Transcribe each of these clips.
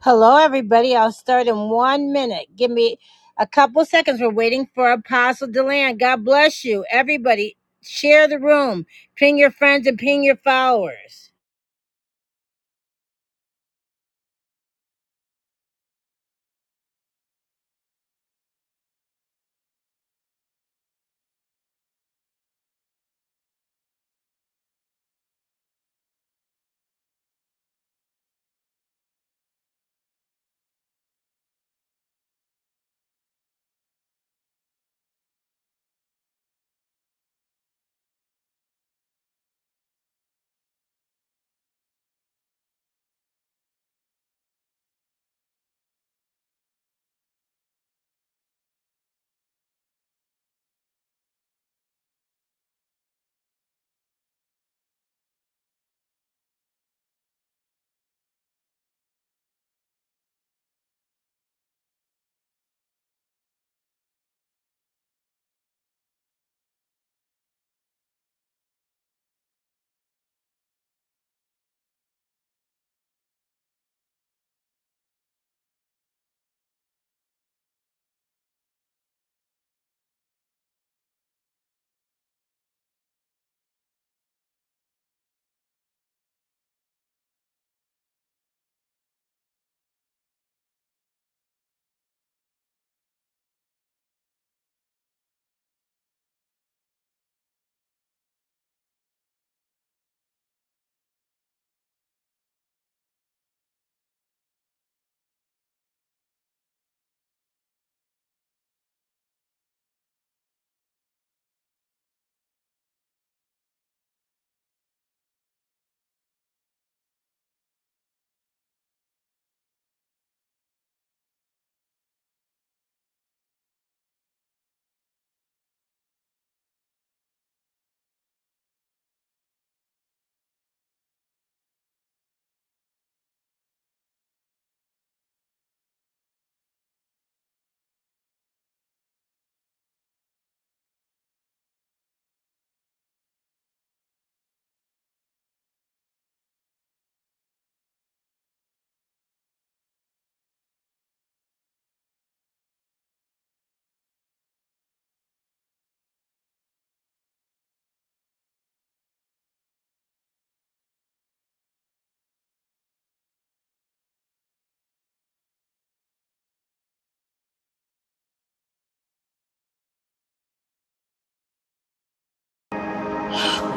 Hello, everybody. I'll start in one minute. Give me a couple seconds. We're waiting for Apostle Deland. God bless you. Everybody, share the room. Ping your friends and ping your followers.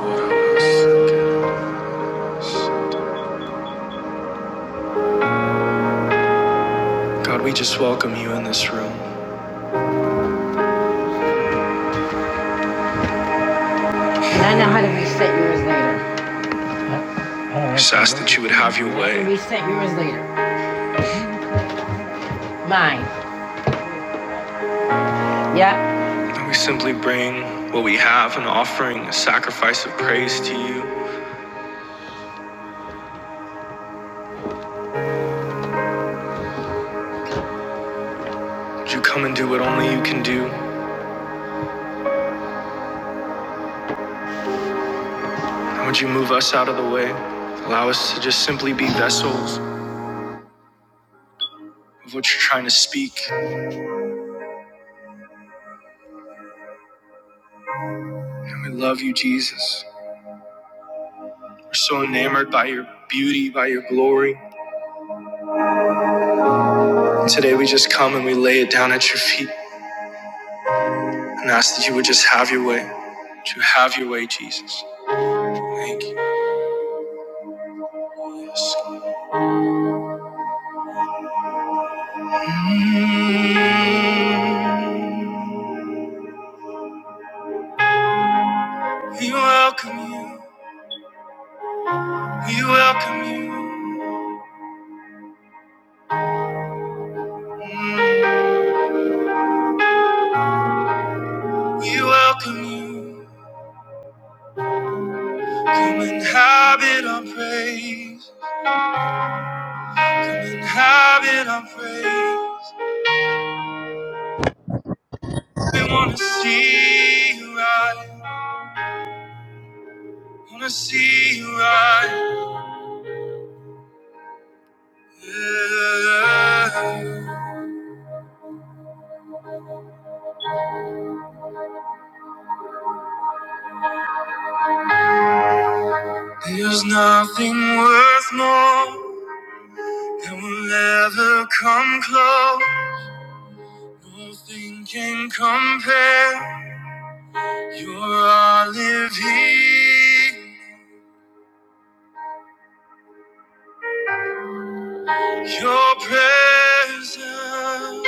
God, we just welcome you in this room. And I know how to reset yours later. Just ask that you would have your way. Reset yours later. Mine. Yep. And we simply bring what we have an offering, a sacrifice of praise to you. Would you come and do what only you can do? Would you move us out of the way? Allow us to just simply be vessels of what you're trying to speak. And we love you, Jesus. We're so enamored by your beauty, by your glory. And Today we just come and we lay it down at your feet and ask that you would just have your way. To have your way, Jesus. Thank you. Yes. Mm, We welcome you. We welcome you. We welcome you. Come and habit our praise. Have it our praise. We wanna see you right. Wanna see you right. Yeah. There's nothing worth more that will ever come close. Nothing can compare. You're our living. Your presence.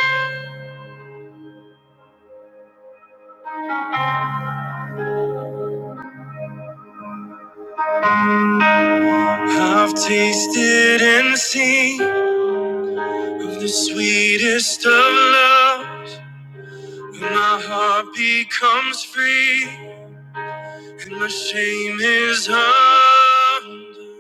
I've tasted and seen. With the sweetest of loves, when my heart becomes free and my shame is undone.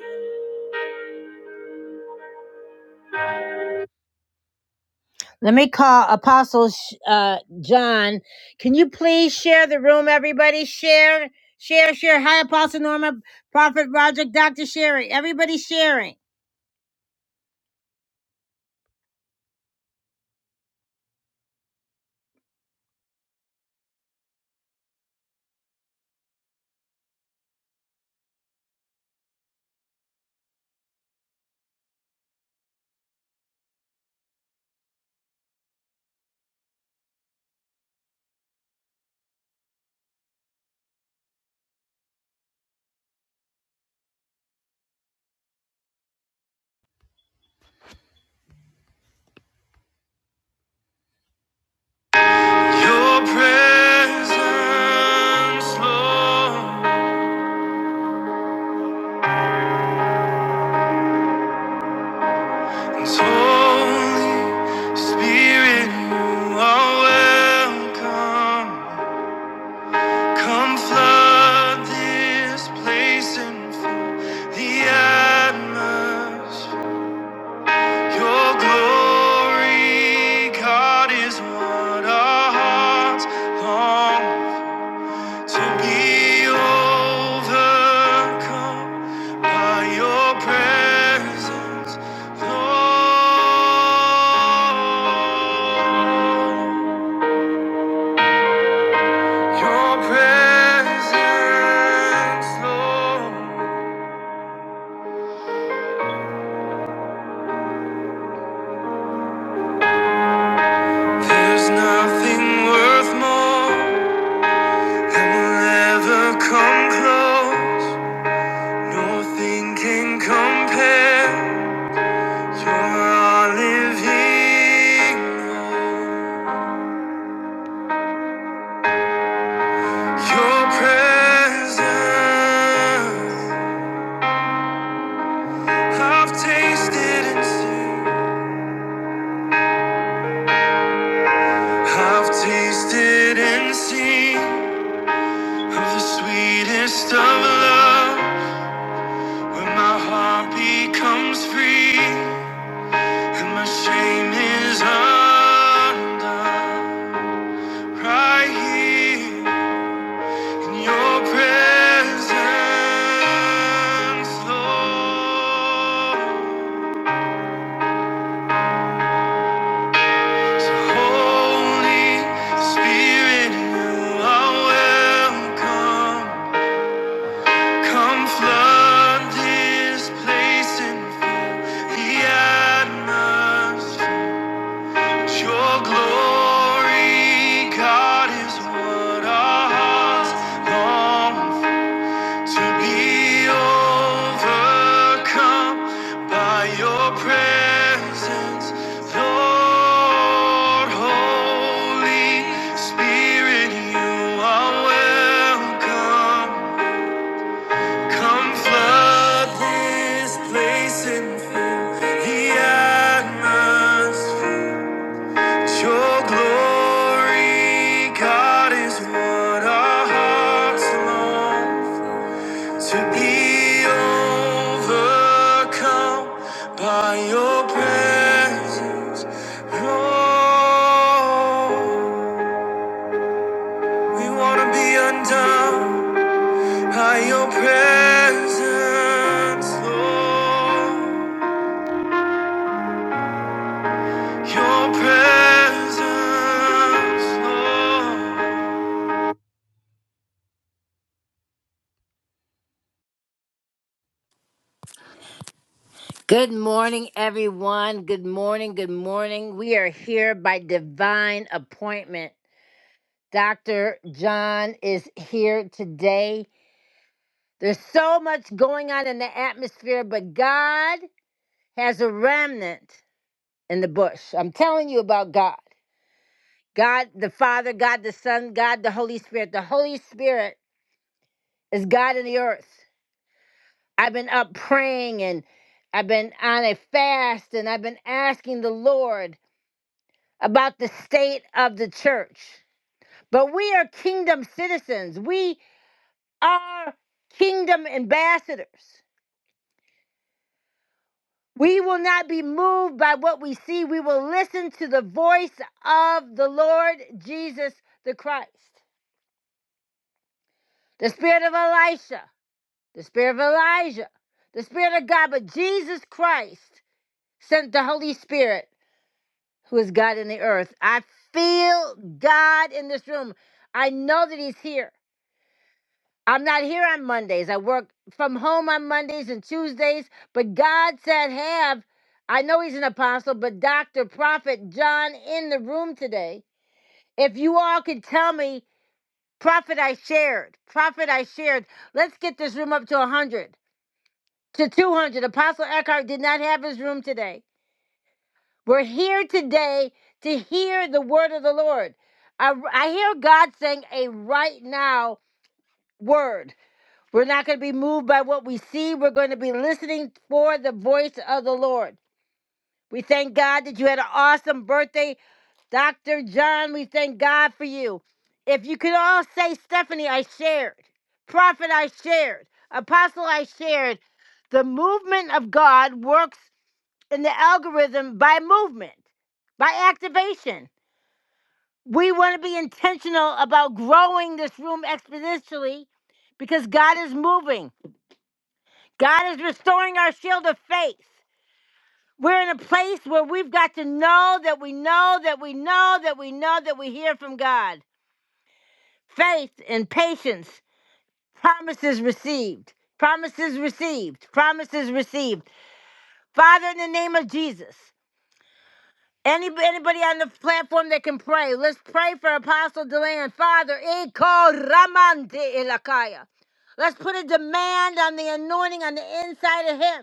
Let me call Apostle uh, John. Can you please share the room, everybody? Share, share, share. Hi, Apostle Norma, Prophet Roger, Dr. Sherry. Everybody sharing. Your presence, Lord. Holy Spirit, you are welcome. Come flood this place and fill the atmosphere. Your glory, God, is what our hearts long for. To be overcome by your presence, Lord. Your presence, Lord. There's nothing worth more that will ever come close. Nothing can compare. Your all living Your presence, I've tasted and seen. I've tasted and seen of the sweetest of love, where my heart becomes free and my shame is undone. Right here in your presence, Lord. So Holy Spirit, you are welcome. Come flood this place and fill the atmosphere. With Your glory, God, is what our hearts long for. To be overcome by your presence, Lord, Holy Spirit, you are welcome. Come flood this place and fill the atmosphere. Your glory, God, is what our hearts long. To be overcome by your presence, Lord. We want to be undone by your presence, Lord. Your presence, Lord. Good morning, everyone. Good morning. Good morning. We are here by divine appointment. Dr. John is here today. There's so much going on in the atmosphere, but God has a remnant in the bush. I'm telling you about God. God the Father, God the Son, God the Holy Spirit. The Holy Spirit is God in the earth. I've been up praying and I've been on a fast and I've been asking the Lord about the state of the church. But we are kingdom citizens. We are kingdom ambassadors. We will not be moved by what we see. We will listen to the voice of the Lord Jesus the Christ. The spirit of Elisha, the spirit of Elijah, the spirit of God, but Jesus Christ sent the Holy Spirit, who is God in the earth. I feel God in this room. I know that He's here. I'm not here on Mondays. I work from home on Mondays and Tuesdays. But God said, have, I know he's an apostle, but Dr. Prophet John in the room today. If you all could tell me, Prophet, I shared, Prophet, I shared, let's get this room up to 100, to 200. Apostle Eckhart did not have his room today. We're here today to hear the word of the Lord. I, I hear God saying a right now word. We're not going to be moved by what we see. We're going to be listening for the voice of the Lord. We thank God that you had an awesome birthday, Dr. John. We thank God for you. If you could all say, Stephanie, I shared. Prophet, I shared. Apostle, I shared. The movement of God works in the algorithm by movement, by activation. We want to be intentional about growing this room exponentially because God is moving. God is restoring our shield of faith. We're in a place where we've got to know that we know that we know that we know that we hear from God. Faith and patience, promises received, promises received, promises received. Father, in the name of Jesus, any, anybody on the platform that can pray, let's pray for Apostle Deland. Father, Eko Ramante Ilakaya. Let's put a demand on the anointing on the inside of him.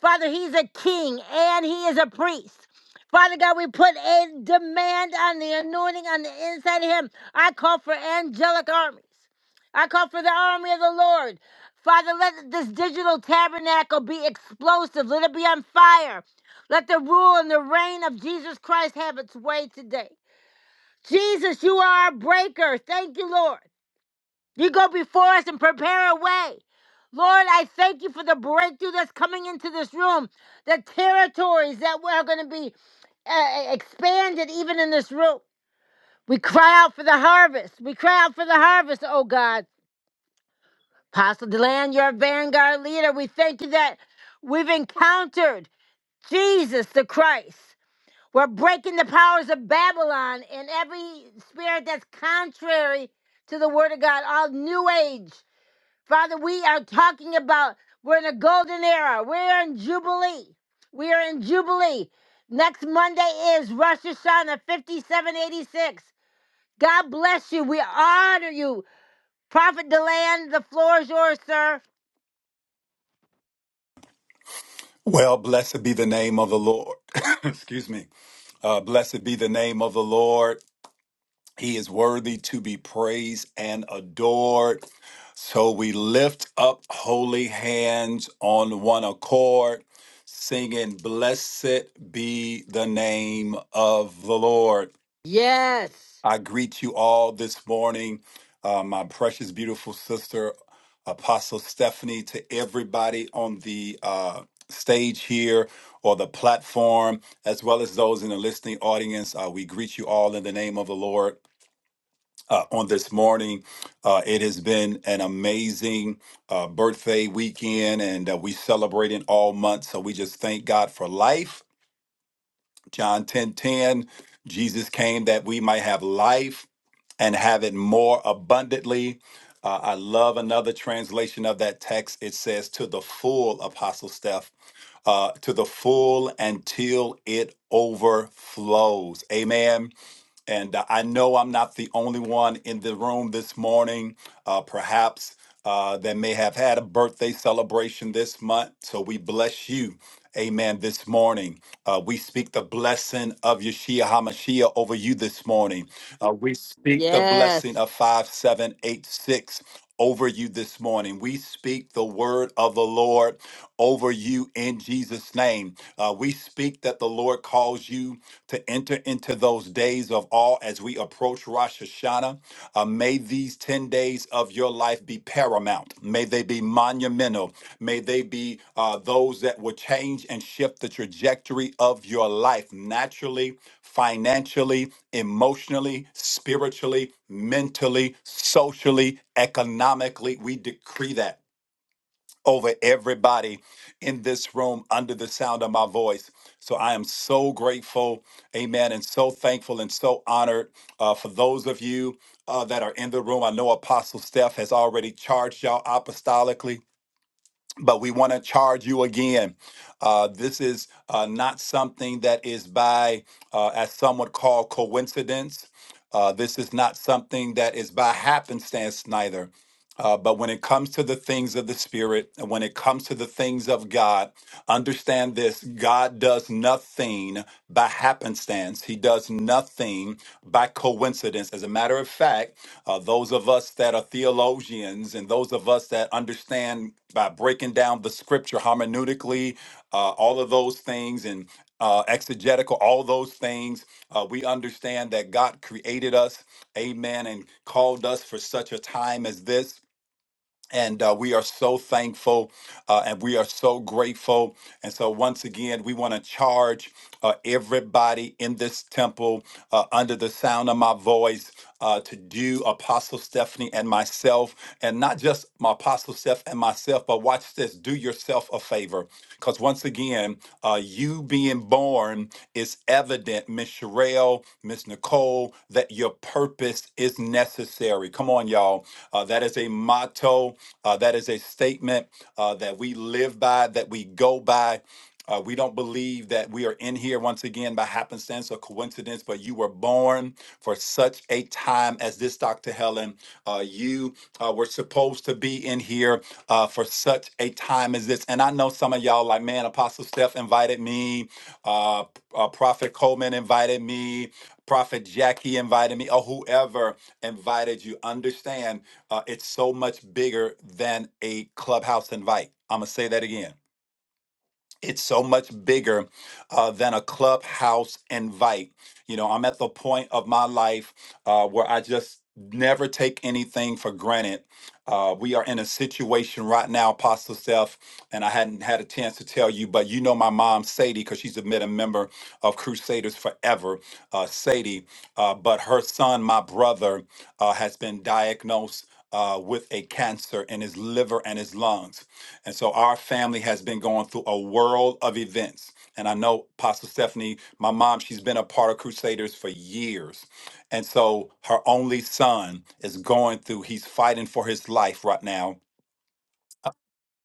Father, he's a king and he is a priest. Father God, we put a demand on the anointing on the inside of him. I call for angelic armies. I call for the army of the Lord. Father, let this digital tabernacle be explosive. Let it be on fire. Let the rule and the reign of Jesus Christ have its way today. Jesus, you are our breaker. Thank you, Lord. You go before us and prepare a way. Lord, I thank you for the breakthrough that's coming into this room, the territories that are going to be uh, e-, expanded even in this room. We cry out for the harvest. We cry out for the harvest, oh God. Apostle Deland, you're our vanguard leader. We thank you that we've encountered Jesus the Christ. We're breaking the powers of Babylon and every spirit that's contrary to the word of God, all new age. Father, we are talking about we're in a golden era. We're in Jubilee. We are in Jubilee. Next Monday is Rosh Hashanah 5786. God bless you. We honor you. Prophet Deland, the floor is yours, sir. Well, blessed be the name of the Lord. Excuse me. Uh, blessed be the name of the Lord. He is worthy to be praised and adored. So we lift up holy hands on one accord, singing, Blessed be the name of the Lord. Yes. I greet you all this morning, uh, my precious, beautiful sister, Apostle Stephanie, to everybody on the uh, stage here or the platform, as well as those in the listening audience. Uh, we greet you all in the name of the Lord. Uh, on this morning, uh, it has been an amazing uh, birthday weekend, and uh, we celebrating all month. So we just thank God for life John 10 10, Jesus came that we might have life and have it more abundantly. Uh, I love another translation of that text. It says, to the full, Apostle Steph, uh, to the full until it overflows. Amen. And uh, I know I'm not the only one in the room this morning, uh, perhaps uh, that may have had a birthday celebration this month. So we bless you. Amen. This morning, uh, we speak the blessing of Yeshua HaMashiach over you this morning. Uh, we speak the blessing Yes. of 5786 over you this morning. We speak the word of the Lord over you in Jesus' name. Uh, we speak that the Lord calls you to enter into those days of awe as we approach Rosh Hashanah. Uh, may these 10 days of your life be paramount. May they be monumental. May they be uh, those that will change and shift the trajectory of your life naturally, financially, emotionally, spiritually, mentally, socially, economically. We decree that over everybody in this room under the sound of my voice. So I am so grateful, amen, and so thankful and so honored uh, for those of you uh, that are in the room. I know Apostle Steph has already charged y'all apostolically. But we want to charge you again. Uh, this is uh, not something that is by, uh, as some would call, coincidence. Uh, this is not something that is by happenstance, neither. Uh, but when it comes to the things of the Spirit, and when it comes to the things of God, understand this God does nothing by happenstance, He does nothing by coincidence. As a matter of fact, uh, those of us that are theologians and those of us that understand by breaking down the scripture hermeneutically, uh, all of those things, and uh, exegetical, all those things, uh, we understand that God created us, amen, and called us for such a time as this and uh, we are so thankful uh, and we are so grateful. And so, once again, we want to charge uh, everybody in this temple uh, under the sound of my voice uh, to do Apostle Stephanie and myself, and not just my Apostle Steph and myself, but watch this says, do yourself a favor. Because once again, uh, you being born is evident, Miss Sherelle, Miss Nicole, that your purpose is necessary. Come on, y'all. Uh, that is a motto. Uh, that is a statement uh, that we live by, that we go by. Uh, we don't believe that we are in here once again by happenstance or coincidence, but you were born for such a time as this, Dr. Helen. Uh, you uh, were supposed to be in here uh, for such a time as this. And I know some of y'all, like, man, Apostle Steph invited me, uh, uh, Prophet Coleman invited me, Prophet Jackie invited me, or whoever invited you. Understand, uh, it's so much bigger than a clubhouse invite. I'm going to say that again it's so much bigger uh, than a clubhouse invite. You know, I'm at the point of my life uh, where I just never take anything for granted. Uh, we are in a situation right now, Apostle Seth, and I hadn't had a chance to tell you, but you know my mom, Sadie, because she's been a member of Crusaders forever, uh, Sadie. Uh, but her son, my brother, uh, has been diagnosed uh, with a cancer in his liver and his lungs. And so our family has been going through a world of events. And I know Pastor Stephanie, my mom, she's been a part of Crusaders for years. And so her only son is going through, he's fighting for his life right now.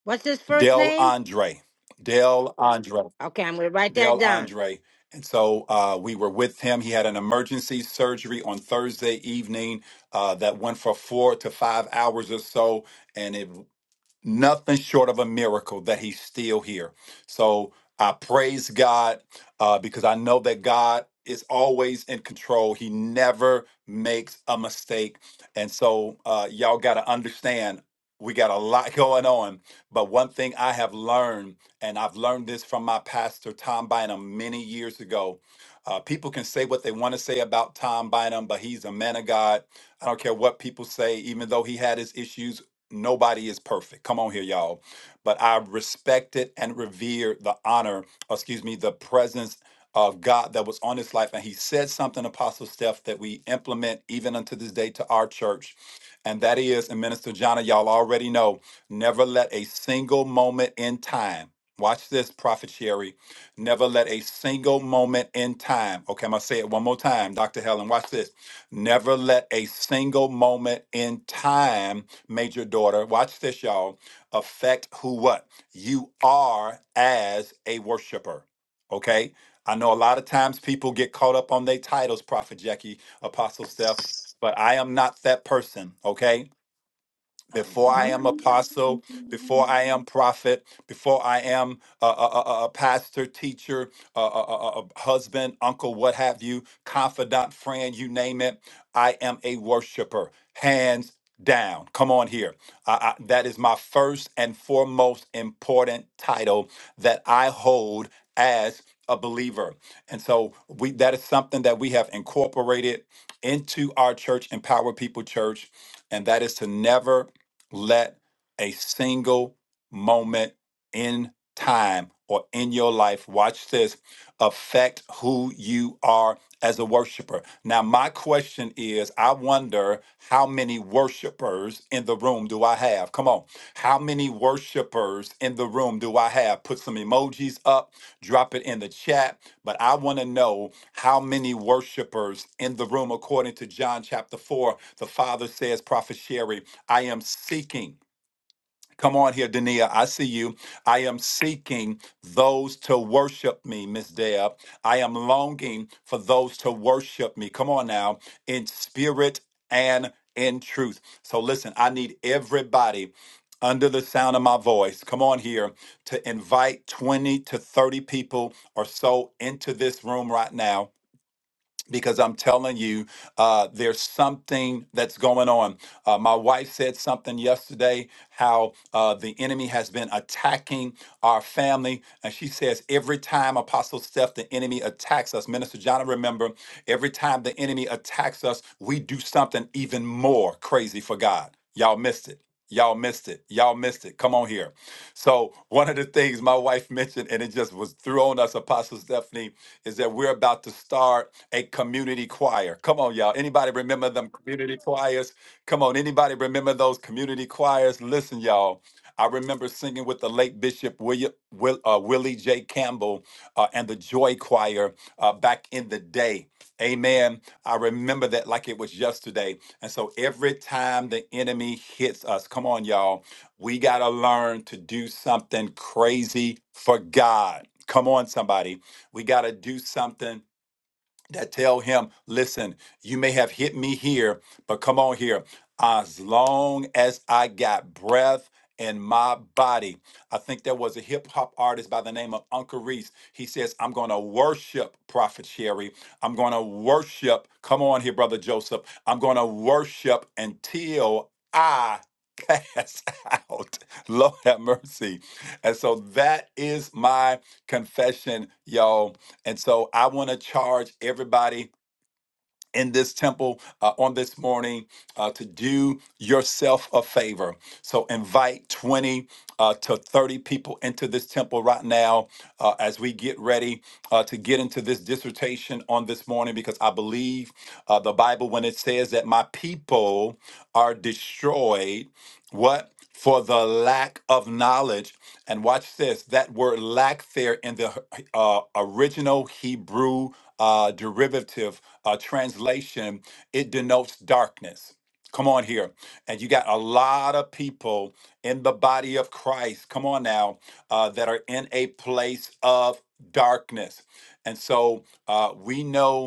What's his first Del name? Andre. Del Andre. Okay, I'm going to write that Del down. Andre. And so uh, we were with him. He had an emergency surgery on Thursday evening uh, that went for four to five hours or so. And it nothing short of a miracle that he's still here. So I praise God uh, because I know that God is always in control. He never makes a mistake. And so uh, y'all got to understand we got a lot going on. But one thing I have learned, and I've learned this from my pastor, Tom Bynum, many years ago. Uh, people can say what they want to say about Tom Bynum, but he's a man of God. I don't care what people say, even though he had his issues Nobody is perfect. Come on here, y'all. But I respected and revered the honor, or excuse me, the presence of God that was on his life. And he said something, Apostle Steph, that we implement even unto this day to our church. And that is, and Minister Jana, y'all already know, never let a single moment in time, watch this, Prophet Sherry, never let a single moment in time, okay, I'm gonna say it one more time, Dr. Helen, watch this. Never let a single moment in time made your daughter, watch this, y'all, affect who what? You are as a worshiper. Okay? I know a lot of times people get caught up on their titles, Prophet Jackie, Apostle Steph, but I am not that person. Okay? before I am apostle, before I am prophet, before I am a, a, a- a pastor, teacher, a, a, a- a husband, uncle, what have you, confidant, friend, you name it, I am a worshiper, hands down. Come on here. I, I, that is my first and foremost important title that I hold as a believer. And so we that is something that we have incorporated into our church, Empower People Church, and that is to never let a single moment in time or in your life, watch this, affect who you are as a worshiper. Now, my question is I wonder how many worshipers in the room do I have? Come on. How many worshipers in the room do I have? Put some emojis up, drop it in the chat, but I want to know how many worshipers in the room, according to John chapter 4. The Father says, Prophet Sherry, I am seeking. Come on here, Dania. I see you. I am seeking those to worship me, Miss Deb. I am longing for those to worship me. Come on now, in spirit and in truth. So listen, I need everybody under the sound of my voice. Come on here to invite 20 to 30 people or so into this room right now because I'm telling you, uh, there's something that's going on. Uh, my wife said something yesterday how uh, the enemy has been attacking our family. And she says, every time Apostle Steph, the enemy attacks us, Minister John, I remember, every time the enemy attacks us, we do something even more crazy for God. Y'all missed it. Y'all missed it. Y'all missed it. Come on here. So, one of the things my wife mentioned, and it just was thrown us, Apostle Stephanie, is that we're about to start a community choir. Come on, y'all. Anybody remember them community choirs? Come on, anybody remember those community choirs? Listen, y'all. I remember singing with the late Bishop William, Will, uh, Willie J. Campbell uh, and the Joy Choir uh, back in the day. Amen. I remember that like it was yesterday. And so every time the enemy hits us, come on, y'all, we got to learn to do something crazy for God. Come on, somebody we got to do something that tell him, listen, you may have hit me here, but come on here. As long as I got breath in my body, I think there was a hip hop artist by the name of Uncle Reese. He says, I'm going to worship Prophet Sherry. I'm going to worship. Come on here, Brother Joseph. I'm going to worship until I pass out. Lord have mercy. And so that is my confession, y'all and so I want to charge everybody in this temple uh, on this morning uh, to do yourself a favor. So invite 20 uh, to 30 people into this temple right now uh, as we get ready uh, to get into this dissertation on this morning because I believe uh, the Bible, when it says that my people are destroyed what? For the lack of knowledge. And watch this that word lack there in the uh, original Hebrew uh, derivative uh, translation, it denotes darkness. Come on here. And you got a lot of people in the body of Christ, come on now, uh, that are in a place of darkness. And so uh, we know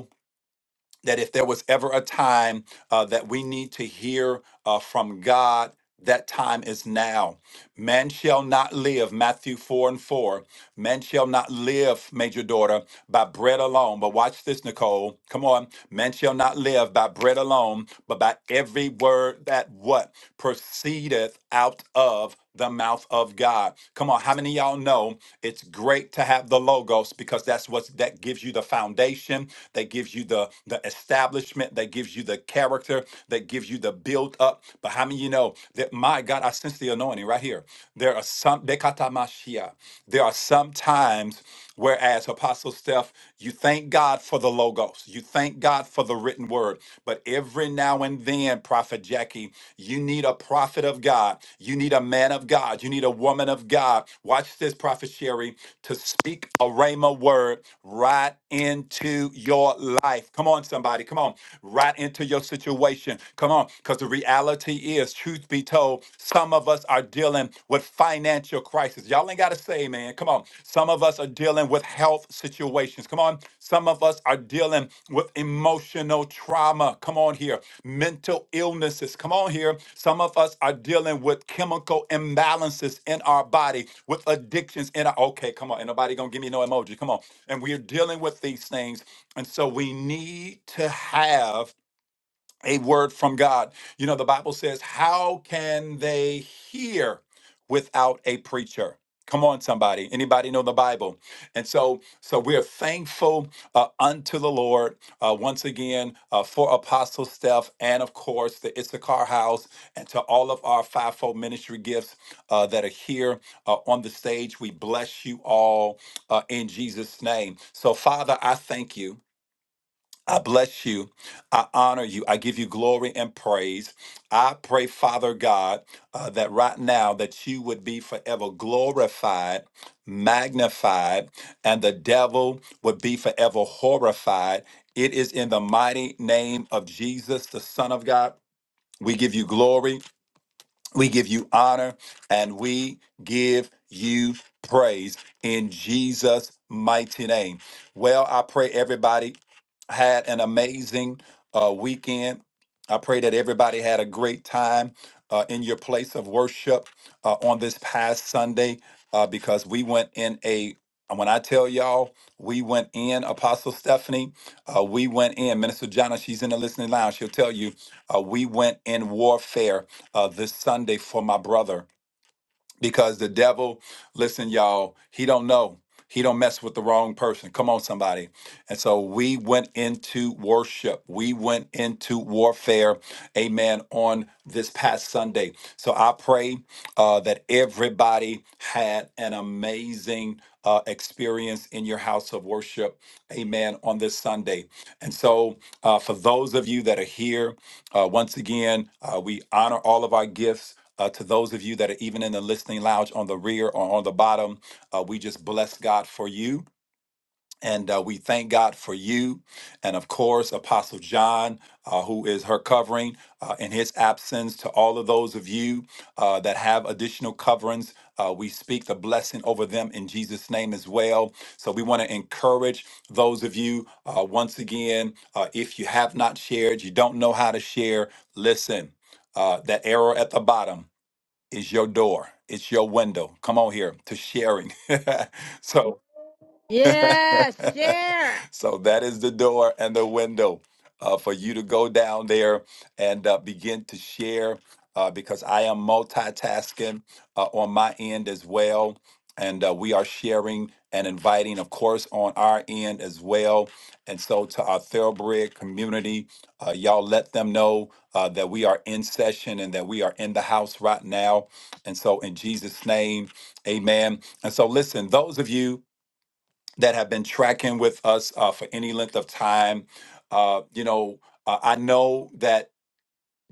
that if there was ever a time uh, that we need to hear uh, from God, that time is now Man shall not live, Matthew 4 and 4. Man shall not live, major daughter, by bread alone. But watch this, Nicole. Come on. Man shall not live by bread alone, but by every word that what proceedeth out of the mouth of God. Come on, how many of y'all know it's great to have the logos because that's what that gives you the foundation, that gives you the the establishment, that gives you the character, that gives you the building built up. But how many of you know that my God, I sense the anointing right here. There are some Bekatamashia. There are some times whereas Apostle Steph, you thank God for the logos, you thank God for the written word. But every now and then, Prophet Jackie, you need a prophet of God, you need a man of God, you need a woman of God. Watch this, Prophet Sherry, to speak a Rhema word right into your life. Come on, somebody somebody. Come on, right into your situation. Come on, because the reality is, truth be told, some of us are dealing with financial crisis. Y'all ain't got to say, man. Come on. Some of us are dealing with health situations. Come on. Some of us are dealing with emotional trauma. Come on here. Mental illnesses. Come on here. Some of us are dealing with chemical imbalances in our body, with addictions in our. Okay, come on. Ain't nobody going to give me no emoji. Come on. And we're dealing with these things and so we need to have a word from God. You know, the Bible says, How can they hear without a preacher? Come on, somebody. Anybody know the Bible? And so, so we are thankful uh, unto the Lord uh, once again uh, for Apostle Steph and, of course, the Issachar House and to all of our fivefold ministry gifts uh, that are here uh, on the stage. We bless you all uh, in Jesus' name. So, Father, I thank you. I bless you. I honor you. I give you glory and praise. I pray, Father God, uh, that right now that you would be forever glorified, magnified, and the devil would be forever horrified. It is in the mighty name of Jesus, the Son of God. We give you glory. We give you honor and we give you praise in Jesus' mighty name. Well, I pray everybody had an amazing uh, weekend. I pray that everybody had a great time uh, in your place of worship uh, on this past Sunday uh, because we went in a when I tell y'all, we went in, Apostle Stephanie, uh, we went in. Minister Jana, she's in the listening lounge. She'll tell you uh, we went in warfare uh, this Sunday for my brother because the devil, listen, y'all, he don't know. He don't mess with the wrong person. Come on, somebody. And so we went into worship. We went into warfare. Amen. On this past Sunday. So I pray uh, that everybody had an amazing uh, experience in your house of worship. Amen. On this Sunday. And so uh, for those of you that are here uh, once again, uh, we honor all of our gifts. Uh, to those of you that are even in the listening lounge on the rear or on the bottom, uh, we just bless God for you. And uh, we thank God for you. And of course, Apostle John, uh, who is her covering uh, in his absence, to all of those of you uh, that have additional coverings, uh, we speak the blessing over them in Jesus' name as well. So we want to encourage those of you uh, once again, uh, if you have not shared, you don't know how to share, listen, uh, that arrow at the bottom is your door, it's your window. Come on here to sharing. so Yes, share. so that is the door and the window uh, for you to go down there and uh, begin to share uh, because I am multitasking uh, on my end as well. And uh, we are sharing and inviting, of course, on our end as well. And so to our thoroughbred community, uh, y'all let them know uh, that we are in session and that we are in the house right now. And so in Jesus' name, amen. And so listen, those of you that have been tracking with us uh, for any length of time. Uh, you know, uh, I know that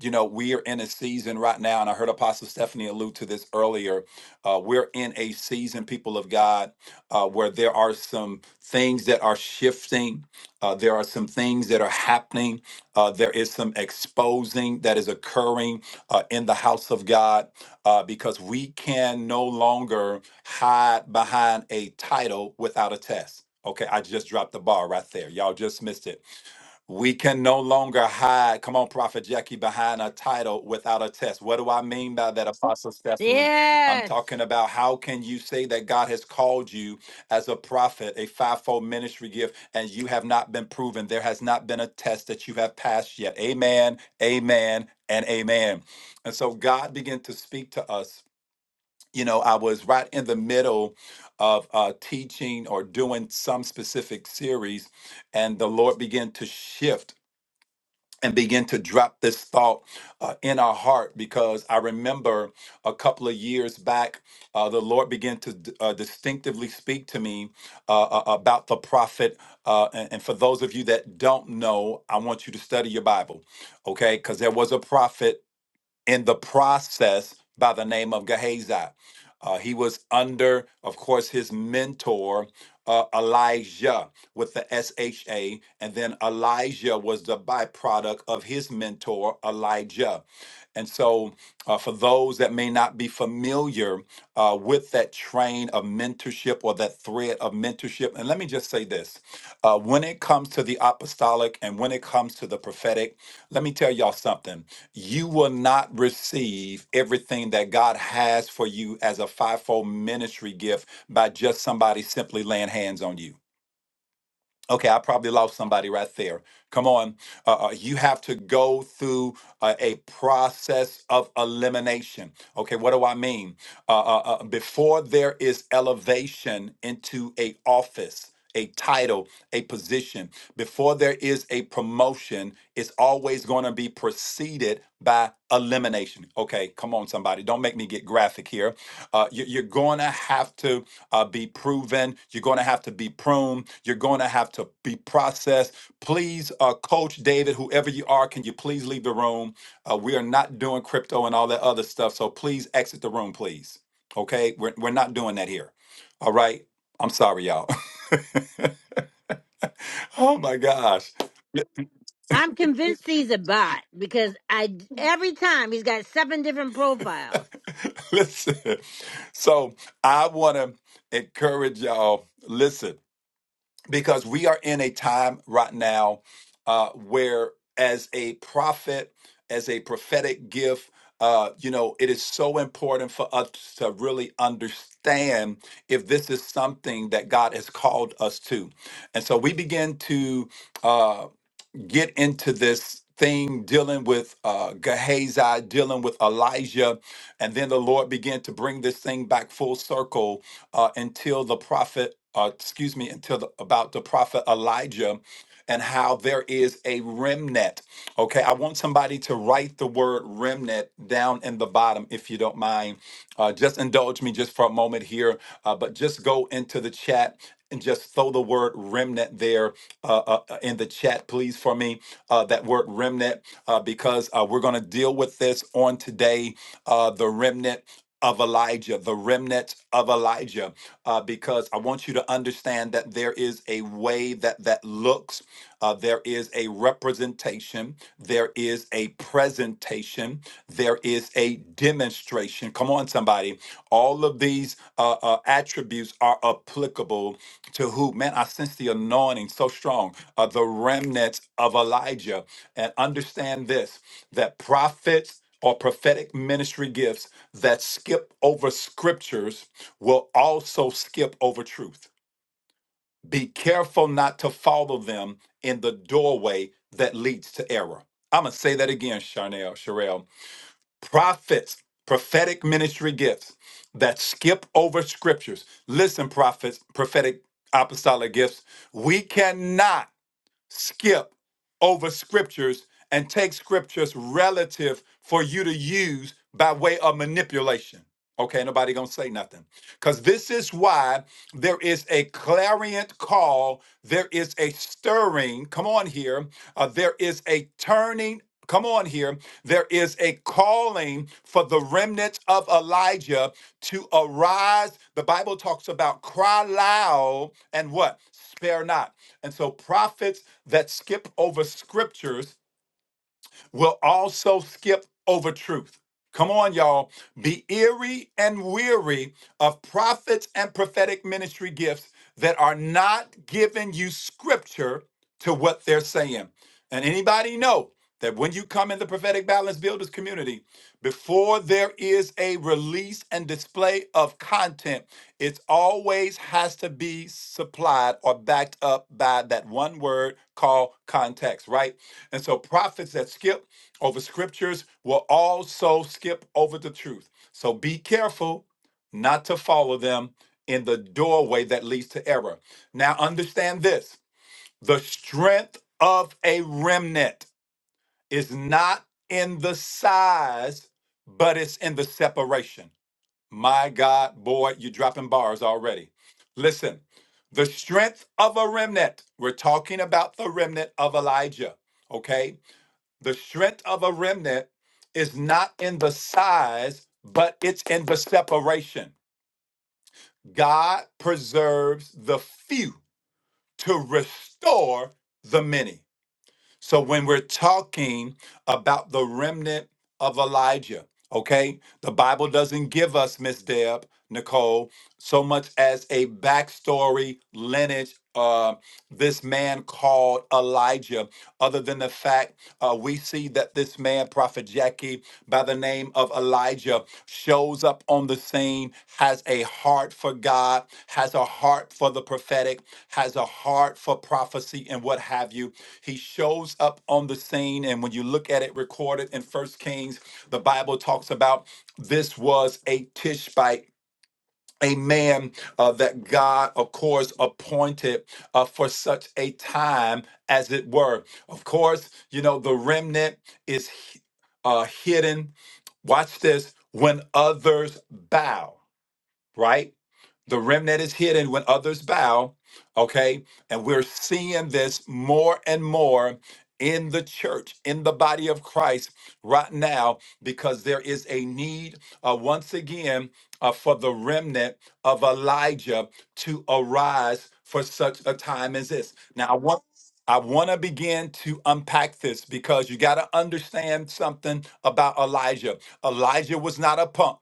you know, we are in a season right now, and I heard Apostle Stephanie allude to this earlier. Uh, we're in a season, people of God, uh, where there are some things that are shifting. Uh, there are some things that are happening. Uh, there is some exposing that is occurring uh, in the house of God uh, because we can no longer hide behind a title without a test. Okay, I just dropped the bar right there. Y'all just missed it. We can no longer hide, come on, Prophet Jackie, behind a title without a test. What do I mean by that, Apostle Stephanie? I'm Yes. talking about how can you say that God has called you as a prophet, a fivefold ministry gift, and you have not been proven? There has not been a test that you have passed yet. Amen, amen, and amen. And so God began to speak to us. You know, I was right in the middle of uh, teaching or doing some specific series, and the Lord began to shift and begin to drop this thought uh, in our heart because I remember a couple of years back, uh, the Lord began to d- uh, distinctively speak to me uh, uh, about the prophet. Uh, and, and for those of you that don't know, I want you to study your Bible, okay? Because there was a prophet in the process by the name of Gehazi. Uh, he was under, of course, his mentor, uh, Elijah, with the S H A. And then Elijah was the byproduct of his mentor, Elijah. And so, uh, for those that may not be familiar uh, with that train of mentorship or that thread of mentorship, and let me just say this uh, when it comes to the apostolic and when it comes to the prophetic, let me tell y'all something. You will not receive everything that God has for you as a fivefold ministry gift by just somebody simply laying hands on you. Okay, I probably lost somebody right there. Come on. Uh, uh, you have to go through uh, a process of elimination. Okay, what do I mean? Uh, uh, uh, before there is elevation into a office, a title, a position, before there is a promotion, it's always going to be preceded by elimination. Okay, come on, somebody. Don't make me get graphic here. Uh, you- you're going to have to uh, be proven. You're going to have to be pruned. You're going to have to be processed. Please, uh, Coach David, whoever you are, can you please leave the room? Uh, we are not doing crypto and all that other stuff. So please exit the room, please. Okay? We're, we're not doing that here. All right? I'm sorry, y'all. oh my gosh. I'm convinced he's a bot because I every time he's got seven different profiles. Listen. So I want to encourage y'all. Listen. because we are in a time right now uh, where as a prophet as a prophetic gift uh, you know it is so important for us to really understand if this is something that god has called us to and so we begin to uh, get into this thing dealing with uh, Gehazi, dealing with Elijah. And then the Lord began to bring this thing back full circle uh, until the prophet, uh, excuse me, until the, about the prophet Elijah and how there is a remnant. Okay, I want somebody to write the word remnant down in the bottom if you don't mind uh, just indulge me just for a moment here, uh, but just go into the chat and just throw the word remnant there uh, uh, uh, in the chat, please, for me. Uh, that word remnant, uh, because uh, we're going to deal with this on today uh, the remnant of Elijah, the remnant of Elijah, uh, because I want you to understand that there is a way that that looks, uh, there is a representation presentation, there is a presentation, there is a demonstration. Come on, somebody. All of these uh, uh, attributes are applicable to who? Man, I sense the anointing so strong, uh, the remnants of Elijah. And understand this that prophets or prophetic ministry gifts that skip over scriptures will also skip over truth be careful not to follow them in the doorway that leads to error. I'm going to say that again, Charnel, Sherelle. Prophets, prophetic ministry gifts that skip over scriptures. Listen, prophets, prophetic apostolic gifts. We cannot skip over scriptures and take scriptures relative for you to use by way of manipulation. Okay, nobody gonna say nothing. Because this is why there is a clarion call, there is a stirring, come on here, uh, there is a turning Come on here. There is a calling for the remnant of Elijah to arise. The Bible talks about cry loud and what? Spare not. And so prophets that skip over scriptures will also skip over truth. Come on, y'all. Be eerie and weary of prophets and prophetic ministry gifts that are not giving you scripture to what they're saying. And anybody know that when you come in the prophetic balance builders community, before there is a release and display of content, it always has to be supplied or backed up by that one word called context, right? And so prophets that skip over scriptures will also skip over the truth. So be careful not to follow them in the doorway that leads to error. Now understand this. The strength of a remnant is not in the size, but it's in the separation. My God, boy, you're dropping bars already. Listen, the strength of a remnant, we're talking about the remnant of Elijah, okay? The strength of a remnant is not in the size, but it's in the separation. God preserves the few to restore the many. So when we're talking about the remnant of Elijah, okay, the Bible doesn't give us, Miss Deb, Nicole, so much as a backstory lineage. Uh, this man called Elijah, other than the fact uh, we see that this man, Prophet Jackie, by the name of Elijah shows up on the scene, has a heart for God, has a heart for the prophetic, has a heart for prophecy and what have you. He shows up on the scene, and when you look at it recorded in First Kings, the Bible talks about this was a Tishbite a man uh, that God, of course, appointed uh, for such a time as it were. Of course, you know, the remnant is uh, hidden. Watch this when others bow, right? The remnant is hidden when others bow. Okay. And we're seeing this more and more in the church, in the body of Christ right now, because there is a need uh, once again uh, for the remnant of Elijah to arise for such a time as this. Now, I want I want to begin to unpack this because you got to understand something about Elijah. Elijah was not a punk.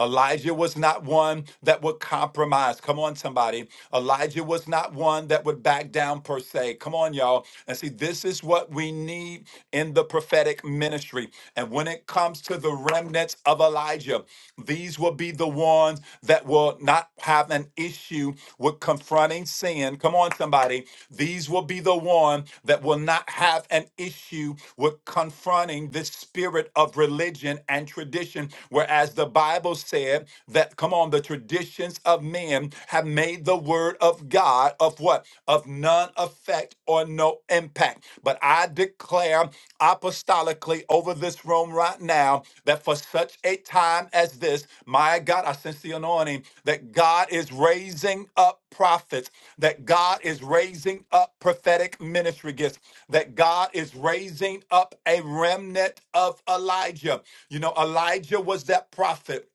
Elijah was not one that would compromise. Come on, somebody. Elijah was not one that would back down per se. Come on, y'all. And see, this is what we need in the prophetic ministry. And when it comes to the remnants of Elijah, these will be the ones that will not have an issue with confronting sin. Come on, somebody. These will be the one that will not have an issue with confronting this spirit of religion and tradition. Whereas the Bible said that, come on, the traditions of men have made the word of God of what? Of none effect or or no impact. But I declare apostolically over this room right now that for such a time as this, my God, I sense the anointing that God is raising up prophets, that God is raising up prophetic ministry gifts, that God is raising up a remnant of Elijah. You know, Elijah was that prophet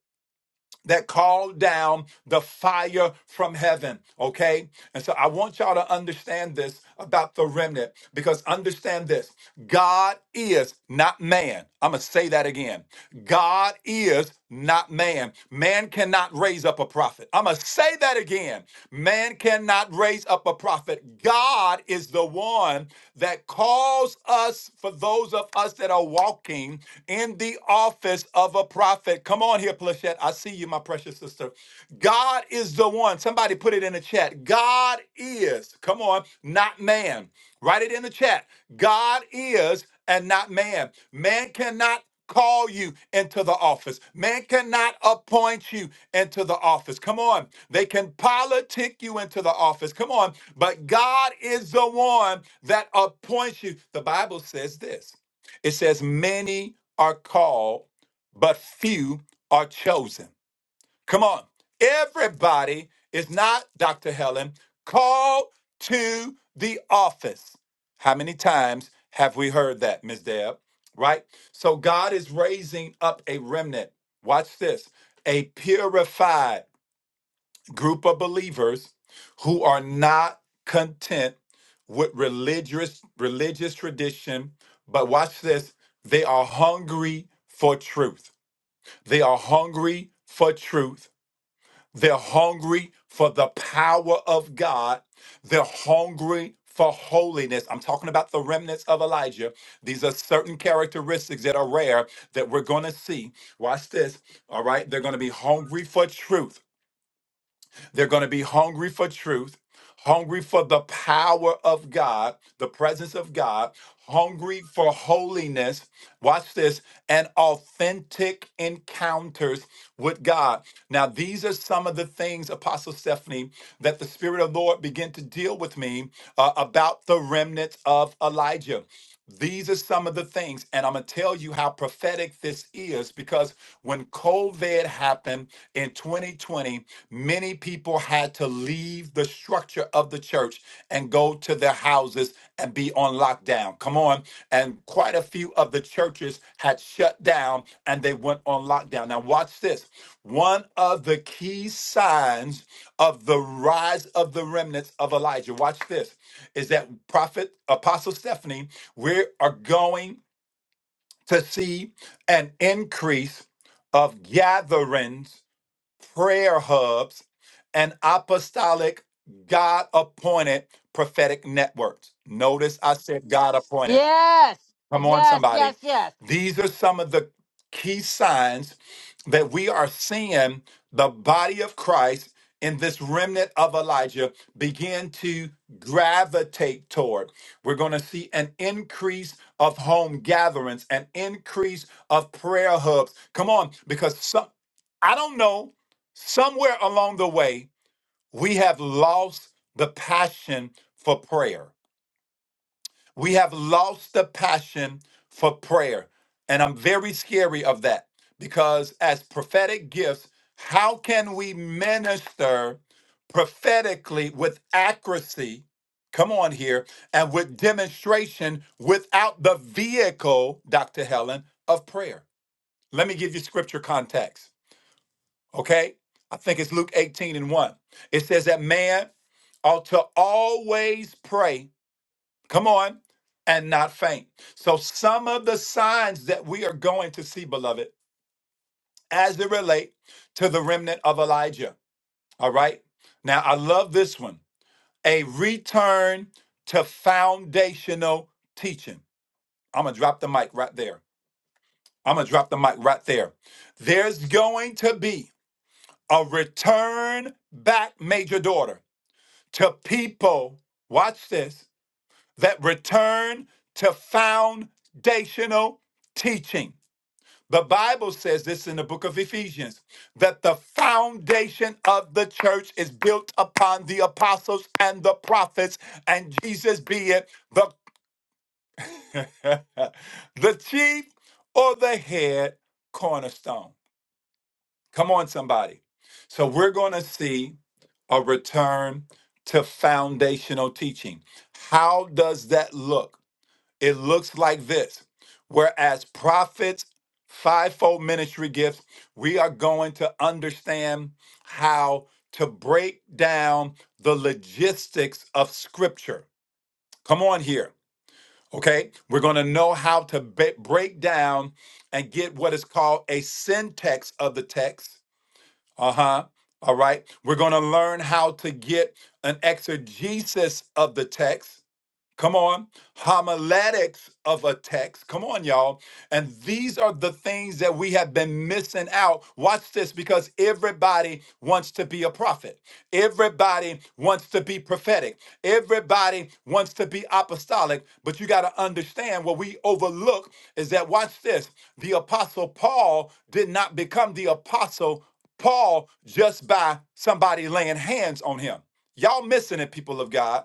that called down the fire from heaven. Okay. And so I want y'all to understand this about the remnant because understand this God is not man. I'm going to say that again. God is not man. Man cannot raise up a prophet. I'm going to say that again. Man cannot raise up a prophet. God is the one that calls us, for those of us that are walking in the office office of a prophet. Come on here, Plachette. I see you, my precious sister. God is the one. Somebody put it in the chat. God is, come on, not man. Write it in the chat. God is and not man. Man cannot call you into the office. Man cannot appoint you into the office. Come on. They can politic you into the office. Come on. But God is the one that appoints you. The Bible says this. It says many are called but few are chosen. Come on. Everybody is not, Dr. Helen, called to the office. How many times have we heard that, Ms. Deb? Right? So God is raising up a remnant. Watch this a purified group of believers who are not content with religious religious tradition but watch this they are hungry for truth they are hungry for truth. They're hungry for the power of God. They're hungry for holiness. I'm talking about the remnants of Elijah. These are certain characteristics that are rare that we're going to see. Watch this. All right. They're going to be hungry for truth. They're going to be hungry for truth, hungry for the power of God, the presence of God, hungry for holiness. Watch this and authentic encounters with God. Now, these are some of the things, Apostle Stephanie, that the Spirit of the Lord began to deal with me uh, about the remnants of Elijah. These are some of the things, and I'm gonna tell you how prophetic this is because when COVID happened in 2020, many people had to leave the structure of the church and go to their houses and be on lockdown. Come on. And quite a few of the churches had shut down and they went on lockdown. Now, watch this. One of the key signs of the rise of the remnants of Elijah, watch this, is that prophet, Apostle Stephanie we are going to see an increase of gatherings, prayer hubs, and apostolic God appointed prophetic networks. Notice I said God appointed Yes, Come on, yes, yes, somebody. yes. These are some of the key signs that we are seeing the body of Christ in this remnant of Elijah begin to gravitate toward. We're going to see an increase of home gatherings, an increase of prayer hubs. Come on, because some, I don't know, somewhere along the way, we have lost the passion for prayer. We have lost the passion for prayer. And I'm very scary of that because, as prophetic gifts, how can we minister prophetically with accuracy? Come on here, and with demonstration without the vehicle, Dr. Helen, of prayer. Let me give you scripture context, okay? I think it's Luke 18 and 1. It says that man ought to always pray Come on, and not faint. So, some of the signs that we are going to see, beloved, as they relate to the remnant of Elijah. All right. Now, I love this one a return to foundational teaching. I'm going to drop the mic right there. I'm going to drop the mic right there. There's going to be a return back, major daughter, to people. Watch this that return to foundational teaching. The Bible says this in the book of Ephesians that the foundation of the church is built upon the apostles and the prophets, and Jesus be it the, the chief or the head cornerstone. Come on, somebody. So we're going to see a return to foundational teaching. How does that look? It looks like this. Whereas prophets, fivefold ministry gifts, we are going to understand how to break down the logistics of scripture. Come on here. Okay, we're going to know how to ba- break down and get what is called a syntax of the text. Uh huh. All right. We're going to learn how to get an exegesis of the text. Come on. Homiletics of a text. Come on, y'all. And these are the things that we have been missing out. Watch this because everybody wants to be a prophet. Everybody wants to be prophetic. Everybody wants to be apostolic. But you got to understand what we overlook is that, watch this, the apostle Paul did not become the apostle Paul just by somebody laying hands on him. Y'all missing it, people of God.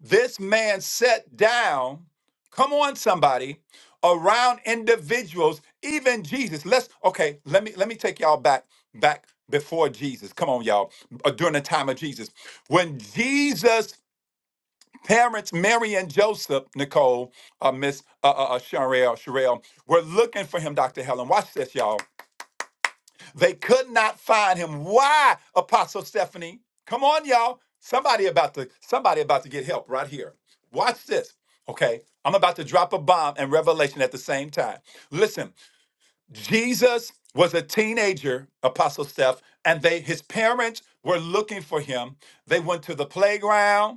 This man sat down, come on somebody, around individuals, even Jesus. Let's okay, let me let me take y'all back back before Jesus. Come on y'all, uh, during the time of Jesus. When Jesus parents Mary and Joseph, Nicole, uh, Miss uh, uh, uh, Sherelle, Sherelle, were looking for him, Dr. Helen. Watch this y'all. They could not find him. Why, Apostle Stephanie? Come on, y'all. Somebody about to somebody about to get help right here. Watch this. Okay. I'm about to drop a bomb and revelation at the same time. Listen, Jesus was a teenager, Apostle Steph, and they his parents were looking for him. They went to the playground.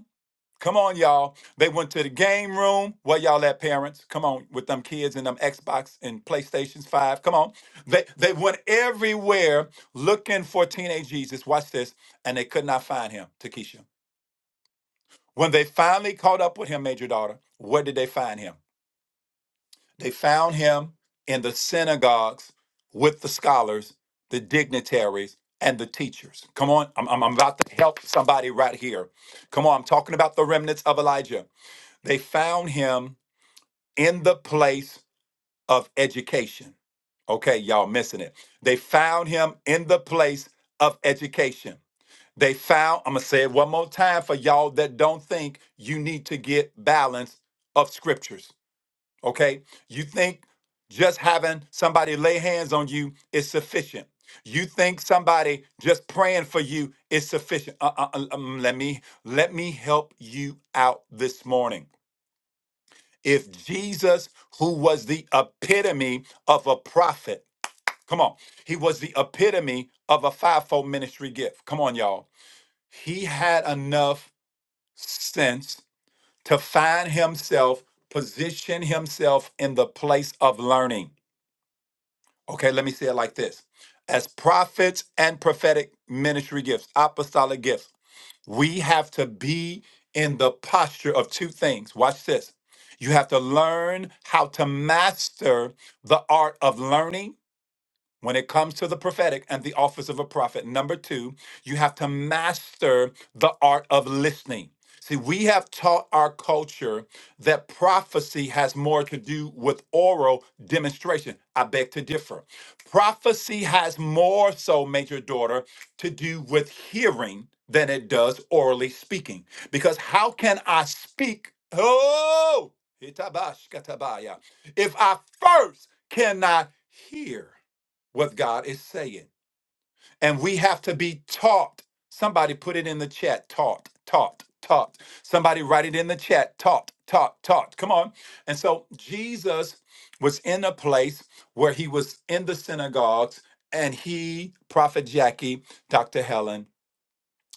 Come on, y'all. They went to the game room. Where y'all at, parents? Come on, with them kids and them Xbox and PlayStations 5. Come on. They they went everywhere looking for teenage Jesus. Watch this. And they could not find him, Takesha. When they finally caught up with him, major daughter, where did they find him? They found him in the synagogues with the scholars, the dignitaries, and the teachers. Come on. I'm, I'm I'm about to help somebody right here. Come on. I'm talking about the remnants of Elijah. They found him in the place of education. Okay, y'all missing it. They found him in the place of education. They found, I'm going to say it one more time for y'all that don't think you need to get balance of scriptures. Okay, you think just having somebody lay hands on you is sufficient. You think somebody just praying for you is sufficient. Uh, uh, uh, um, let me let me help you out this morning. If Jesus, who was the epitome of a prophet, come on, he was the epitome of a fivefold ministry gift. Come on, y'all. He had enough sense to find himself, position himself in the place of learning. Okay, let me say it like this as prophets and prophetic ministry gifts, apostolic gifts. We have to be in the posture of two things. Watch this. You have to learn how to master the art of learning when it comes to the prophetic and the office of a prophet, number two, you have to master the art of listening. See, we have taught our culture that prophecy has more to do with oral demonstration. I beg to differ. Prophecy has more so, Major Daughter, to do with hearing than it does orally speaking. Because how can I speak? Oh, itabashkatabaya, if I first cannot hear? what God is saying. And we have to be taught. Somebody put it in the chat taught, taught, taught. Somebody write it in the chat taught, taught, taught. Come on. And so Jesus was in a place where he was in the synagogues and he, Prophet Jackie, Dr. Helen,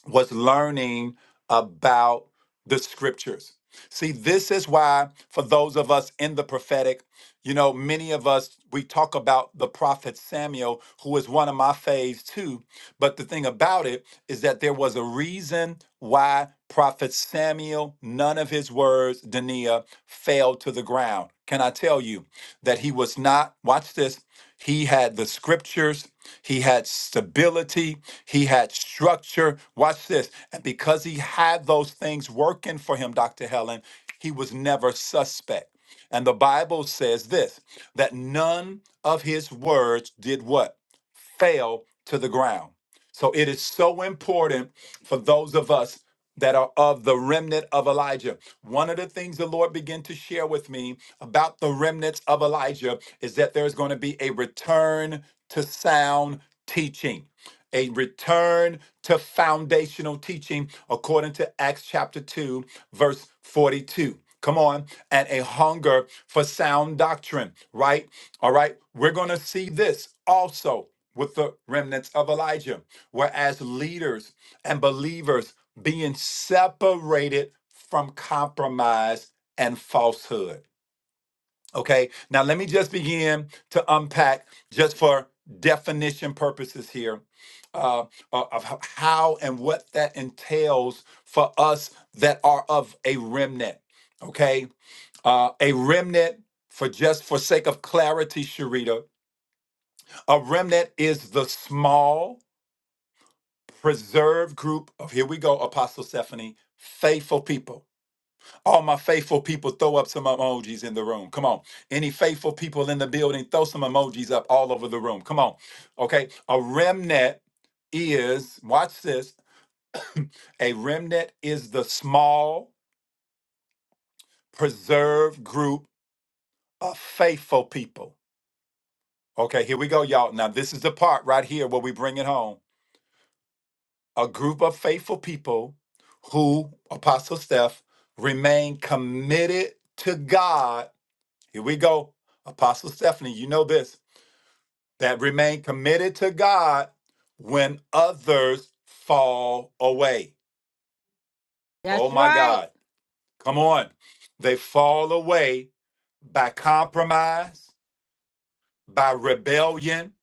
was learning about the scriptures. See, this is why, for those of us in the prophetic, you know, many of us, we talk about the prophet Samuel, who is one of my faves too. But the thing about it is that there was a reason why prophet Samuel, none of his words, Dania, fell to the ground. Can I tell you that he was not, watch this, he had the scriptures, he had stability. He had structure. Watch this. And because he had those things working for him, Dr. Helen, he was never suspect. And the Bible says this that none of his words did what? fell to the ground. So it is so important for those of us that are of the remnant of Elijah. One of the things the Lord began to share with me about the remnants of Elijah is that there's going to be a return to sound teaching a return to foundational teaching according to Acts chapter 2, verse 42. Come on, and a hunger for sound doctrine, right? All right, we're going to see this also with the remnants of Elijah, whereas leaders and believers being separated from compromise and falsehood. Okay, now let me just begin to unpack just for definition purposes here uh, uh, of how and what that entails for us that are of a remnant. Okay, uh, a remnant for just for sake of clarity, Sharita, a remnant is the small preserved group of here we go, Apostle Stephanie, faithful people all my faithful people, throw up some emojis in the room. Come on. Any faithful people in the building, throw some emojis up all over the room. Come on. Okay. A remnant is, watch this, a remnant is the small, preserved group of faithful people. Okay. Here we go, y'all. Now, this is the part right here where we bring it home. A group of faithful people who, Apostle Steph, remain committed to God. Here we go. Apostle Stephanie, you know this that remain committed to God when others fall away. Oh That's my right. God. Come on. They fall away by compromise, by rebellion.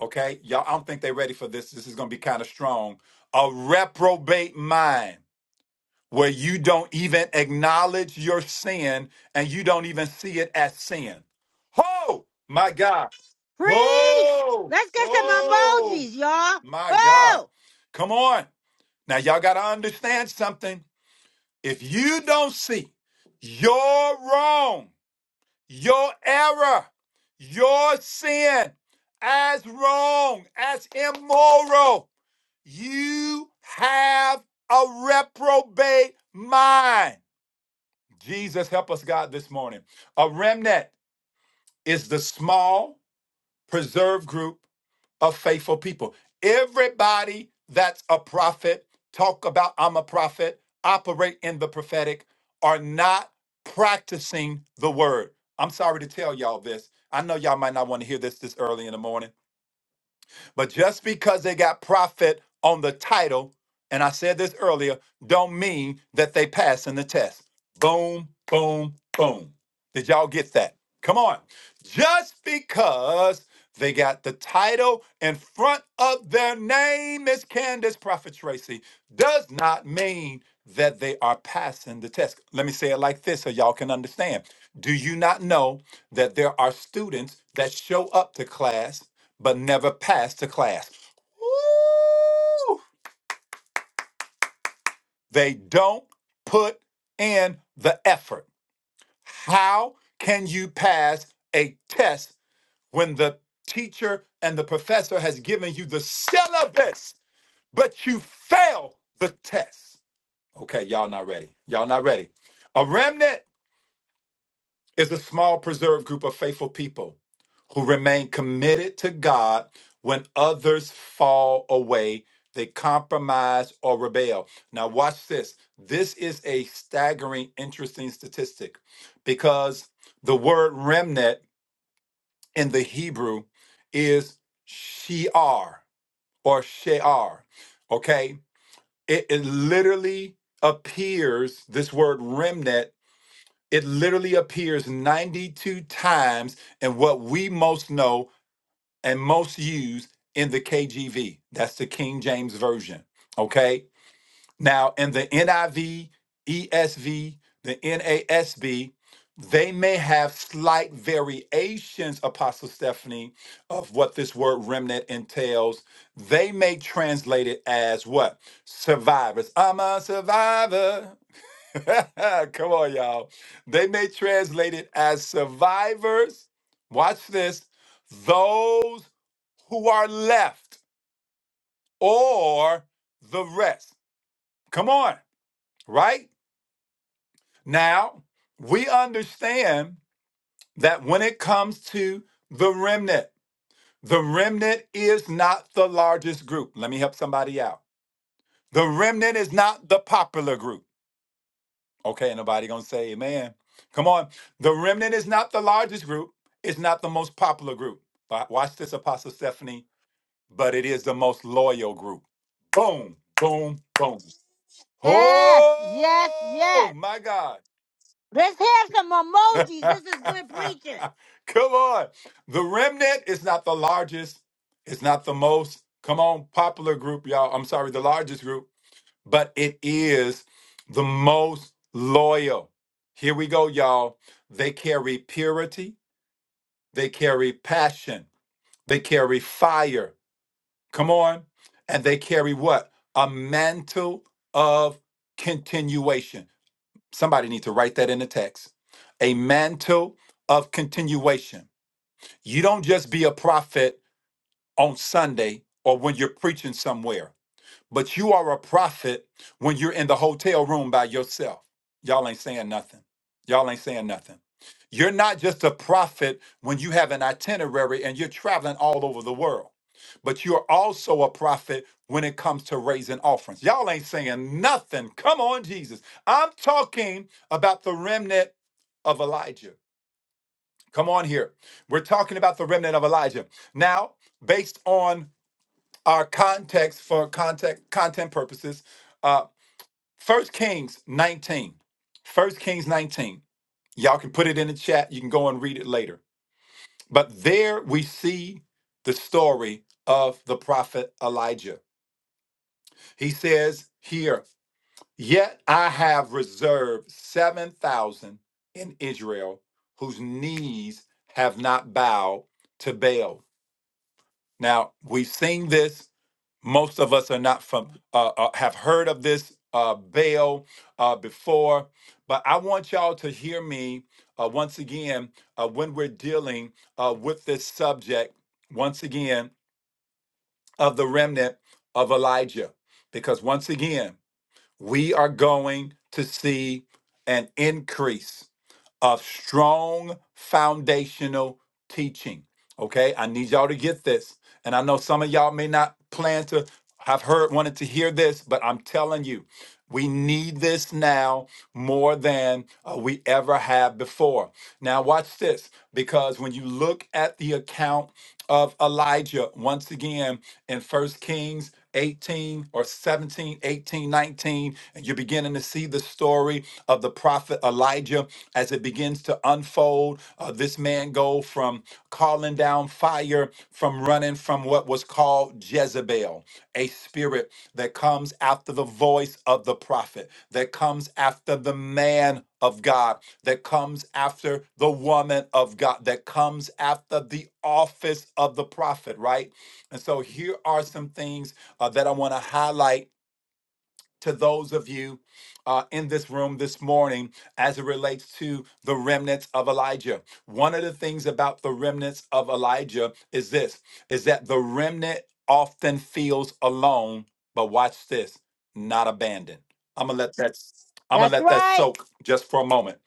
Okay. Y'all, I don't think they're ready for this. This is going to be kind of strong. A reprobate mind. where you don't even acknowledge your sin and you don't even see it as sin. Oh, my God. Preach. Oh, Let's get some oh, emojis, y'all. my God. Oh, Come on. Now, y'all got to understand something. If you don't see your wrong, your error, your sin as wrong, as immoral, you have a reprobate mind. Jesus, help us, God, this morning. A remnant is the small, preserved group of faithful people. Everybody that's a prophet, talk about I'm a prophet, operate in the prophetic, are not practicing the word. I'm sorry to tell y'all this. I know y'all might not want to hear this this early in the morning, but just because they got prophet on the title, and I said this earlier, don't mean that they pass in the test. Boom, boom, boom. Did y'all get that? Come on. Just because they got the title in front of their name is Candace Prophet Tracy. Does not mean that they are passing the test. Let me say it like this so y'all can understand. Do you not know that there are students that show up to class but never pass the class? Woo! They don't put in the effort. How can you pass a test when the teacher and the professor has given you the syllabus, but you fail the test. Okay, y'all not ready. Y'all not ready. A remnant is a small preserved group of faithful people who remain committed to God when others fall away, they compromise or rebel. Now, watch this. This is a staggering, interesting statistic because the word remnant in the Hebrew is Shear or Shear. Okay. It, it literally appears, this word remnant, it literally appears 92 times in what we most know and most use in the KJV. That's the King James Version. Okay. Now, in the NIV, ESV, the NASB, they may have slight variations, Apostle Stephanie, of what this word remnant entails. They may translate it as what? Survivors. I'm a survivor. Come on, y'all. They may translate it as survivors. Watch this. Those who are left or the rest. Come on, right? Now, we understand that when it comes to the remnant, the remnant is not the largest group. Let me help somebody out. The remnant is not the popular group. Okay, ain't nobody gonna say amen. Come on. The remnant is not the largest group, it's not the most popular group. But Watch this, Apostle Stephanie, but it is the most loyal group. Boom, boom, boom. yes, yes, Oh yes. my God. Let's have some emojis. This is good preaching. Come on. The remnant is not the largest, it's not the most, come on, popular group, y'all. I'm sorry, the largest group, but it is the most loyal. Here we go, y'all. They carry purity, they carry passion, they carry fire. Come on. And they carry what? A mantle of continuation. Somebody needs to write that in the text. A mantle of continuation. You don't just be a prophet on Sunday or when you're preaching somewhere, but you are a prophet when you're in the hotel room by yourself. Y'all ain't saying nothing. Y'all ain't saying nothing. You're not just a prophet when you have an itinerary and you're traveling all over the world, but you're also a prophet when it comes to raising offerings. Y'all ain't saying nothing. Come on, Jesus. I'm talking about the remnant of Elijah. Come on here. We're talking about the remnant of Elijah. Now, based on our context for context content purposes, uh 1 Kings 19. 1 Kings 19. Y'all can put it in the chat. You can go and read it later. But there we see the story of the prophet Elijah. He says here, Yet I have reserved 7,000 in Israel whose knees have not bowed to Baal Now we've seen this. Most of us are not from uh, uh, have heard of this uh, Baal uh, before, but I want y'all to hear me uh, once again uh, when we're dealing uh, with this subject once again of the remnant of Elijah, because once again we are going to see an increase a strong foundational teaching. Okay, I need y'all to get this. And I know some of y'all may not plan to have heard, wanted to hear this, but I'm telling you, we need this now more than uh, we ever have before. Now, watch this, because when you look at the account of Elijah, once again in First Kings 18 or 17, 18, 19, and you're beginning to see the story of the prophet Elijah as it begins to unfold. Uh, this man go from calling down fire, from running from what was called Jezebel, a spirit that comes after the voice of the prophet, that comes after the man of God, that comes after the woman of God, that comes after the office of the prophet, right? And so here are some things uh, that I want to highlight to those of you uh, in this room this morning as it relates to the remnants of Elijah. One of the things about the remnants of Elijah is this is that the remnant often feels alone, but watch this, not abandoned. I'm gonna let that I'm gonna That's let that right. soak just for a moment.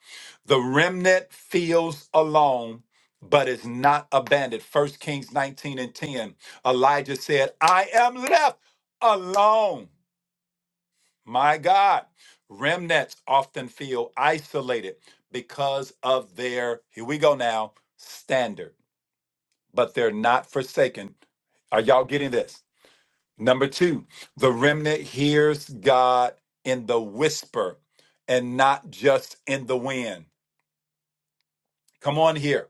The remnant feels alone, but is not abandoned. First Kings 19 and 10. Elijah said, I am left alone. My God, remnants often feel isolated because of their, here we go now, standard, but they're not forsaken. Are y'all getting this? Number two, the remnant hears God in the whisper and not just in the wind. Come on here.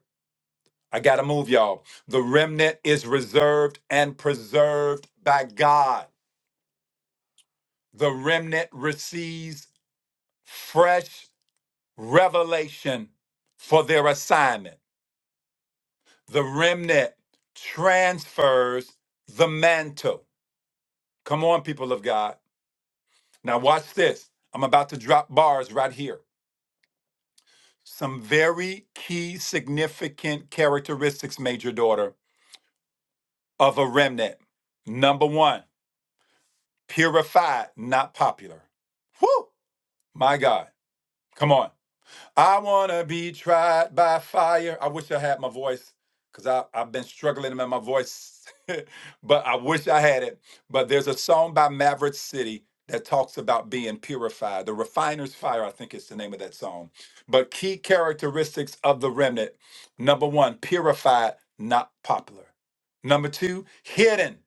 I got to move, y'all. The remnant is reserved and preserved by God. The remnant receives fresh revelation for their assignment. The remnant transfers the mantle. Come on, people of God. Now, watch this. I'm about to drop bars right here. Some very key, significant characteristics, major daughter, of a remnant. Number one, purified, not popular. Whew, my God. Come on. I wanna be tried by fire. I wish I had my voice because I I've been struggling with my voice, but I wish I had it. But there's a song by Maverick City that talks about being purified. The Refiner's Fire, I think is the name of that song. But key characteristics of the remnant: number one, purified, not popular. Number two, hidden,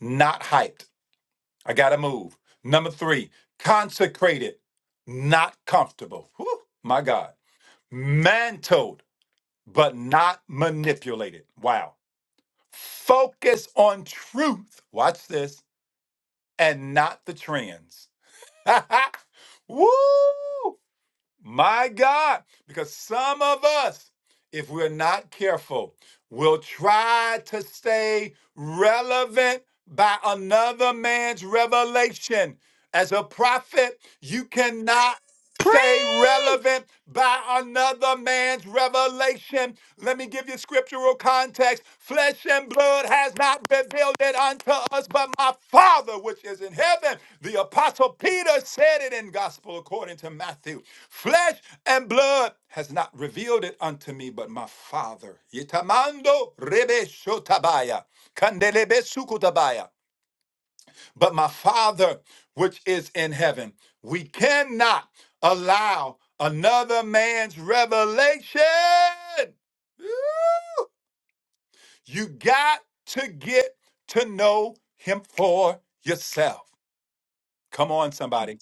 not hyped. I gotta move. Number three, consecrated, not comfortable. Whew, my God. Mantled, but not manipulated. Wow. Focus on truth. Watch this and not the trends. Woo! My God, because some of us, if we're not careful, will try to stay relevant by another man's revelation. As a prophet, you cannot stay Preach. relevant by another man's revelation. Let me give you scriptural context. Flip flesh and blood has not revealed it unto us, but my Father which is in heaven. The Apostle Peter said it in Gospel according to Matthew. Flesh and blood has not revealed it unto me, but my Father. Itamando rebe shotabaya, kandelebe sukutabaya. But my Father which is in heaven. We cannot allow another man's revelation Woo! You got to get to know him for yourself. Come on, somebody.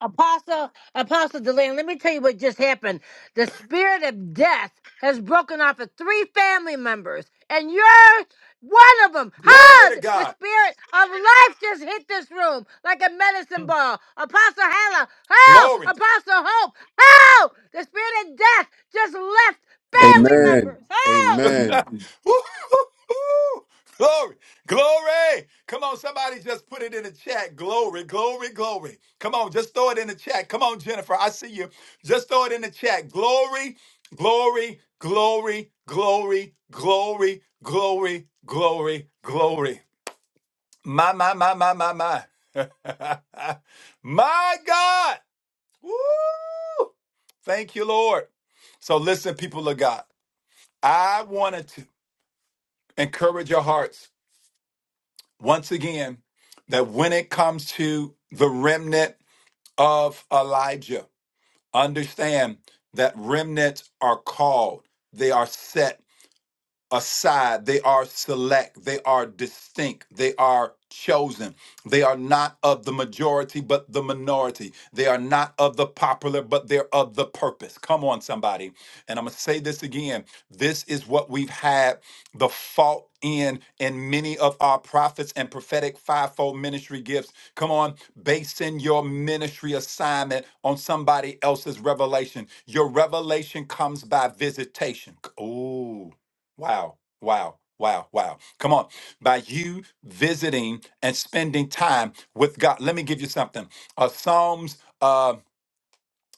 Apostle, Apostle Delaney, let me tell you what just happened. The spirit of death has broken off of three family members, and you're one of them. Glory Huh? to The God. spirit of life just hit this room like a medicine ball. Apostle Hannah, help! Glory. Apostle Hope, help! The spirit of death just left Thank you. Jesus. family Amen. members. Help! Amen. Woo-hoo-hoo. glory. Glory. Come on, somebody just put it in the chat. Glory, glory, glory. Come on, just throw it in the chat. Come on, Jennifer. I see you. Just throw it in the chat. Glory, glory, glory, glory, glory, glory, glory, glory. My, my, my, my, my, my. my God. Woo! Thank you, Lord. So, listen, people of God, I wanted to encourage your hearts once again that when it comes to the remnant of Elijah, understand that remnants are called, they are set, aside. They are select. They are distinct. They are chosen. They are not of the majority, but the minority. They are not of the popular, but they're of the purpose. Come on, somebody. And I'm going to say this again. This is what we've had the fault in in many of our prophets and prophetic fivefold ministry gifts. Come on, basing your ministry assignment on somebody else's revelation. Your revelation comes by visitation. Oh. Wow, wow, wow, wow. Come on. By you visiting and spending time with God. Let me give you something. Uh, Psalms, uh,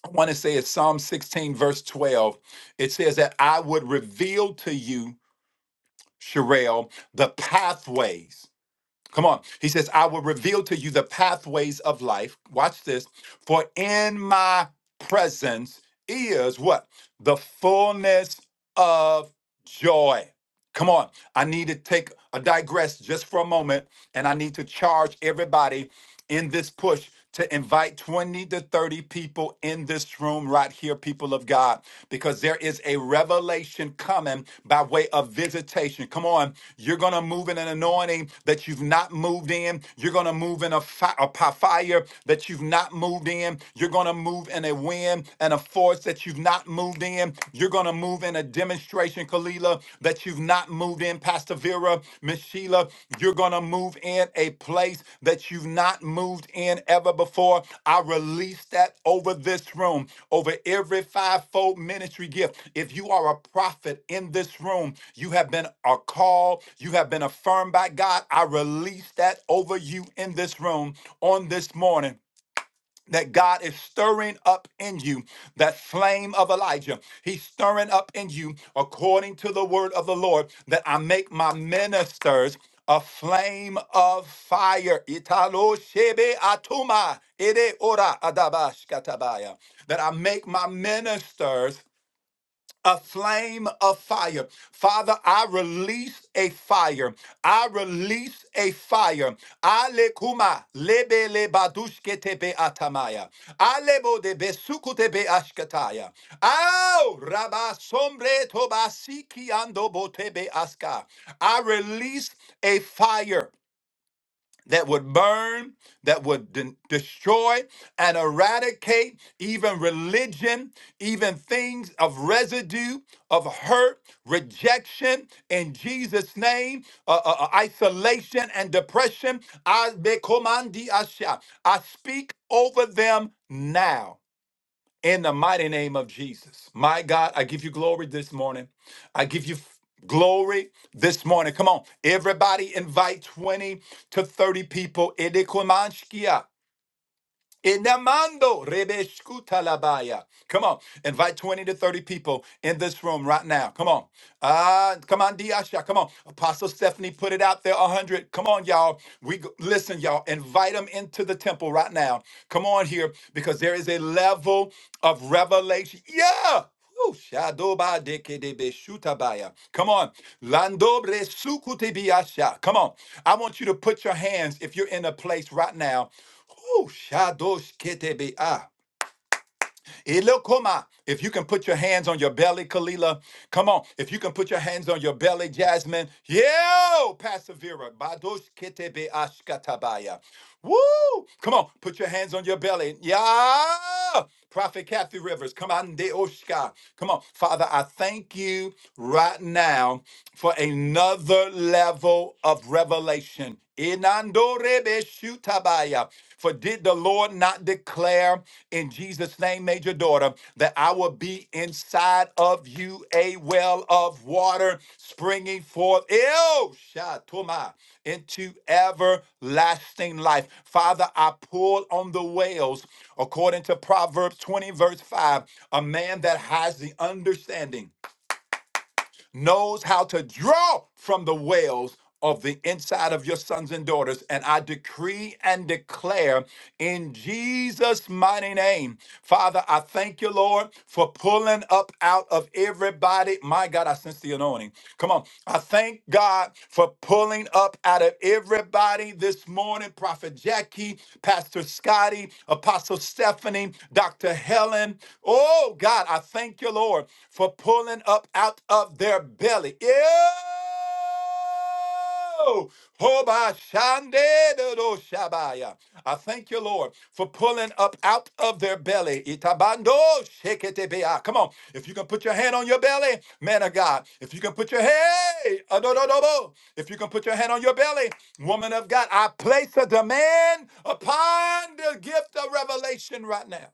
I want to say it's Psalm 16, verse 12. It says that I would reveal to you, Sherelle, the pathways. Come on. He says, I will reveal to you the pathways of life. Watch this. For in my presence is what? The fullness of joy. Come on. I need to take a digress just for a moment and I need to charge everybody in this push to invite 20 to 30 people in this room right here, people of God, because there is a revelation coming by way of visitation. Come on, you're going to move in an anointing that you've not moved in. You're going to move in a, fi- a fire that you've not moved in. You're going to move in a wind and a force that you've not moved in. You're going to move in a demonstration Passion Kalila, that you've not moved in, Pastor Vera, Miss Sheila. You're going to move in a place that you've not moved in ever before. I release that over this room, over every fivefold ministry gift. If you are a prophet in this room, you have been a call, you have been affirmed by God. I release that over you in this room on this morning that God is stirring up in you that flame of Elijah. He's stirring up in you according to the word of the Lord that I make my ministers a flame of fire. Italo shebe atuma ere ora adabash katabaya. That I make my ministers a flame of fire. Father, I release a fire. I release a fire. Ale kuma lebe le badushke tebe atamaya. Alebo de besuku tebe ashkataya. Au raba sombre tobasiki ando botebe aska. I release a fire that would burn, that would de- destroy and eradicate even religion, even things of residue, of hurt, rejection in Jesus' name, uh, uh, uh, isolation and depression. I, bekomandi asha. I speak over them now in the mighty name of Jesus. My God, I give you glory this morning. I give you f- glory this morning. Come on, everybody invite 20 to 30 people. Edekumanskia. Inamando rebeskutalabaya. Come on, invite 20 to 30 people in this room right now. Come on. Ah, come on, Diasha. Come on. Apostle Stephanie put it out there 100. Come on, y'all. We go- listen, y'all. Invite them into the temple right now. Come on here because there is a level of revelation. Yeah. Woo, shadoba dekedebeshutabaya. Come on. Landobre sukutebiasha. Come on. I want you to put your hands if you're in a place right now Ooh, shadosh ketebe ah. Ilokoma. If you can put your hands on your belly, Kalila. Come on. If you can put your hands on your belly, Jasmine. Yo, Persevera. Badosh ketebe ashkatabaya. Woo! Come on. Put your hands on your belly. Yeah. Prophet Kathy Rivers. Come on. De Oshka. Come on. Father, I thank you right now for another level of revelation Inandorebeshutabaya. For did the Lord not declare in Jesus' name, major daughter, that I will be inside of you a well of water springing forth ew, shatoma, into everlasting life? Father, I pull on the wells according to Proverbs 20, verse 5. A man that has the understanding knows how to draw from the wells of the inside of your sons and daughters. And I decree and declare in Jesus' mighty name. Father, I thank you, Lord, for pulling up out of everybody. My God, I sense the anointing. Come on. I thank God for pulling up out of everybody this morning. Prophet Jackie, Pastor Scotty, Apostle Stephanie, Dr. Helen. Oh, God, I thank Thank you, Lord, for pulling up out of their belly. Yeah. Hoba shande do shabaya. I thank you, Lord, for pulling up out of their belly. Itabando sheketebea. Come on. If you can put your hand on your belly, man of God. If you can put your hey, adododobo. if you can put your hand on your belly, woman of God, I place a demand upon the gift of revelation right now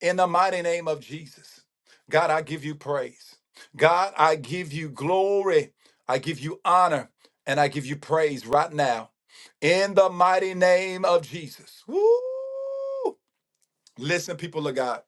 in the mighty name of Jesus. God, I give you praise. God, I give you glory. I give you honor and I give you praise right now in the mighty name of Jesus. Woo! Listen, people of God.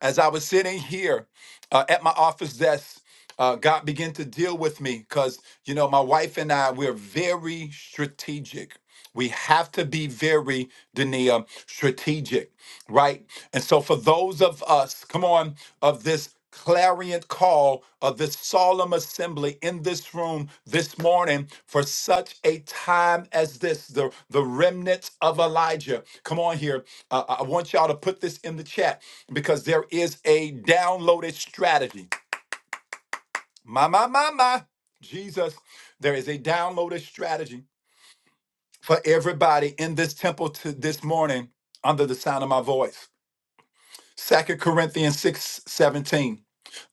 As I was sitting here uh, at my office desk, uh, God began to deal with me because, you know, my wife and I, we're very strategic. We have to be very, Dania, strategic, right? And so for those of us, come on, of this clarion call of this solemn assembly in this room this morning for such a time as this the, the remnants of elijah come on here Uh, i I want y'all to put this in the chat because there is a downloaded strategy my my my my jesus there is a downloaded strategy for everybody in this temple to this morning under the sound of my voice Second corinthians 6 17.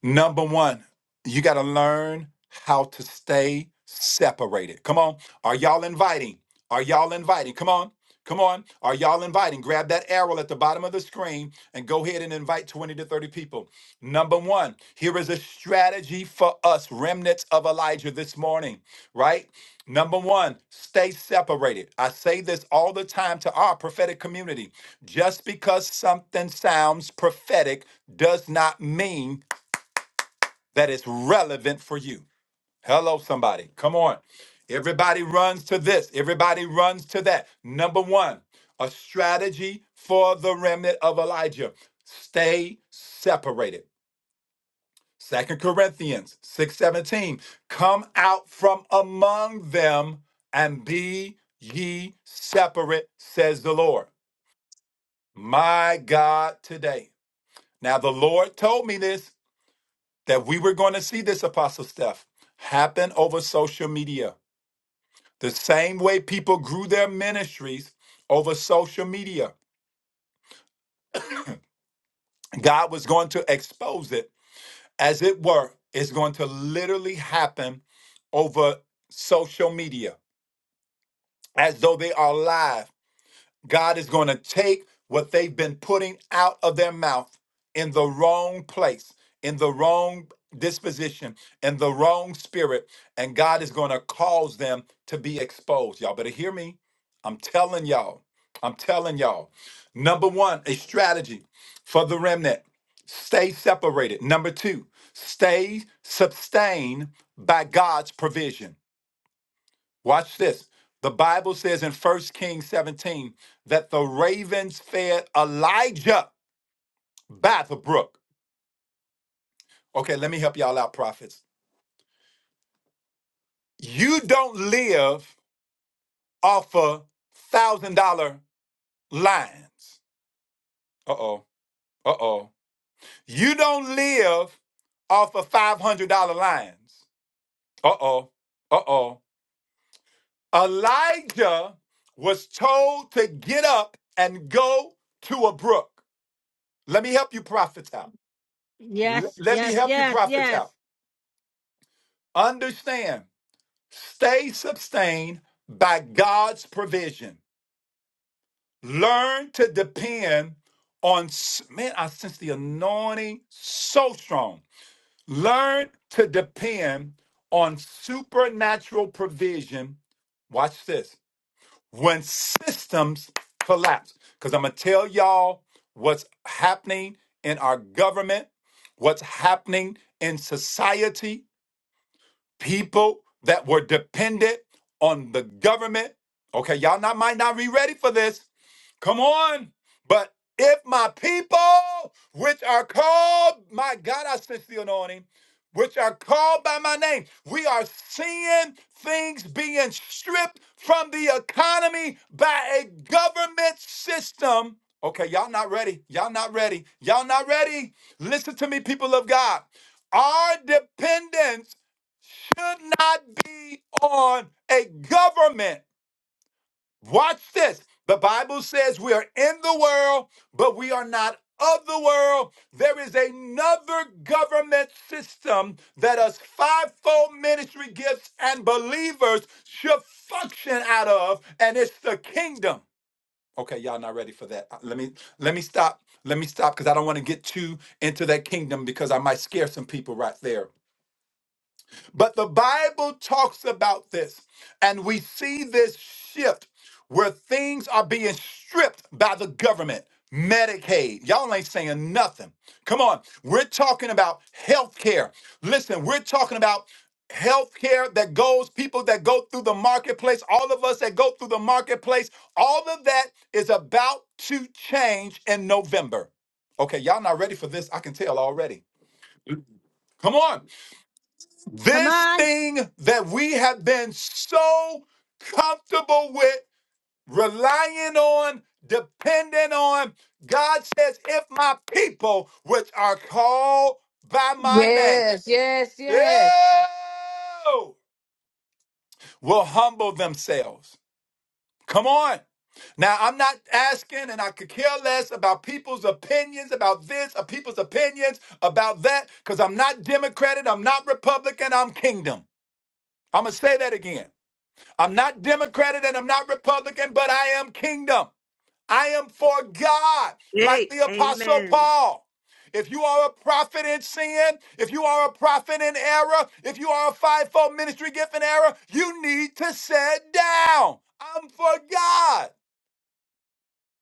Number one, you got to learn how to stay separated. Come on. Are y'all inviting? Are y'all inviting? Come on. Come on. Are y'all inviting? Grab that arrow at the bottom of the screen and go ahead and invite 20 to 30 people. Number one, here is a strategy for us, remnants of Elijah, this morning, right? Number one, stay separated. I say this all the time to our prophetic community. Just because something sounds prophetic does not mean that is relevant for you. Hello, somebody. Come on. Everybody runs to this, everybody runs to that. Number one, a strategy for the remnant of Elijah stay separated. Second Corinthians 6:17 Come out from among them and be ye separate says the Lord. My God today. Now the Lord told me this that we were going to see this apostle stuff happen over social media. The same way people grew their ministries over social media. God was going to expose it, as it were, it's going to literally happen over social media as though they are live. God is going to take what they've been putting out of their mouth in the wrong place, in the wrong disposition, in the wrong spirit, and God is going to cause them to be exposed. Y'all better hear me. I'm telling y'all. I'm telling y'all. Number one, a strategy for the remnant stay separated. Number two, stay sustained by God's provision. Watch this. The Bible says in First Kings 17 that the ravens fed Elijah by the brook. Okay, let me help y'all out, prophets. You don't live off of one thousand dollar lines. Uh oh. Uh oh. You don't live off of five hundred dollar lines. Uh oh. Uh oh. Elijah was told to get up and go to a brook. Let me help you prophets out. Yes, Let me yes, help you yes, prophets yes. out. Understand, stay sustained by God's provision. Learn to depend on, man, I sense the anointing so strong. Learn to depend on supernatural provision. Watch this. When systems collapse, because I'm going to tell y'all what's happening in our government, what's happening in society. people that were dependent on the government. Okay, y'all not might not be ready for this. Come on. But if my people, which are called, my God, I sense the anointing, which are called by my name, we are seeing things being stripped from the economy by a government system. Okay, y'all not ready. Y'all not ready. Y'all not ready. Listen to me, people of God. Our dependence should not be on a government. Watch this. The Bible says we are in the world, but we are not of the world. There is another government system that us fivefold ministry gifts and believers should function out of, and it's the kingdom. Okay, y'all not ready for that. Uh, Let me let me stop. Let me stop because I don't want to get too into that kingdom because I might scare some people right there. But the Bible talks about this, and we see this shift where things are being stripped by the government. Medicaid, y'all ain't saying nothing. Come on, we're talking about health care. Listen, we're talking about health care that goes, people that go through the marketplace, all of us that go through the marketplace, all of that is about to change in November. Okay, y'all not ready for this. I can tell already. Come on. Come This on. thing that we have been so comfortable with, relying on, depending on, God says, if my people, which are called by my name, Yes, yes, yes. ew, will humble themselves. Come on. Now, I'm not asking, and I could care less about people's opinions about this, or people's opinions about that, because I'm not Democratic, I'm not Republican, I'm kingdom. I'm going to say that again. I'm not Democrat and I'm not Republican, but I am kingdom. I am for God, like Hey, the Apostle amen. Paul. If you are a prophet in sin, if you are a prophet in error, if you are a fivefold ministry gift in error, you need to sit down. I'm for God.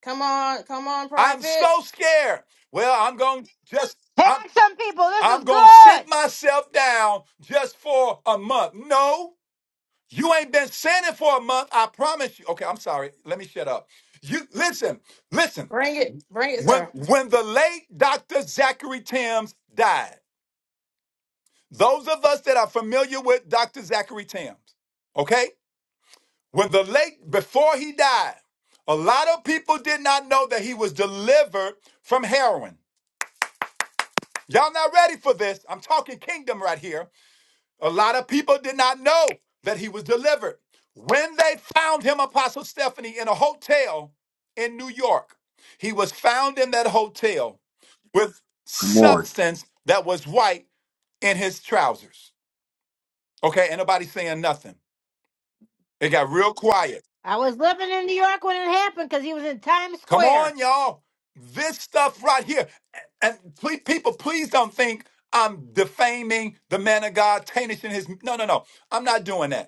Come on, come on, I'm prophet. so scared. Well, I'm going to just I'm Tag some people. This I'm is going to sit good. myself down just for a month. No. You ain't been sinning for a month. I promise you. Okay, I'm sorry. Let me shut up. You listen, listen. Bring it, bring it, When sir. when the late Dr. Zachary Timms died, those of us that are familiar with Dr. Zachary Timms, okay? When the late before he died, a lot of people did not know that he was delivered from heroin. Y'all not ready for this. I'm talking kingdom right here. A lot of people did not know that he was delivered. When they found him, Apostle Stephanie, in a hotel in New York, he was found in that hotel with Come on. substance that was white in his trousers. Okay, ain't nobody saying nothing. It got real quiet. I was living in New York when it happened because he was in Times Come Square. on, y'all. This stuff right here. And please, people, please don't think I'm defaming the man of God, tarnishing his. No, no, no. I'm not doing that.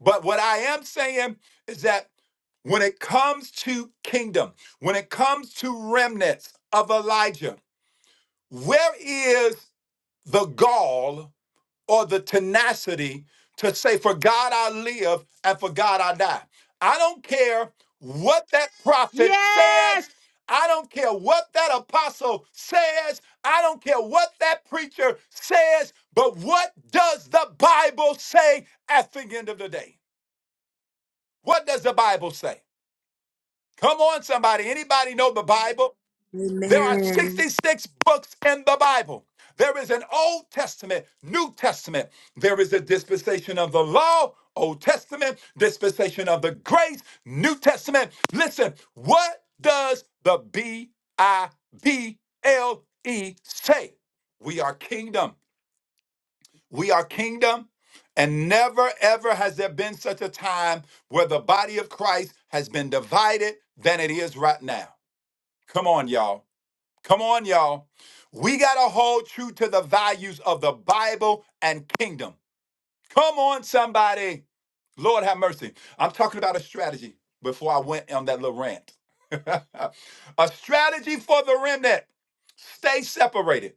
But what I am saying is that when it comes to kingdom, when it comes to remnants of Elijah, where is the gall or the tenacity to say, For God I live and for God I die? I don't care what that prophet Yes! says. I don't care what that apostle says. I don't care what that preacher says. But what does the Bible say at the end of the day? What does the Bible say? Come on, somebody. Anybody know the Bible? There are Amen. 66 books in the Bible. There is an Old Testament, New Testament. There is a dispensation of the law, Old Testament, dispensation of the grace, New Testament. Listen, what does the B I B L E say? We are kingdom. We are kingdom. And never, ever has there been such a time where the body of Christ has been divided than it is right now. Come on, y'all. Come on, y'all. We got to hold true to the values of the Bible and kingdom. Come on, somebody. Lord have mercy. I'm talking about a strategy before I went on that little rant. a strategy for the remnant. Stay separated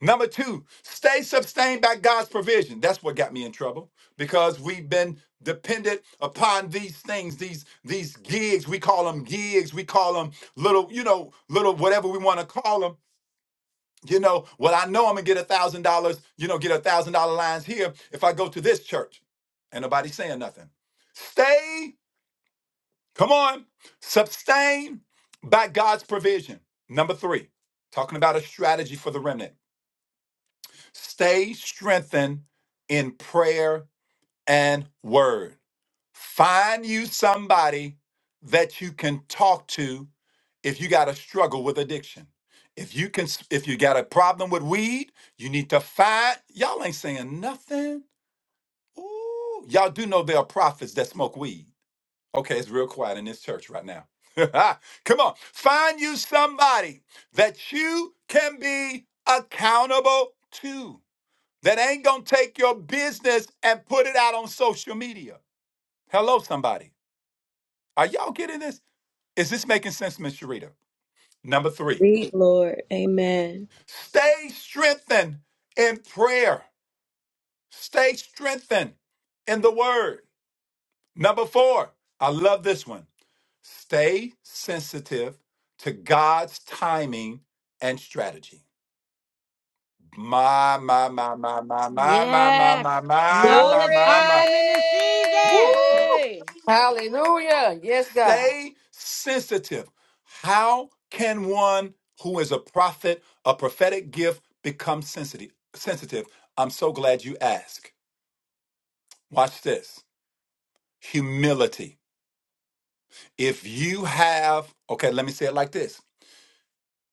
Number two, stay sustained by God's provision. That's what got me in trouble because we've been dependent upon these things, these these gigs. We call them gigs. We call them little, you know, little whatever we want to call them. You know, well, I know I'm gonna get a thousand dollars. You know, get a thousand dollar lines here if I go to this church, and nobody saying nothing. Stay, come on, sustained by God's provision. Number three, talking about a strategy for the remnant. Stay strengthened in prayer and word. Find you somebody that you can talk to if you got a struggle with addiction. If you can if you got a problem with weed, you need to find y'all ain't saying nothing. Ooh, y'all do know there are prophets that smoke weed. Okay, it's real quiet in this church right now. Come on, find you somebody that you can be accountable to that ain't gonna take your business and put it out on social media. Hello, somebody. Are y'all getting this? Is this making sense, Miss Sharita? Number three, Speak, Lord. Amen. stay strengthened in prayer. Stay strengthened in the word. Number four, I love this one. Stay sensitive to God's timing and strategy. My, my, my, my, my, my, my, my, my, Yes! my, Know my, Glory! the my, my. time and the season! Woo! Hallelujah. Yes, God. Stay sensitive. How can one who is a prophet, a prophetic gift, become sensitive? Sensitive. I'm so glad you asked. Watch this. Humility. If you have, okay, let me say it like this.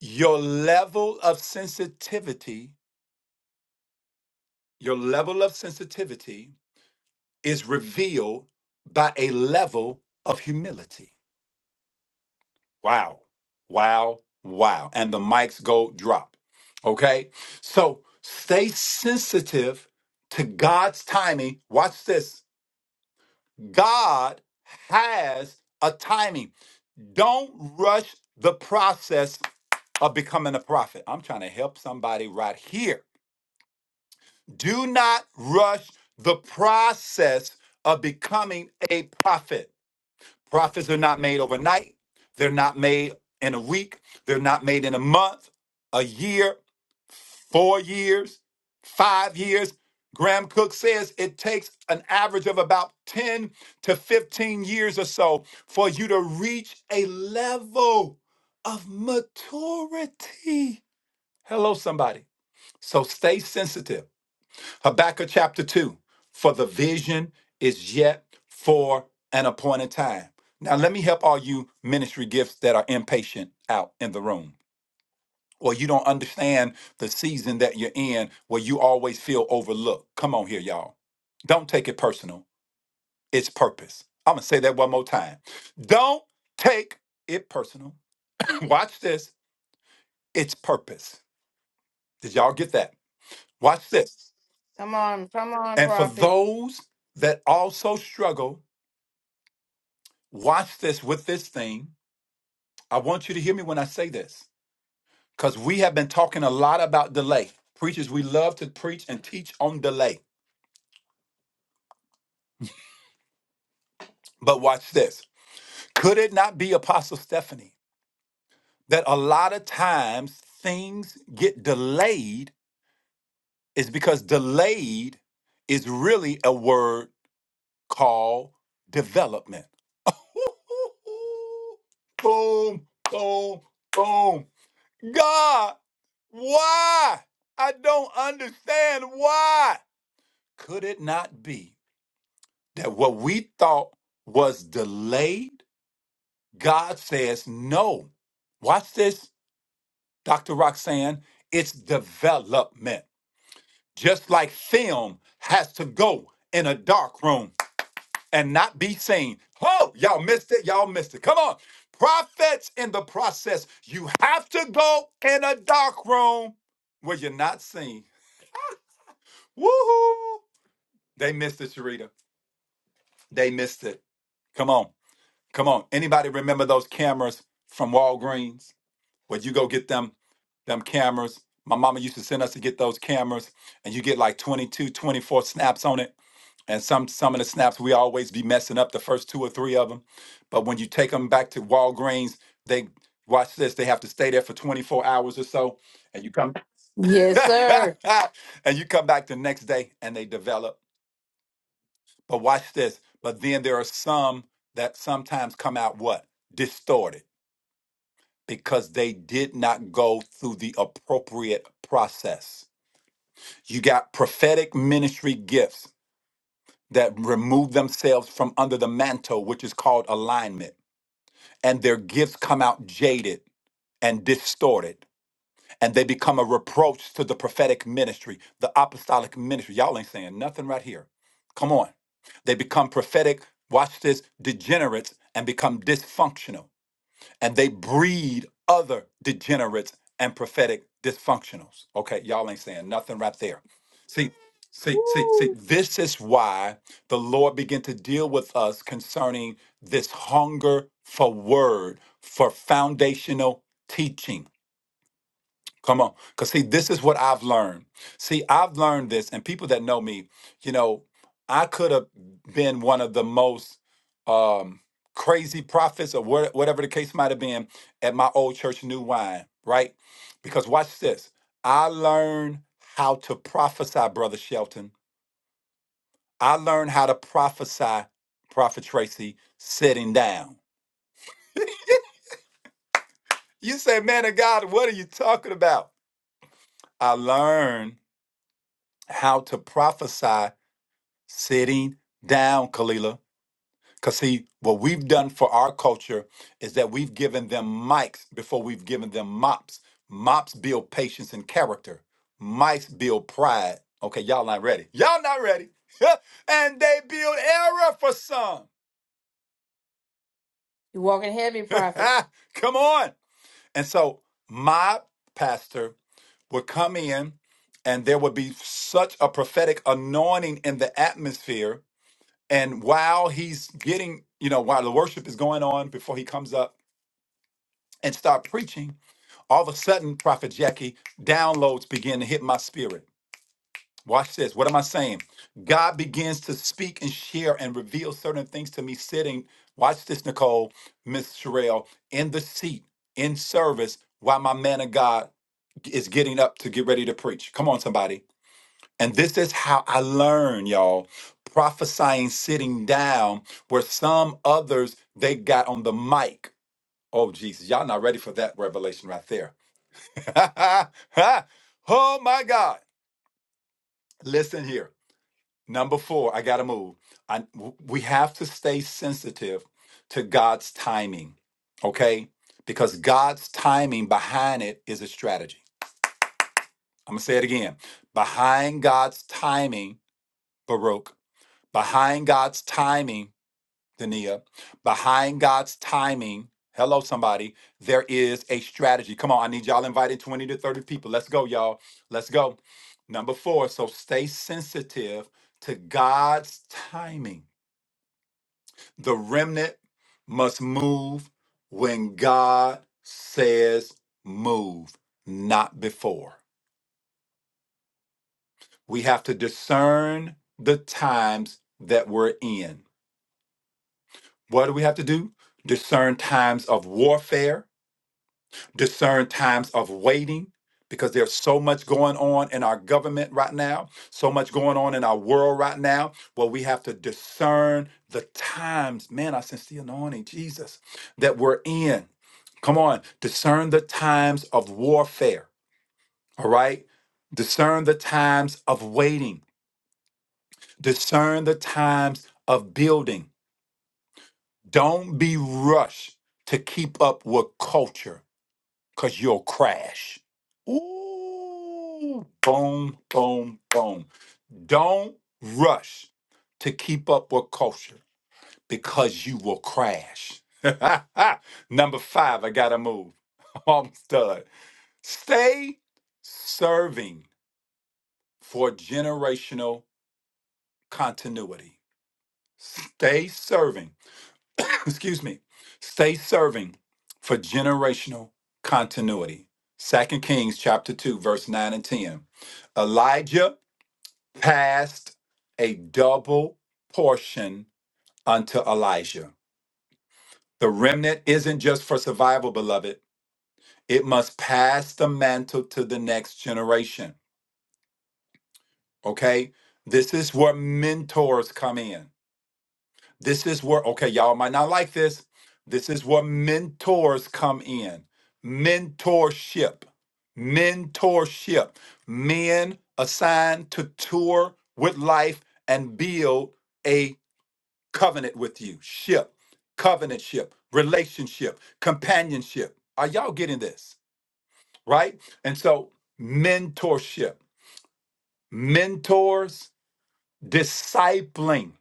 Your level of sensitivity, your level of sensitivity is revealed by a level of humility. Wow. Wow. Wow. And the mics go drop. Okay. So stay sensitive to God's timing. Watch this. God has a timing. Don't rush the process of becoming a prophet. I'm trying to help somebody right here. Do not rush the process of becoming a prophet. Profits are not made overnight. They're not made in a week. They're not made in a month, a year, four years, five years. Graham Cook says it takes an average of about 10 to 15 years or so for you to reach a level of maturity. Hello, somebody. So stay sensitive. Habakkuk chapter 2 For the vision is yet for an appointed time. Now, let me help all you ministry gifts that are impatient out in the room, or you don't understand the season that you're in where you always feel overlooked. Come on here, y'all. Don't take it personal, it's purpose. I'm gonna say that one more time. Don't take it personal. Watch this, it's purpose. Did y'all get that? Watch this. Come on, come on, And for prophet. those that also struggle Watch this with this thing. I want you to hear me when I say this because we have been talking a lot about delay. Preachers, we love to preach and teach on delay. But watch this. Could it not be Apostle Stephanie that a lot of times things get delayed is because delayed is really a word called development. Boom, boom, boom. God, why? I don't understand why. Could it not be that what we thought was delayed, God says no. Watch this, Dr. Roxanne. It's development. Just like film has to go in a dark room and not be seen. Oh, y'all missed it. Y'all missed it. Come on. Prophets in the process. You have to go in a dark room where you're not seen Woohoo! They missed it, Sharita. They missed it. Come on. Come on. Anybody remember those cameras from Walgreens? Where you go get them them cameras. My mama used to send us to get those cameras and you get like 22, 24 snaps on it. And some some of the snaps we always be messing up the first two or three of them. But when you take them back to Walgreens, they watch this, they have to stay there for 24 hours or so and you come Yes, sir. and you come back the next day and they develop But watch this. But then there are some that sometimes come out what? Distorted because they did not go through the appropriate process. You got prophetic ministry gifts that remove themselves from under the mantle, which is called alignment, and their gifts come out jaded and distorted and they become a reproach to the prophetic ministry, the apostolic ministry. Y'all ain't saying nothing right here. Come on. They become prophetic, watch this, degenerates and become dysfunctional. And they breed other degenerates and prophetic dysfunctionals. Okay, y'all ain't saying nothing right there. See, see, see, see, Woo! this is why the Lord began to deal with us concerning this hunger for word, for foundational teaching Come on. Because, see, this is what I've learned. See, I've learned this, and people that know me, you know, I could have been one of the most um, crazy prophets or wha- whatever the case might have been at my old church, New Wine, right? Because, watch this. I learned how to prophesy, Brother Shelton. I learned how to prophesy, Prophet Tracy, sitting down. You say, man of God, what are you talking about? I learned how to prophesy sitting down, Kalila. Because, see, what we've done for our culture is that we've given them mics before we've given them mops. Mops build patience and character, mics build pride. Okay, y'all not ready. Y'all not ready. and they build error for some. You're walking heavy, prophet. come on. And so, my pastor would come in, and there would be such a prophetic anointing in the atmosphere And while he's getting, you know, while the worship is going on before he comes up and start preaching, all of a sudden, Prophet Jackie, downloads begin to hit my spirit. Watch this. What am I saying? God begins to speak and share and reveal certain things to me sitting, watch this, Nicole, Miss Sherelle, in the seat, in service, while my man of God is getting up to get ready to preach. Come on, somebody and this is how I learned, y'all. Prophesying sitting down where some others they got on the mic. Oh Jesus, y'all not ready for that revelation right there. oh my God. Listen here. Number 4, I got to move. I, we have to stay sensitive to God's timing. Okay? Because God's timing behind it is a strategy. I'm going to say it again. Behind God's timing, Baruch behind God's timing, Dania, behind God's timing. Hello, somebody. There is a strategy. Come on, I need y'all invited 20 to 30 people. Let's go, y'all. Let's go. Number four, so stay sensitive to God's timing. The remnant must move when God says move, not before. We have to discern the times that we're in. What do we have to do? Discern times of warfare, discern times of waiting, because there's so much going on in our government right now, so much going on in our world right now. Well, we have to discern the times. Man, I sense the anointing, Jesus, that we're in. Come on, discern the times of warfare, all right? Discern the times of waiting, discern the times of building Don't be rushed to keep up with culture because you'll crash. Ooh, boom, boom, boom. Don't rush to keep up with culture because you will crash. Number five, I gotta move. I'm done. Stay serving for generational continuity. Stay serving excuse me, stay serving for generational continuity. Second Kings chapter 2, verse 9 and 10. Elijah passed a double portion unto Elijah. The remnant isn't just for survival, beloved. It must pass the mantle to the next generation. Okay? This is where mentors come in. This is where, okay, y'all might not like this. This is where mentors come in. Mentorship. Mentorship. Men assigned to tour with life and build a covenant with you. Ship, covenantship, relationship, companionship. Are y'all getting this? Right? And so, mentorship, mentors, discipling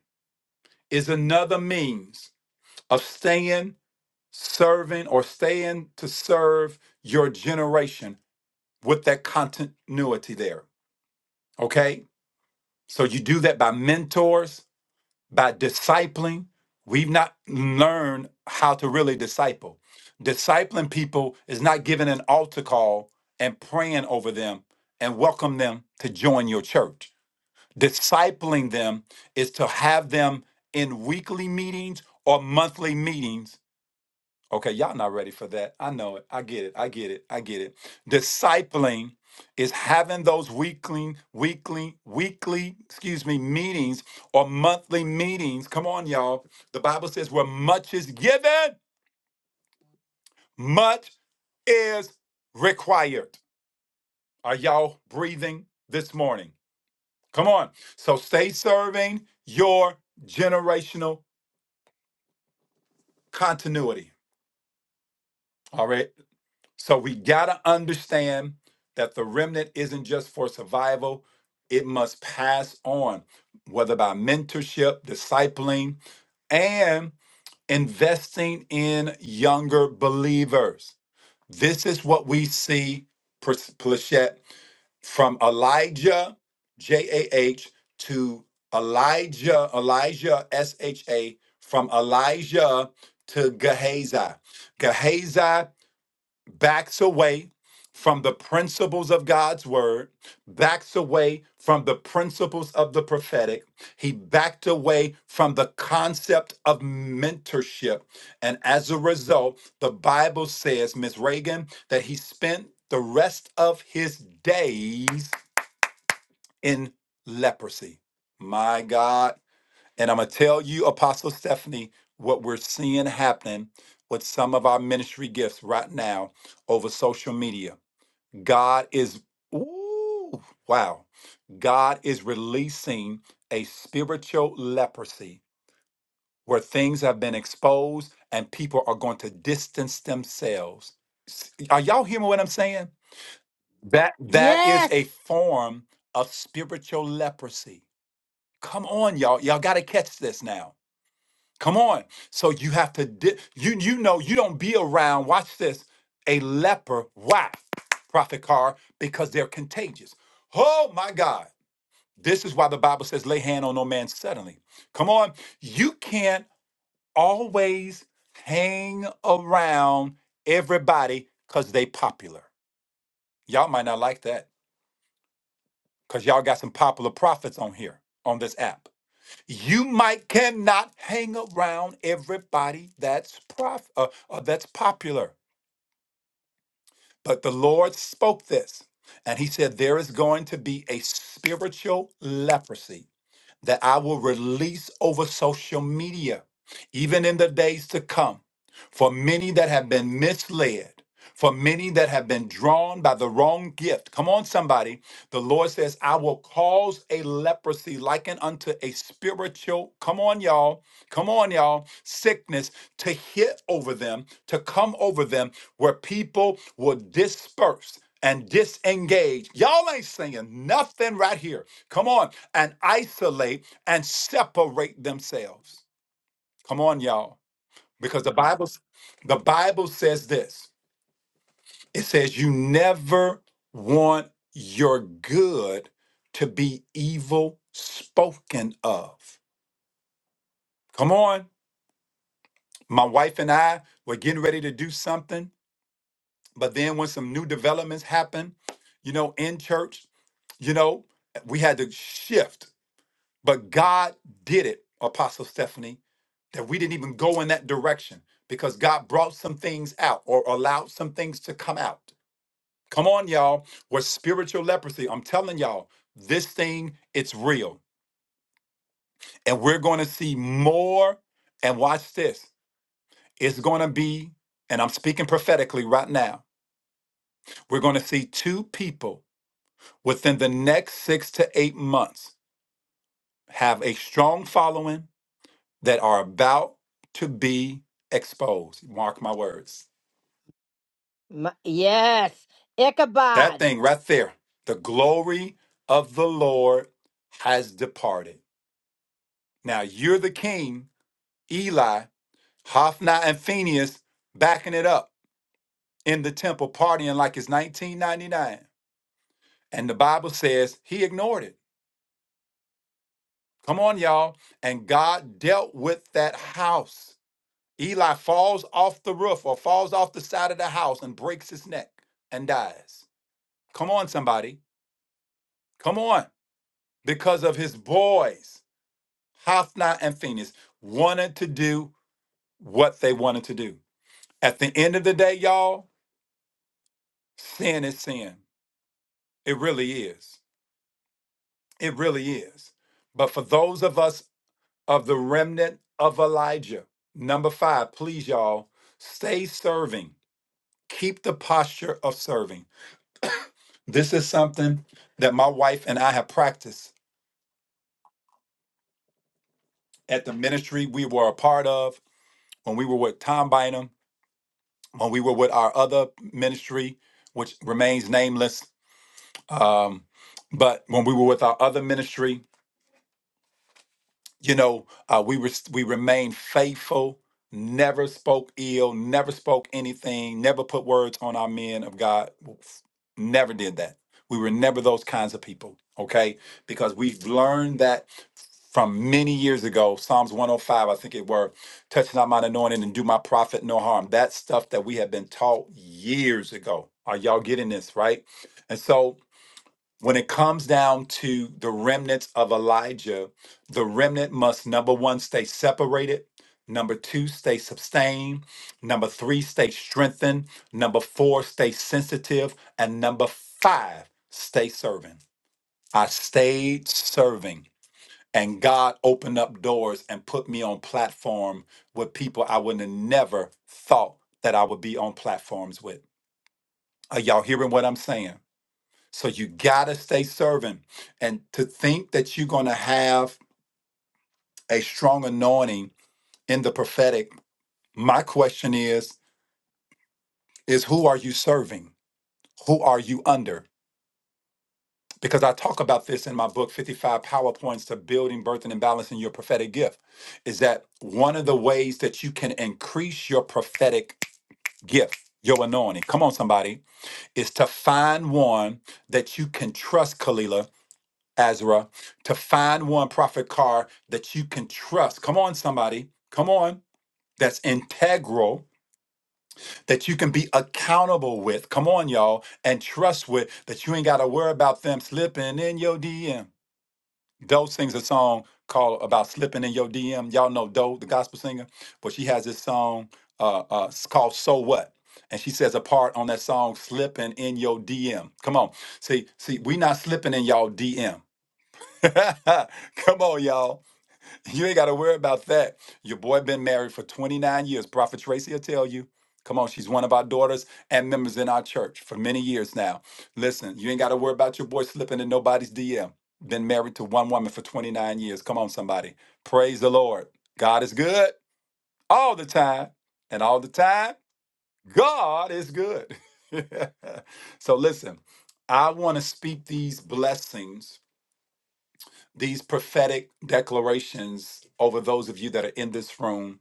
is another means of staying serving or staying to serve your generation with that continuity there. Okay? So you do that by mentors, by discipling. We've not learned how to really disciple. Discipling people is not giving an altar call and praying over them and welcome them to join your church. Discipling them is to have them in weekly meetings or monthly meetings Okay, y'all not ready for that. I know it. I get it. I get it. I get it. Discipling is having those weekly, weekly, weekly, excuse me, meetings or monthly meetings. Come on, y'all. The Bible says where much is given, much is required. Are y'all breathing this morning? Come on. So stay serving your generational continuity. All right. So we got to understand that the remnant isn't just for survival, it must pass on, whether by mentorship, discipling, and investing in younger believers. This is what we see, Pris- Plachette, from Elijah, J A H, to Elijah, Elijah, S H A, from Elijah to Gehazi. Gehazi backs away from the principles of God's word, backs away from the principles of the prophetic. He backed away from the concept of mentorship. And as a result, the Bible says, Miss Reagan, that he spent the rest of his days in leprosy. My God and I'm going to tell you, Apostle Stephanie, what we're seeing happening with some of our ministry gifts right now over social media. God is, ooh, wow. God is releasing a spiritual leprosy where things have been exposed and people are going to distance themselves. S- Are y'all hearing what I'm saying? That that is Yes! a form of spiritual leprosy. Come on, y'all. Y'all got to catch this now Come on. So you have to di- you you know you don't be around. Watch this. A leper. Why, Prophet Carr? Because they're contagious. Oh my God. This is why the Bible says, lay hand on no man suddenly. Come on. You can't always hang around everybody because they popular. Y'all might not like that. Because y'all got some popular prophets on here on this app. You might cannot hang around everybody that's prof- uh, uh, that's popular, but the Lord spoke this, and He said there is going to be a spiritual leprosy that I will release over social media, even in the days to come, for many that have been misled. For many that have been drawn by the wrong gift, come on, somebody. The Lord says, I will cause a leprosy likened unto a spiritual, come on, y'all, come on, y'all, sickness to hit over them, to come over them, where people will disperse and disengage. Y'all ain't saying nothing right here. Come on, and isolate and separate themselves. Come on, y'all, because the Bible, the Bible says this. It says, You never want your good to be evil spoken of. Come on. My wife and I were getting ready to do something, but then when some new developments happened, you know, in church, you know, we had to shift. But God did it, Apostle Stephanie, that we didn't even go in that direction because God brought some things out or allowed some things to come out. Come on, y'all. With spiritual leprosy, I'm telling y'all, this thing, it's real. And we're going to see more. And watch this. It's going to be, and I'm speaking prophetically right now, we're going to see two people within the next six to eight months have a strong following that are about to be exposed. Mark my words. M- yes! That Ichabod! thing right there, the glory of the Lord has departed. Now you're the king Eli, Hophni, and Phineas backing it up in the temple, partying like it's 1999. And the Bible says he ignored it. Come on, y'all. And God dealt with that house. Eli falls off the roof or falls off the side of the house and breaks his neck and dies. Come on, somebody. Come on. Because of his boys, Hophni and Phineas, wanted to do what they wanted to do. At the end of the day, y'all, sin is sin. It really is. It really is. But for those of us of the remnant of Elijah, number five, please, y'all, stay serving. Keep the posture of serving. This is something that my wife and I have practiced at the ministry we were a part of when we were with Tom Bynum, when we were with our other ministry, which remains nameless. Um, but when we were with our other ministry, you know, uh, we were we remained faithful, never spoke ill, never spoke anything, never put words on our men of God. Never did that. We were never those kinds of people, okay? Because we've learned that from many years ago, Psalms 105, I think it were, touch not mine anointing and do my prophet no harm. That stuff that we have been taught years ago. Are y'all getting this, right? And so when it comes down to the remnants of Elijah, the remnant must number one, stay separated. Number two, stay sustained. Number three, stay strengthened. Number four, stay sensitive. And number five, stay serving. I stayed serving, and God opened up doors and put me on platform with people I would have never thought that I would be on platforms with. Are y'all hearing what I'm saying? So you got to stay serving. And to think that you're going to have a strong anointing in the prophetic, my question is is who are you serving? Who are you under? Because I talk about this in my book 55 PowerPoints to building, birthing and balancing your prophetic gift is that one of the ways that you can increase your prophetic gift, your anointing. Come on somebody, is to find one that you can trust, Kalila, Ezra, to find one prophet car that you can trust. Come on, somebody. Come on. That's integral, that you can be accountable with. Come on, y'all, and trust with, that you ain't got to worry about them slipping in your DM. Doe sings a song called About Slipping in Your DM. Y'all know Doe, the gospel singer, but she has this song uh, uh, it's called So What? And she says a part on that song, Slipping in Your DM. Come on. See, see, we not slipping in y'all DM. Come on, y'all You ain't got to worry about that. Your boy been married for 29 years. Prophet Tracy will tell you. Come on, she's one of our daughters and members in our church for many years now. Listen, you ain't got to worry about your boy slipping in nobody's DM. Been married to one woman for 29 years. Come on, somebody. Praise the Lord. God is good all the time. And all the time, God is good. so listen, I want to speak these blessings these prophetic declarations over those of you that are in this room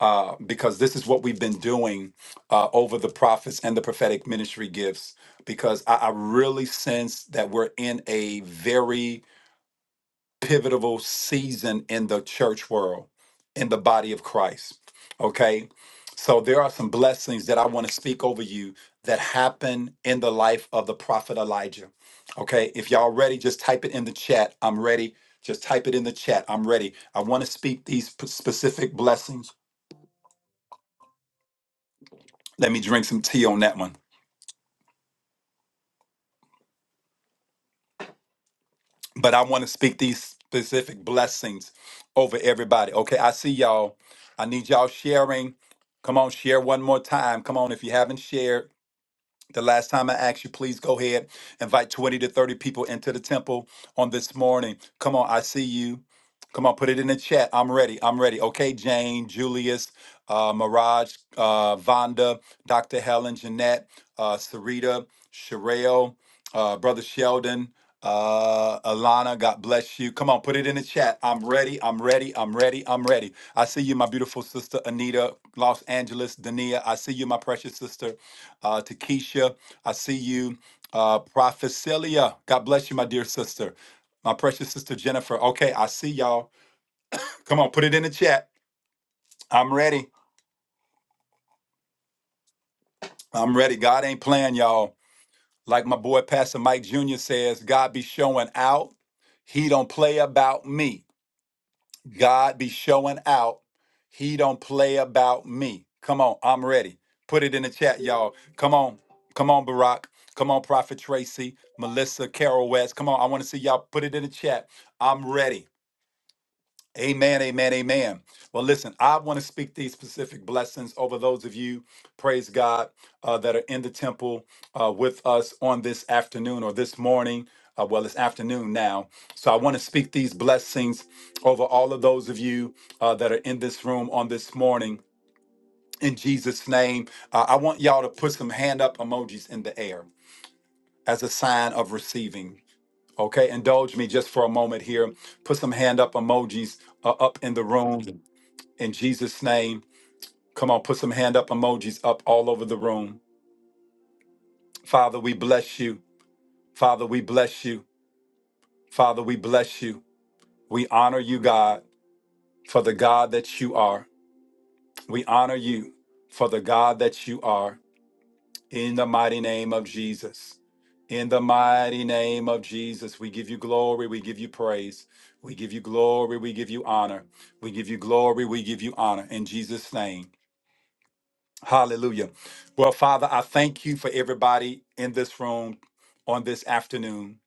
uh, because this is what we've been doing uh, over the prophets and the prophetic ministry gifts because I, I really sense that we're in a very pivotal season in the church world, in the body of Christ. Okay. So there are some blessings that I want to speak over you that happen in the life of the prophet Elijah. Okay. If y'all ready, just type it in the chat. I'm ready. Just type it in the chat. I'm ready. I want to speak these p- specific blessings. Let me drink some tea on that one. but I want to speak these specific blessings over everybody. Okay, I see y'all. I need y'all sharing. Come on, share one more time. Come on, if you haven't shared, the last time I asked you, please go ahead, invite 20 to 30 people into the temple on this morning. Come on, I see you. Come on, put it in the chat. I'm ready. I'm ready. Okay, Jane, Julius, uh, Mirage, uh, Vonda, Dr. Helen, Jeanette, uh, Sarita, Sherelle, uh, Brother Sheldon, uh, Alana, God bless you. Come on, put it in the chat. I'm ready. I'm ready. I'm ready. I'm ready. I see you, my beautiful sister, Anita, Los Angeles, Dania. I see you, my precious sister uh, to Keisha. I see you. Uh, Prophet Celia, God bless you, my dear sister. My precious sister Jennifer. Okay, I see y'all. Come on, put it in the chat. I'm ready. I'm ready. God ain't playing, y'all. Like my boy Pastor Mike Jr. says, God be showing out. He don't play about me. God be showing out. He don't play about me. Come on, I'm ready. Put it in the chat, y'all. Come on. Come on, Barack. Come on, Prophet Tracy, Melissa, Carol West. Come on, I want to see y'all put it in the chat. I'm ready. Amen, amen, amen. Well, listen, I want to speak these specific blessings over those of you, praise God, uh, that are in the temple uh, with us on this afternoon or this morning. Uh, well, it's afternoon now. So I want to speak these blessings over all of those of you uh, that are in this room on this morning. In Jesus' name, uh, I want y'all to put some hand up emojis in the air as a sign of receiving. Okay, indulge me just for a moment here. Put some hand up emojis uh, up in the room in Jesus' name, come on, put some hand up emojis up all over the room. Father, we bless you. Father, we bless you. Father, we bless you. We honor you, God, for the God that you are. We honor you for the God that you are. In the mighty name of Jesus. In the mighty name of Jesus, we give you glory, we give you praise, we give you glory, we give you honor, we give you glory, we give you honor. In Jesus' name. Hallelujah. Well, Father, I thank you for everybody in this room on this afternoon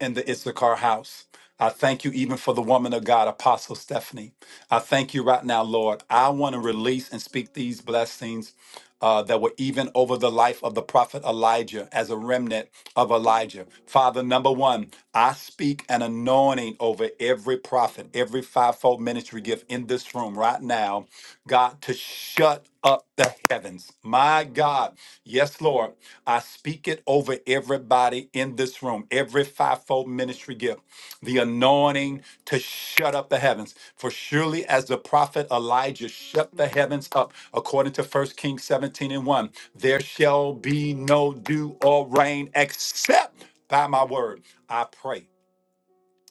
in the Issachar house. I thank you even for the woman of God, Apostle Stephanie. I thank you right now, Lord. I want to release and speak these blessings uh, that were even over the life of the prophet Elijah as a remnant of Elijah. Father, number one, I speak an anointing over every prophet, every fivefold ministry gift in this room right now, God, to shut up the heavens. My God. Yes, Lord. I speak it over everybody in this room, every fivefold ministry gift the anointing to shut up the heavens. For surely as the prophet Elijah shut the heavens up, according to 1 Kings 17 and 1, there shall be no dew or rain except by my word. I pray,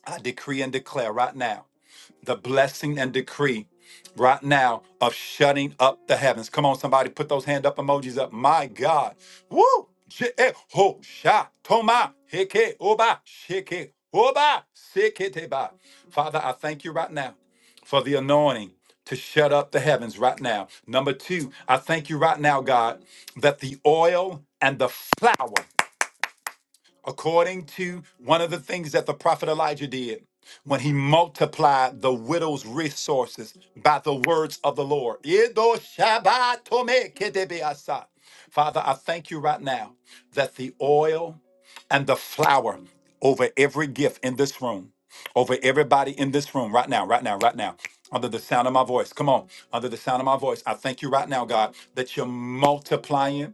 I decree and declare right now the blessing and decree right now of shutting up the heavens. Come on, somebody, put those hand up emojis up. My God. Woo! Je- eh, ho, sha, toma, heke, oba, sheke, oba, seketeba. Father, I thank you right now for the anointing to shut up the heavens right now. Number two, I thank you right now, God, that the oil and the flour according to one of the things that the prophet Elijah did when he multiplied the widow's resources by the words of the Lord. Yedo shabatome kedebeasa. Father, I thank you right now that the oil and the flour over every gift in this room, over everybody in this room, right now, right now, right now, under the sound of my voice. Come on, under the sound of my voice. I thank you right now, God, that you're multiplying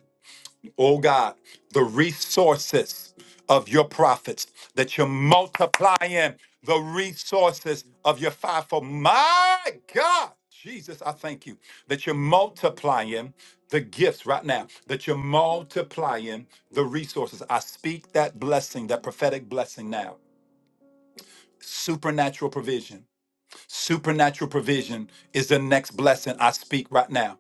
oh God, the resources of your prophets, that you're multiplying the resources of your fivefold. My God, Jesus, I thank you that you're multiplying the gifts right now, that you're multiplying the resources. I speak that blessing, that prophetic blessing now, supernatural provision Supernatural provision is the next blessing I speak right now.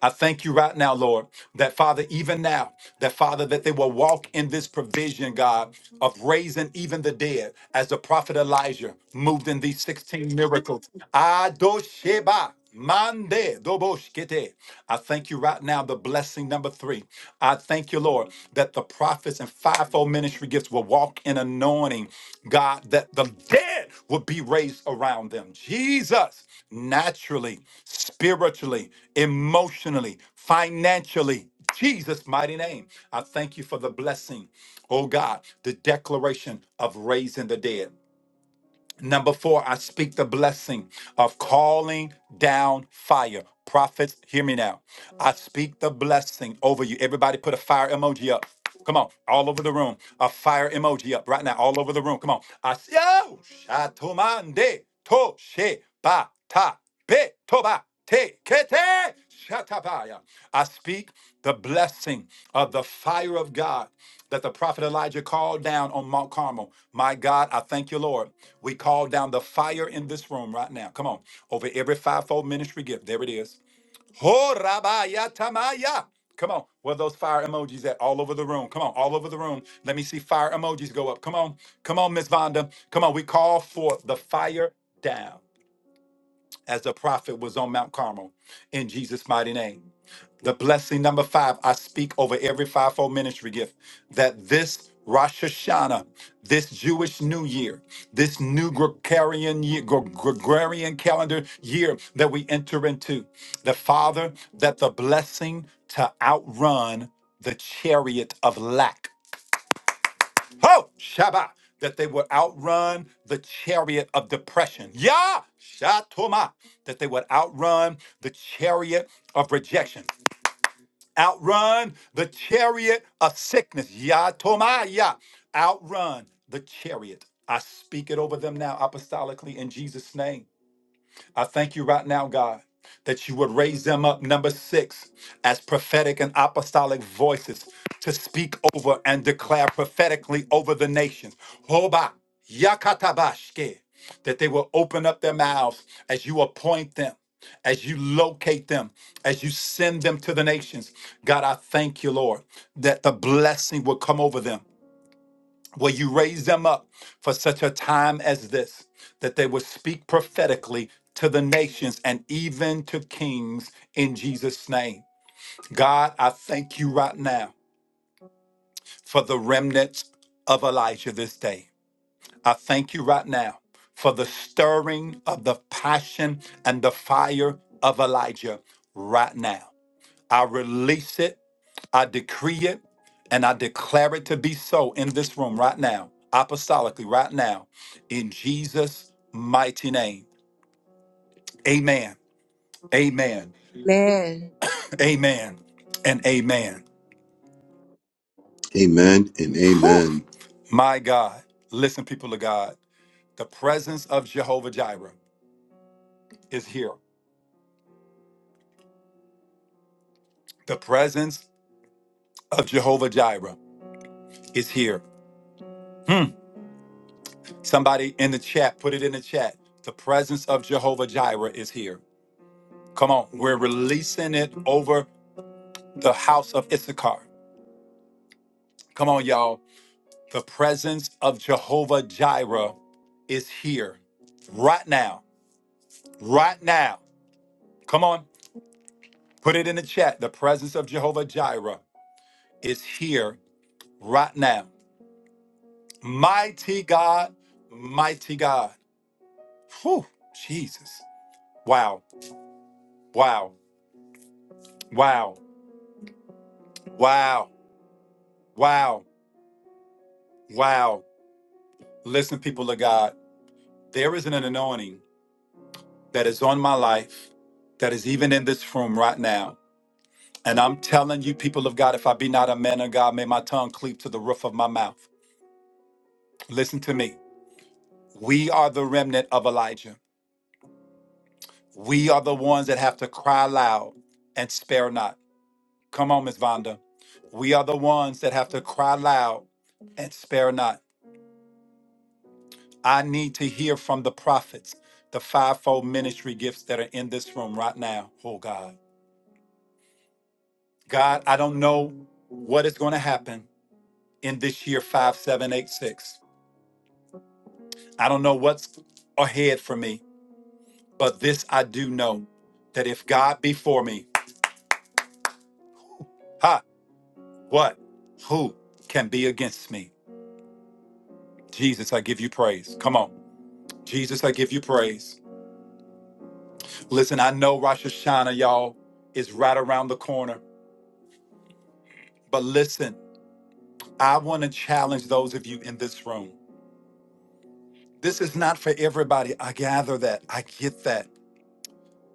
I thank you right now, Lord, that Father, even now, that Father, that they will walk in this provision, God, of raising even the dead, as the prophet Elijah moved in these 16 miracles. Adosheba. Mande doboshkete. I thank you right now, the blessing number three. I thank you, Lord, that the prophets and fivefold ministry gifts will walk in anointing, God, that the dead will be raised around them. Jesus, naturally, spiritually, emotionally, financially, Jesus' mighty name. I thank you for the blessing, oh God, the declaration of raising the dead. Number four, I speak the blessing of calling down fire. Prophets, hear me now. I speak the blessing over you. Everybody put a fire emoji up. Come on, all over the room. A fire emoji up right now, all over the room. Come on. I see. Oh, shatomande, to she, ba, ta, be, to, Te- kete shatabaya. I speak the blessing of the fire of God that the prophet Elijah called down on Mount Carmel. My God, I thank you, Lord. We call down the fire in this room right now. Come on, over every fivefold ministry gift. There it is. Ho rabaya tamaya. Come on, where are those fire emojis at? All over the room. Come on, all over the room. Let me see fire emojis go up. Come on, come on, Miss Vonda. Come on, we call for the fire down as the prophet was on Mount Carmel in Jesus' mighty name. The blessing number five, I speak over every fivefold ministry gift that this Rosh Hashanah, this Jewish New Year, this new Gregorian year, Gre- Gregorian calendar year that we enter into, the Father, that the blessing to outrun the chariot of lack Ho! Shabbat. That they would outrun the chariot of depression. Yah! Shatoma. That they would outrun the chariot of rejection. Outrun the chariot of sickness. Yah Toma. Outrun the chariot. I speak it over them now apostolically in Jesus' name I thank you right now, God, that you would raise them up, number six, as prophetic and apostolic voices to speak over and declare prophetically over the nations. Hoba, yakatabashke, that they will open up their mouths as you appoint them. As you locate them, as you send them to the nations, God, I thank you, Lord, that the blessing will come over them Will you raise them up for such a time as this, that they will speak prophetically to the nations and even to kings in Jesus' name? God, I thank you right now for the remnants of Elijah this day. I thank you right now for the stirring of the passion and the fire of Elijah right now. I release it I decree it and I declare it to be so in this room right now, apostolically, right now, in Jesus' mighty name. Amen. Amen. Amen. Amen. And amen. Amen and Whew. amen. My God. Listen, people of God, the presence of Jehovah Jireh is here. The presence of Jehovah Jireh is here. Hmm. Somebody in the chat, put it in the chat. The presence of Jehovah Jireh is here. Come on, we're releasing it over. the house of Issachar. Come on, y'all. The presence of Jehovah Jireh is here right now. Right now. Come on, put it in the chat. The presence of Jehovah Jireh is here right now. Mighty God, mighty God. Whew, Jesus. Wow, wow, wow, wow, wow, wow. Listen, people of God, there is an anointing that is on my life, that is even in this room right now. And I'm telling you, people of God, if I be not a man of God, may my tongue cleave to the roof of my mouth. Listen to me. We are the remnant of Elijah. We are the ones that have to cry loud and spare not. Come on, Miss Vonda. We are the ones that have to cry loud and spare not. I need to hear from the prophets, the fivefold ministry gifts that are in this room right now. Oh, God. God, I don't know what is going to happen. in this year 5786. I don't know what's ahead for me, but this I do know that if God be for me, ha, what? Who can be against me? Jesus, I give you praise. Come on. Jesus, I give you praise. Listen, I know Rosh Hashanah, y'all, is right around the corner, but listen, I want to challenge those of you in this room. This is not for everybody. I gather that. I get that.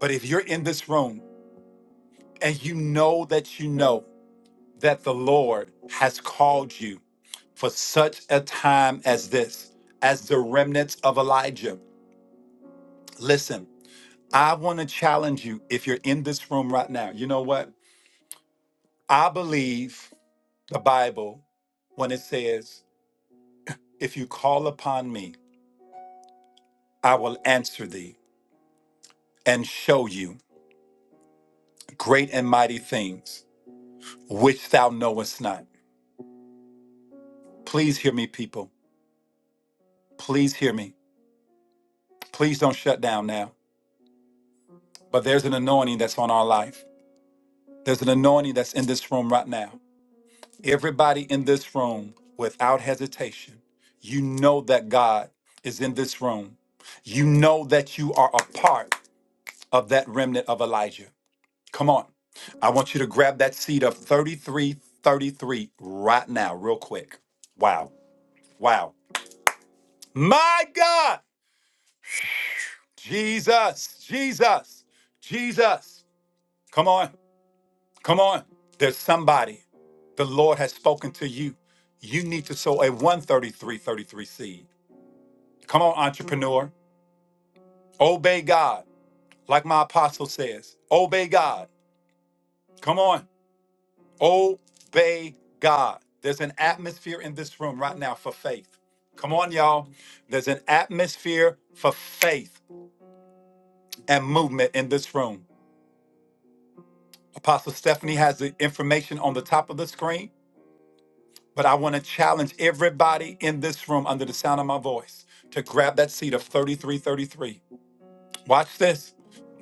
But if you're in this room and you know that you know that the Lord has called you for such a time as this, as the remnants of Elijah. Listen, I want to challenge you if you're in this room right now. You know what? I believe the Bible when it says, If you call upon me, I will answer thee and show you great and mighty things which thou knowest not. Please hear me, people. Please hear me. Please don't shut down now. But there's an anointing that's on our life There's an anointing that's in this room right now. Everybody in this room, without hesitation, you know that God is in this room. You know that you are a part of that remnant of Elijah. Come on. I want you to grab that seed of 3333 right now, real quick. Wow. Wow. My God. Jesus. Jesus. Jesus. Come on. Come on. There's somebody. The Lord has spoken to you. You need to sow a 133.33 seed. Come on, entrepreneur. Obey God. Like my apostle says, obey God. Come on. Obey God. There's an atmosphere in this room right now for faith. Come on, y'all. There's an atmosphere for faith and movement in this room. Apostle Stephanie has the information on the top of the screen. But I want to challenge everybody in this room under the sound of my voice to grab that seat of 3333. Watch this.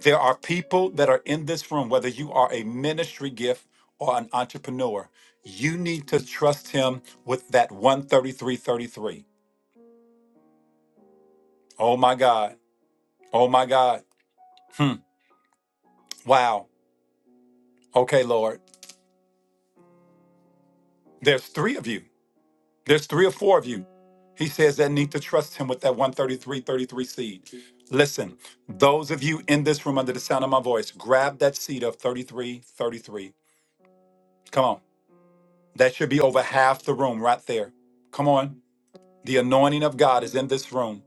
There are people that are in this room, whether you are a ministry gift or an entrepreneur, you need to trust him with that 13333. Oh my God. Oh my God. Hmm. Wow. Okay, Lord. There's three of you. There's three or four of you, he says, that need to trust him with that 133.33 seed. Listen, those of you in this room under the sound of my voice, grab that seed of 33.33. Come on. That should be over half the room right there. Come on. The anointing of God is in this room.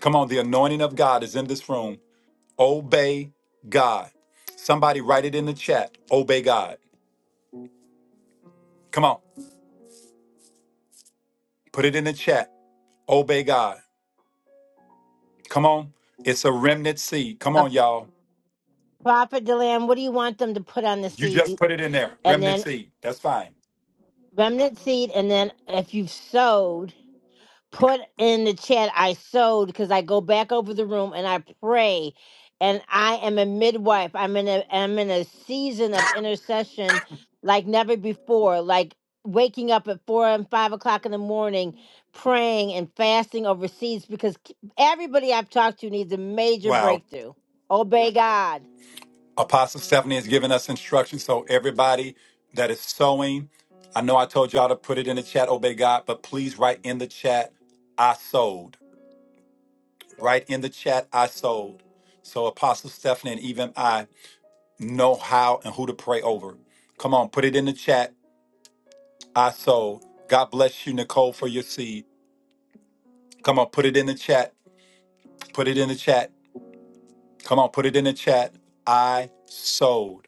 Come on. The anointing of God is in this room. Obey God. Somebody write it in the chat. Obey God. Come on. Put it in the chat. Obey God. Come on. It's a remnant seed. Come A on, y'all. prophet Delam, what do you want them to put on the You seed? just You, put it in there, and remnant then seed. That's fine. remnant seed, and then if you've sowed. put in the chat I sewed because I go back over the room and I pray and I am a midwife. I'm in a I'm in a season of intercession like never before, like waking up at four and five o'clock in the morning praying and fasting over seeds because k- everybody I've talked to needs a major Wow. breakthrough. Obey God. Apostle Stephanie has given us instructions. So everybody that is sowing, I know I told y'all to put it in the chat, obey God, but please write in the chat, I sold. Write in the chat, I sold. So Apostle Stephanie and even I know how and who to pray over. Come on, put it in the chat, I sold. God bless you, Nicole, for your seed. Come on, put it in the chat. Put it in the chat. Come on, put it in the chat. I sold.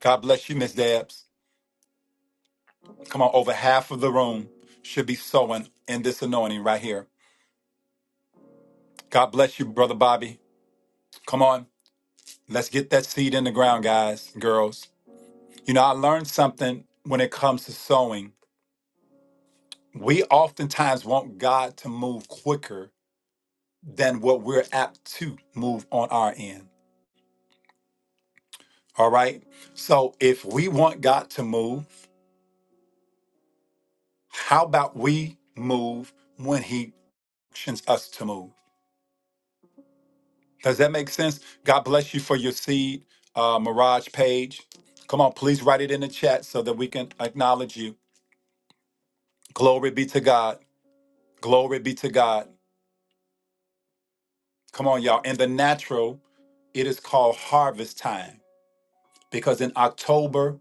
God bless you, Miss Debs. Come on, over half of the room should be sowing in this anointing right here. God bless you, Brother Bobby. Come on, let's get that seed in the ground, guys, girls. You know, I learned something when it comes to sowing. We oftentimes want God to move quicker than what we're apt to move on our end. All right. So if we want God to move, how about we move when He actions us to move? Does that make sense? God bless you for your seed, uh, Mirage Page. Come on, please write it in the chat so that we can acknowledge you. Glory be to God. Glory be to God. Come on, y'all. In the natural, it is called harvest time because in October,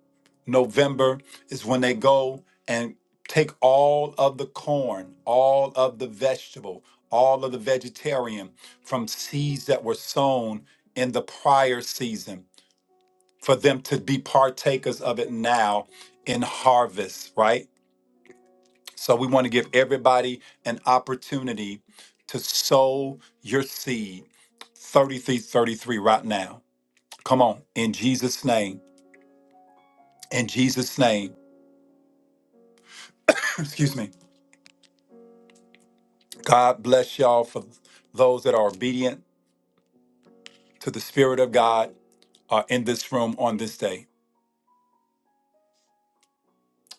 November is when they go and take all of the corn, all of the vegetable, all of the vegetarian from seeds that were sown in the prior season for them to be partakers of it now in harvest, right? So we want to give everybody an opportunity to sow your seed 3333 right now. Come on, in Jesus' name. In Jesus' name. Excuse me. God bless y'all for those that are obedient to the Spirit of God uh, in this room on this day.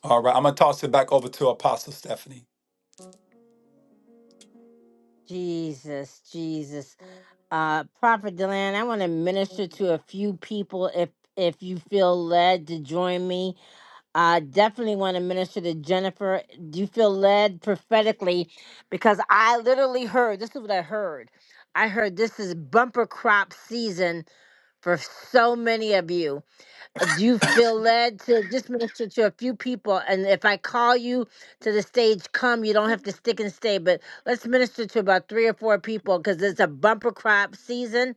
All right, I'm going to toss it back over to Apostle Stephanie. Jesus, Jesus. Uh Prophet Deland, I want to minister to a few people if if you feel led to join me I definitely want to minister to Jennifer. Do you feel led prophetically? Because I literally heard this is what I heard. I heard this is bumper crop season for so many of you. Do you feel led to just minister to a few people? And if I call you to the stage, come. You don't have to stick and stay, but let's minister to about three or four people because it's a bumper crop season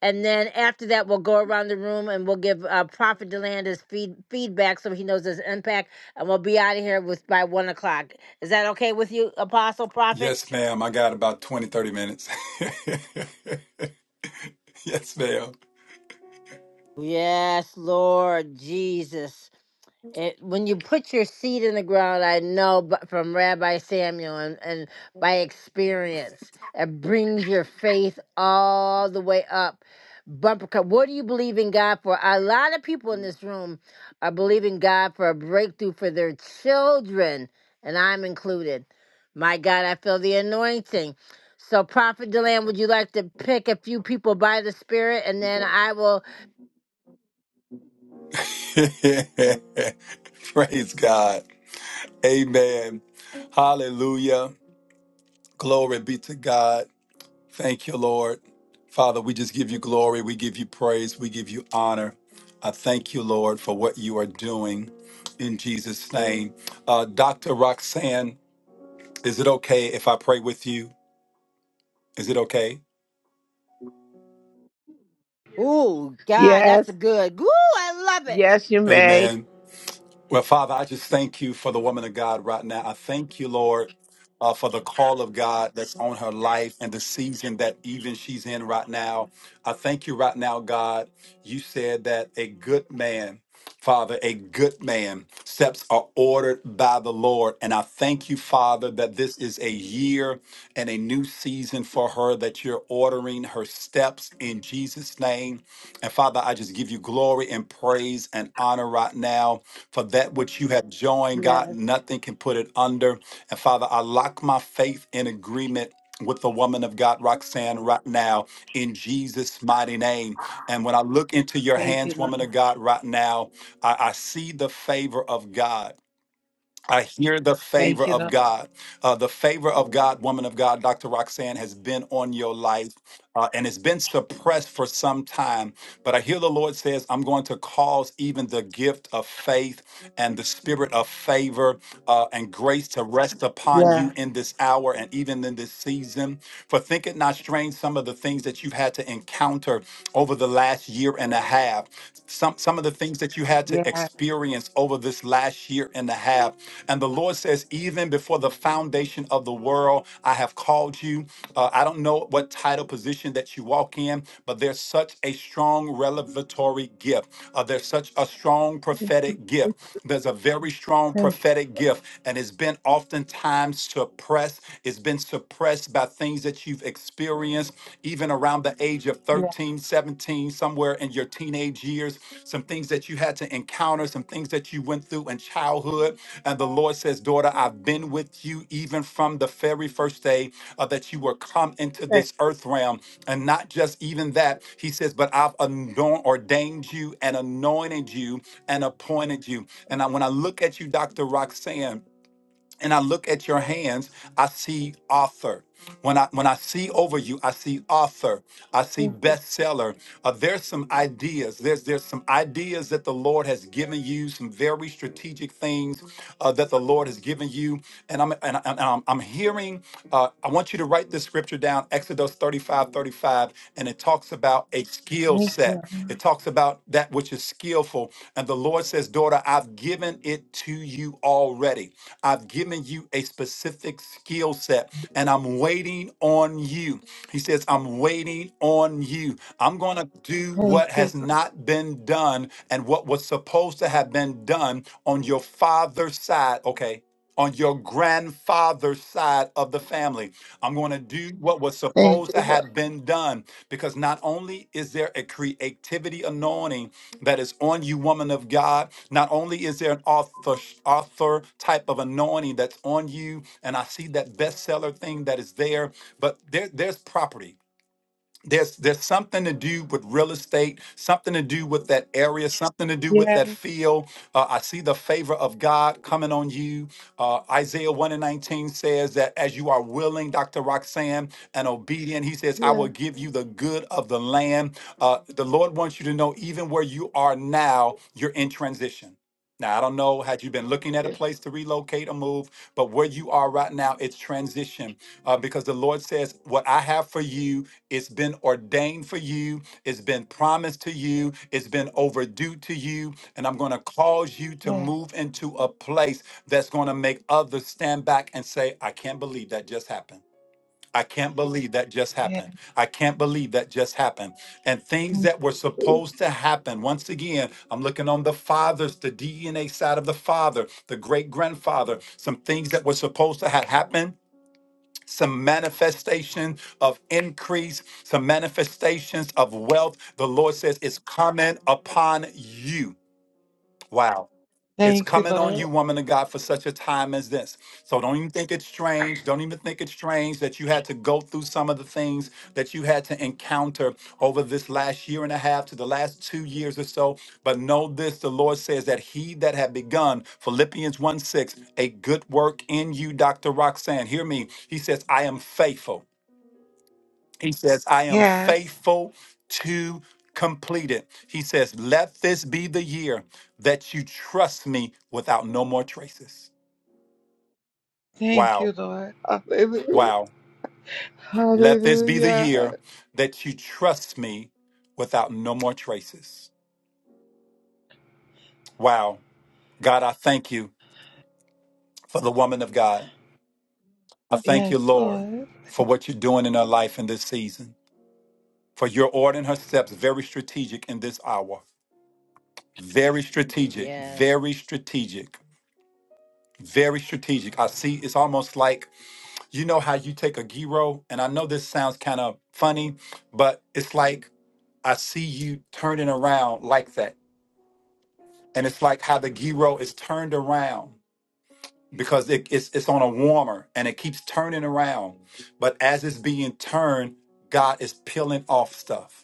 and then after that, we'll go around the room and we'll give uh, Prophet Deland his feed, feedback so he knows his impact. And we'll be out of here with by one o'clock. Is that okay with you, Apostle Prophet? Yes, ma'am. I got about 20, 30 minutes. Yes, ma'am. Yes, Lord Jesus. It, when you put your seed in the ground, I know but from Rabbi Samuel and, and by experience, it brings your faith all the way up. Bumper cut. What do you believe in God for? A lot of people in this room are believing God for a breakthrough for their children, and I'm included. My God, I feel the anointing. So, Prophet Deland, would you like to pick a few people by the Spirit, and then I will. Praise God. Amen. Hallelujah. Glory be to God. Thank you, Lord. Father, we just give you glory. We give you praise. We give you honor. I thank you, Lord, for what you are doing in Jesus' name. Uh, Dr. Roxanne, is it okay if I pray with you? Is it okay? Ooh, God, Yes, that's good. Ooh, I love it. yes, you may. Amen. Well, Father, I just thank you for the woman of God right now. I thank you, Lord, uh, for the call of God that's on her life and the season that even she's in right now. I thank you right now, God. You said that a good man, Father, a good man steps are ordered by the Lord. And I thank you, Father, that this is a year and a new season for her, that you're ordering her steps in Jesus' name. And Father, I just give you glory and praise and honor right now for that which you have joined, God, Yes, nothing can put it under. And Father, I lock my faith in agreement with the woman of God, Roxanne, right now in Jesus' mighty name. And when I look into your thank you, hands, Lord. woman of God, right now, I, I see the favor of God. I hear the Thank favor you, of Lord. God. Uh, the favor of God, woman of God, Dr. Roxanne, has been on your life uh, and it's been suppressed for some time. But I hear the Lord says, I'm going to cause even the gift of faith and the spirit of favor uh, and grace to rest upon Yeah, you in this hour and even in this season. For think it not strange, some of the things that you've had to encounter over the last year and a half, some, some of the things that you had to yeah. experience over this last year and a half have. And the Lord says, even before the foundation of the world, I have called you. Uh, I don't know what title position that you walk in, but there's such a strong revelatory gift. Uh, there's such a strong Thank prophetic you, gift. There's a very strong thank you. prophetic gift, and it's been oftentimes suppressed. It's been suppressed by things that you've experienced, even around the age of you're Yeah, 13, seventeen, somewhere in your teenage years, some things that you had to encounter, some things that you went through in childhood. And the Lord says, Daughter, I've been with you even from the very first day uh, that you were come into thank this earth realm. And not just even that, He says, But I've anoint- ordained you and anointed you and appointed you. And I, when I look at you, Dr. Roxanne, and I look at your hands, I see author. When I when I see over you, I see author. I see you, bestseller. Uh, there's some ideas. There's there's some ideas that the Lord has given you. Some very strategic things uh, that the Lord has given you. And I'm and, I- and I'm, I'm hearing. Uh, I want you to write this scripture down. Exodus 35:35, and it talks about a skill thank set. you, It talks about that which is skillful. And the Lord says, Daughter, I've given it to you already. I've given you a specific skill set, and I'm waiting on you. He says, I'm waiting on you. I'm going to do thank what you, has not been done and what was supposed to have been done on your father's side. Okay, on your grandfather's side of the family. I'm going to do what was thank supposed you, to Lord. have been done because not only is there a creativity anointing that is on you, woman of God, not only is there an author, author type of anointing that's on you, and I see that bestseller thing that is there, but there, there's property there's there's something to do with real estate something to do with that area something to do with that Yes, field uh, i see the favor of god coming on you uh, isaiah 1 and 19 says that as you are willing dr roxanne and obedient he says i Yeah. will give you the good of the land uh, the lord wants you to know even where you are now you're in transition now, I don't know, had you been looking at a yes, place to relocate or move, but where you are right now, it's transition uh, because the Lord says, What I have for you it's been ordained for you. It's been promised to you. It's been overdue to you. And I'm going to cause you to yeah, move into a place that's going to make others stand back and say, I can't believe that just happened. I can't believe that just yeah. happened. I can't believe that just happened. And things Thank that were you, supposed to happen. Once again, I'm looking on the fathers, the DNA side of the father, the great grandfather, some things that were supposed to have happened some manifestation of increase, some manifestations of wealth. The Lord says it's coming upon you. Wow. It's Thank you, coming on Lord. you, woman of God, for such a time as this. So don't even think it's strange. Don't even think it's strange that you had to go through some of the things that you had to encounter over this last year and a half to the last two years or so. But know this the Lord says that He that had begun, Philippians 1 6, a good work in you, Dr. Roxanne, hear me. He says, I am faithful. He says, I am Yes, faithful to complete it. He says, Let this be the year that you trust me without no more traces. thank you, Wow. Lord. Hallelujah, Wow. Let this be the year hallelujah. that you trust me without no more traces. Wow. God, I thank you for the woman of God. I thank Yes, you, Lord, Lord. for what you're doing in her life in this season, for you're ordering her steps very strategic in this hour. Very strategic, Yes. very strategic very strategic. I see it's almost like you know how you take a gyro, and I know this sounds kind of funny, but it's like I see you turning around like that, and it's like how the gyro is turned around because it, it's it's on a warmer and it keeps turning around, but as it's being turned, God is peeling off stuff.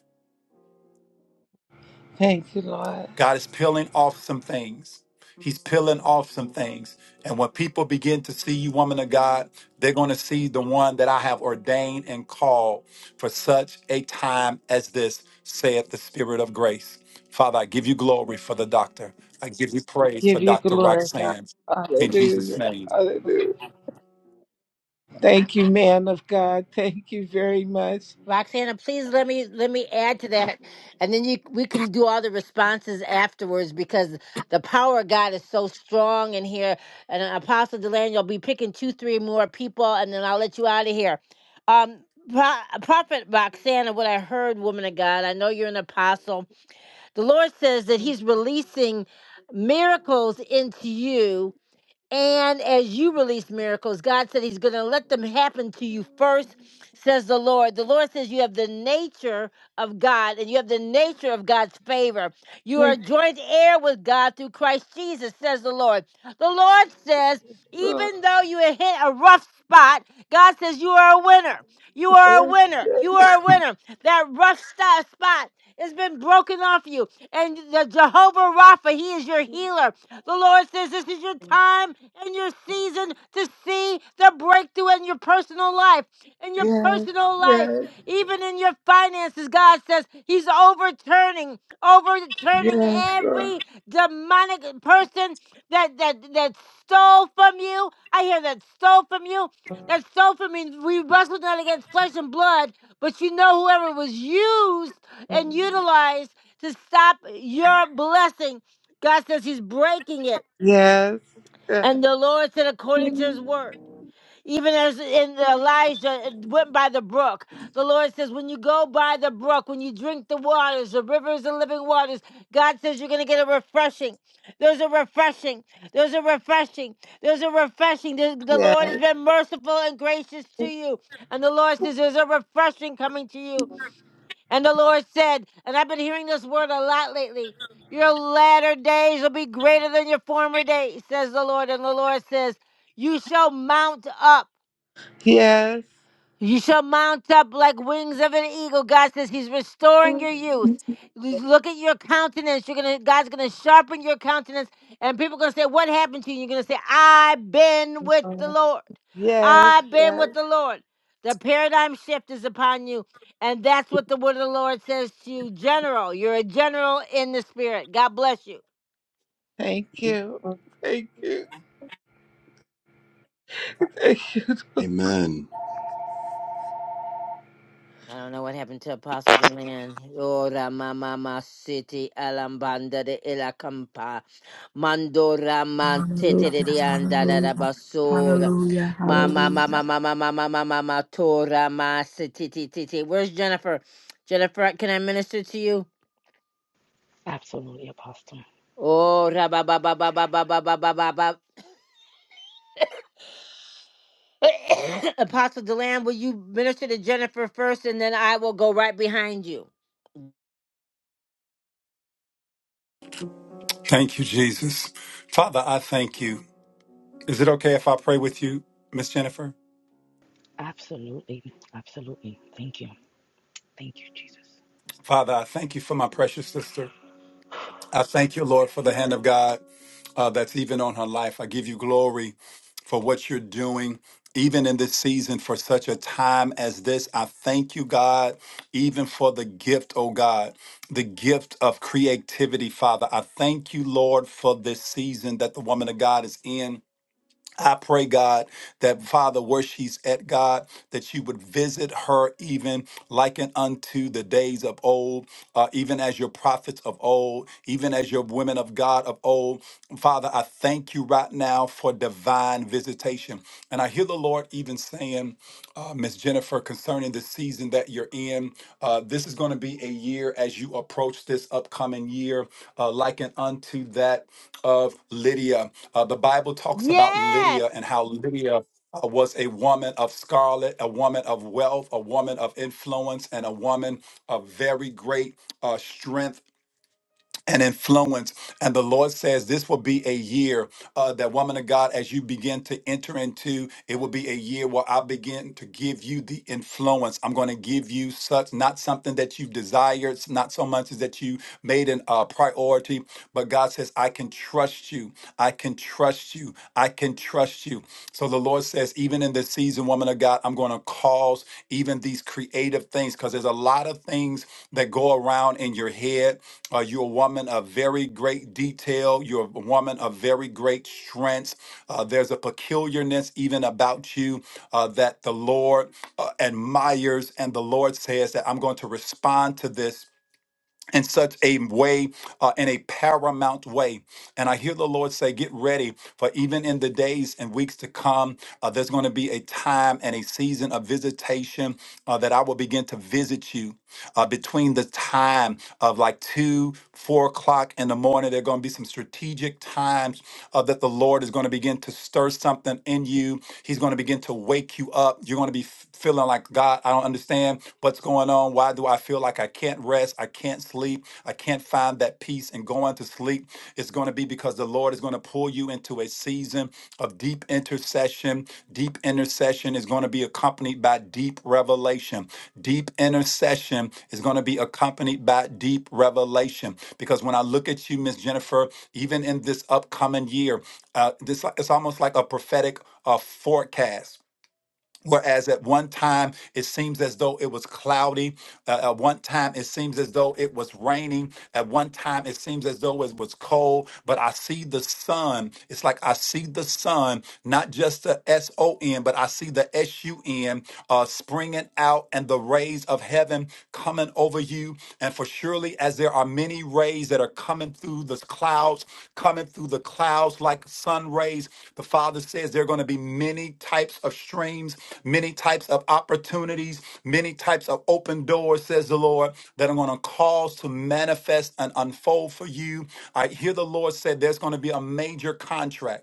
Thank you, Lord. God is peeling off some things. He's peeling off some things. And when people begin to see you, woman of God, they're going to see the one that I have ordained and called for such a time as this, saith the Spirit of grace. Father, I give you glory for the doctor. I give you praise for Give you Dr. glory, God. Roxanne in Jesus' Hallelujah, name. hallelujah. I, Thank I, you, man of God. Thank you very much. Roxana, please let me let me add to that, and then you we can do all the responses afterwards because the power of God is so strong in here. And uh, Apostle Delaney, you'll be picking two, three more people, and then I'll let you out of here. Um, Pro- Prophet Roxana, what I heard, woman of God, I know you're an apostle. The Lord says that He's releasing miracles into you And as you release miracles, God said He's going to let them happen to you first, says the Lord. The Lord says you have the nature of God and you have the nature of God's favor. You are Thank joint heir with God through Christ Jesus, says the Lord. The Lord says, you, Lord. even though you hit a rough spot, God says you are a winner. You are a Yes, winner. You are a winner. That rough sti- spot has been broken off you. And the Jehovah Rapha, He is your healer. The Lord says this is your time and your season to see the breakthrough in your personal life. In your yes, personal life, yes, yes, even in your finances, God says He's overturning, overturning yes, Lord. every demonic person that that that stole from you. I hear that stole from you. That stole from me. We wrestled not against flesh and blood, but you know whoever was used and utilized to stop your blessing God says he's breaking it. yes, yes, And the Lord said, according to his word. Even as in Elijah went by the brook, the Lord says, when you go by the brook, when you drink the waters, the rivers and living waters, God says you're going to get a refreshing. There's a refreshing. There's a refreshing. There's a refreshing. The, the Lord has been merciful and gracious to you. And the Lord says, there's a refreshing coming to you. And the Lord said, and I've been hearing this word a lot lately your latter days will be greater than your former days, says the Lord. And the Lord says, You shall mount up. yes, yes, You shall mount up like wings of an eagle. God says He's restoring your youth. You Look at your countenance. You're gonna God's gonna sharpen your countenance, and people are gonna say, What happened to you? You're gonna say, I've been with the Lord. yes, I've been yes. with the Lord. The paradigm shift is upon you. And that's what the word of the Lord says to you, General. You're a general in the spirit. God bless you. Thank you. Thank you. Thank you. Amen. I don't know what happened to Apostle Deland. Ora mama ma city alambanda de ilacampa. Mandora man city Hallelujah. de de anda da da Hallelujah. basura. Hallelujah. Mama Hallelujah. mama mama mama mama ma tora ma city ti ti ti. Where's Jennifer? Jennifer, can I minister to you? Oh, ra ba ba ba ba ba ba ba ba ba ba ba. Apostle Deland, will you minister to Jennifer first and then I will go right behind you? Thank you, Jesus. Father, I thank you. Is it okay if I pray with you, Miss Jennifer? Father, I thank you for my precious sister. I thank you, Lord, for the hand of God. uh, that's even on her life. I give you glory for what you're doing. Even in this season, for such a time as this, I thank you, God, even for the gift, oh God, the gift of creativity, Father. I thank you, Lord, for this season that the woman of God is in. I pray, God, that Father, where she's at, God, that you would visit her even liken unto the days of old, uh, even as your prophets of old, even as your women of God of old. Father, I thank you right now for divine visitation. And I hear the Lord even saying, uh, Miss Jennifer, concerning the season that you're in, uh, this is going to be a year as you approach this upcoming year, uh, likened unto that of Lydia. Uh, the Bible talks about Yes! Lydia and how Lydia uh, was a woman of scarlet, a woman of wealth, a woman of influence, and a woman of very great uh, strength and influence. And the Lord says this will be a year uh, that, woman of God, as you begin to enter into, it will be a year where I begin to give you the influence. I'm going to give you such, not something that you've desired, not so much as that you made an uh, priority, but God says, I can trust you. I can trust you. I can trust you. So the Lord says, even in this season, woman of God, I'm going to cause even these creative things because there's a lot of things that go around in your head uh, you're a woman of very great detail. You're a woman of very great strength. Uh, there's a peculiarness even about you uh, that the Lord uh, admires, and the Lord says that I'm going to respond to this in such a way, uh, in a paramount way. And I hear the Lord say, Get ready, for even in the days and weeks to come, uh, there's going to be a time and a season of visitation uh, that I will begin to visit you uh, between the time of like two, four o'clock in the morning. There are going to be some strategic times uh, that the Lord is going to begin to stir something in you. He's going to begin to wake you up. You're going to be f- feeling like, God, I don't understand what's going on. Why do I feel like I can't rest? I can't sleep. I can't find that peace and going to sleep, it's going to be because the Lord is going to pull you into a season of deep intercession. Deep intercession is going to be accompanied by deep revelation. Deep intercession is going to be accompanied by deep revelation. Because when I look at you, Miss Jennifer, even in this upcoming year, uh, this it's almost like a prophetic uh, forecast Whereas at one time it seems as though it was cloudy, uh, at one time it seems as though it was raining, at one time it seems as though it was cold, but I see the sun. It's like I see the sun, not just the S O N, but I see the S U N uh, springing out and the rays of heaven coming over you. And for surely as there are many rays that are are coming through the clouds, coming through the clouds like sun rays. The Father says there are going to be many types of streams, many types of opportunities, many types of open doors, says the Lord, that are going to cause to manifest and unfold for you. I hear the Lord said there's going to be a major contract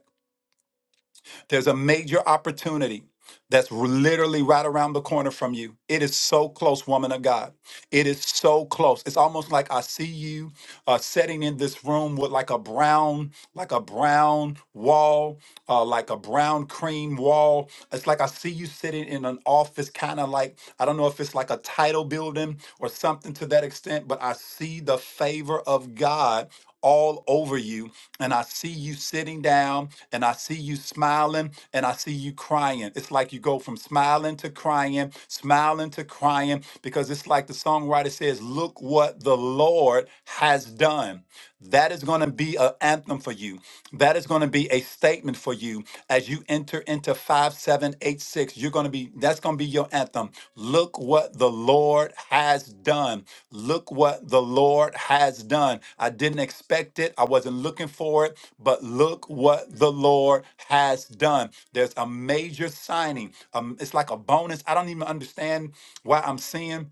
there's a major opportunity that's literally right around the corner from you. It is so close, woman of God. It is so close. It's almost like I see you uh, sitting in this room with like a brown, like a brown wall, uh, like a brown cream wall. It's like I see you sitting in an office, kind of like I don't know if it's like a title building or something to that extent, but I see see the favor of God all over you. And I see you sitting down and I see you smiling and I see you crying. It's like you go from smiling to crying, smiling to crying, because it's like the songwriter says, Look what the Lord has done. That is going to be an anthem for you. That is going to be a statement for you as you enter into 5786. You're going to be, that's going to be your anthem. Look what the Lord has done. Look what the Lord has done. I didn't expect it. I wasn't looking for it, but look what the Lord has done. There's a major signing. Um, it's like a bonus. I don't even understand why I'm seeing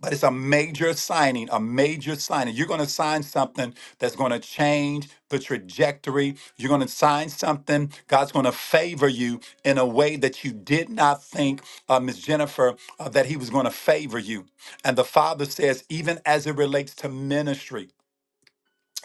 but it's a major signing, a major signing. You're going to sign something that's going to change the trajectory. You're going to sign something. God's going to favor you in a way that you did not think, uh, Miss Jennifer, uh, that He was going to favor you. And the Father says, even as it relates to ministry,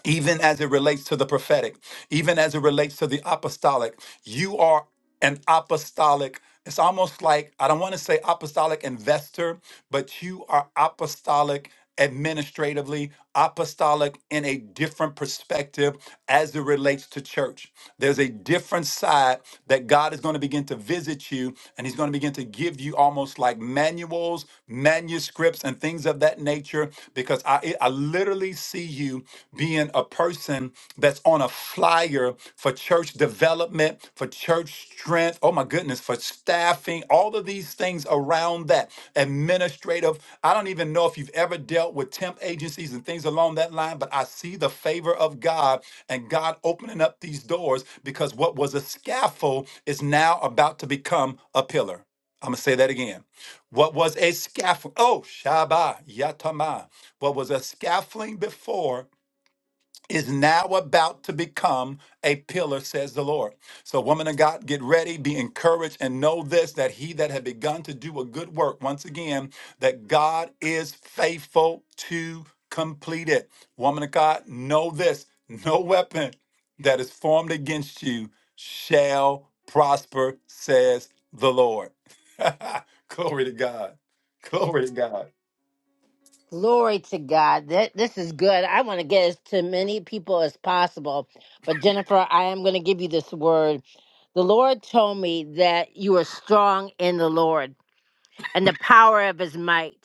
even as it relates to the prophetic, even as it relates to the apostolic, you are an apostolic. It's almost like, I don't want to say apostolic investor, but you are apostolic administratively, apostolic in a different perspective as it relates to church. There's a different side that God is going to begin to visit you, and He's going to begin to give you almost like manuals, manuscripts, and things things of that nature because I I literally see you being a person that's on a flyer for church development, for church strength, oh my goodness, for staffing, all of these things around that. Administrative, I don't even know if you've ever dealt with temp agencies and things along that line, but I see the favor of God and God opening up these doors because what was a scaffold is now about to become a pillar. I'm going to say that again. What was a scaffold? Oh, Shabbat, Yatama. What was a scaffolding before is now about to become a pillar, says the Lord. So, woman of God, get ready, be encouraged, and know this that he that had begun to do a good work, once again, that God is faithful to complete it. Woman of God, know this no weapon that is formed against you shall prosper, says the Lord. Glory to God. Glory to God. Glory to God. That this is good. I want to get as to many people as possible. But Jennifer, I am going to give you this word. The Lord told me that you are strong in the Lord and the power of his might.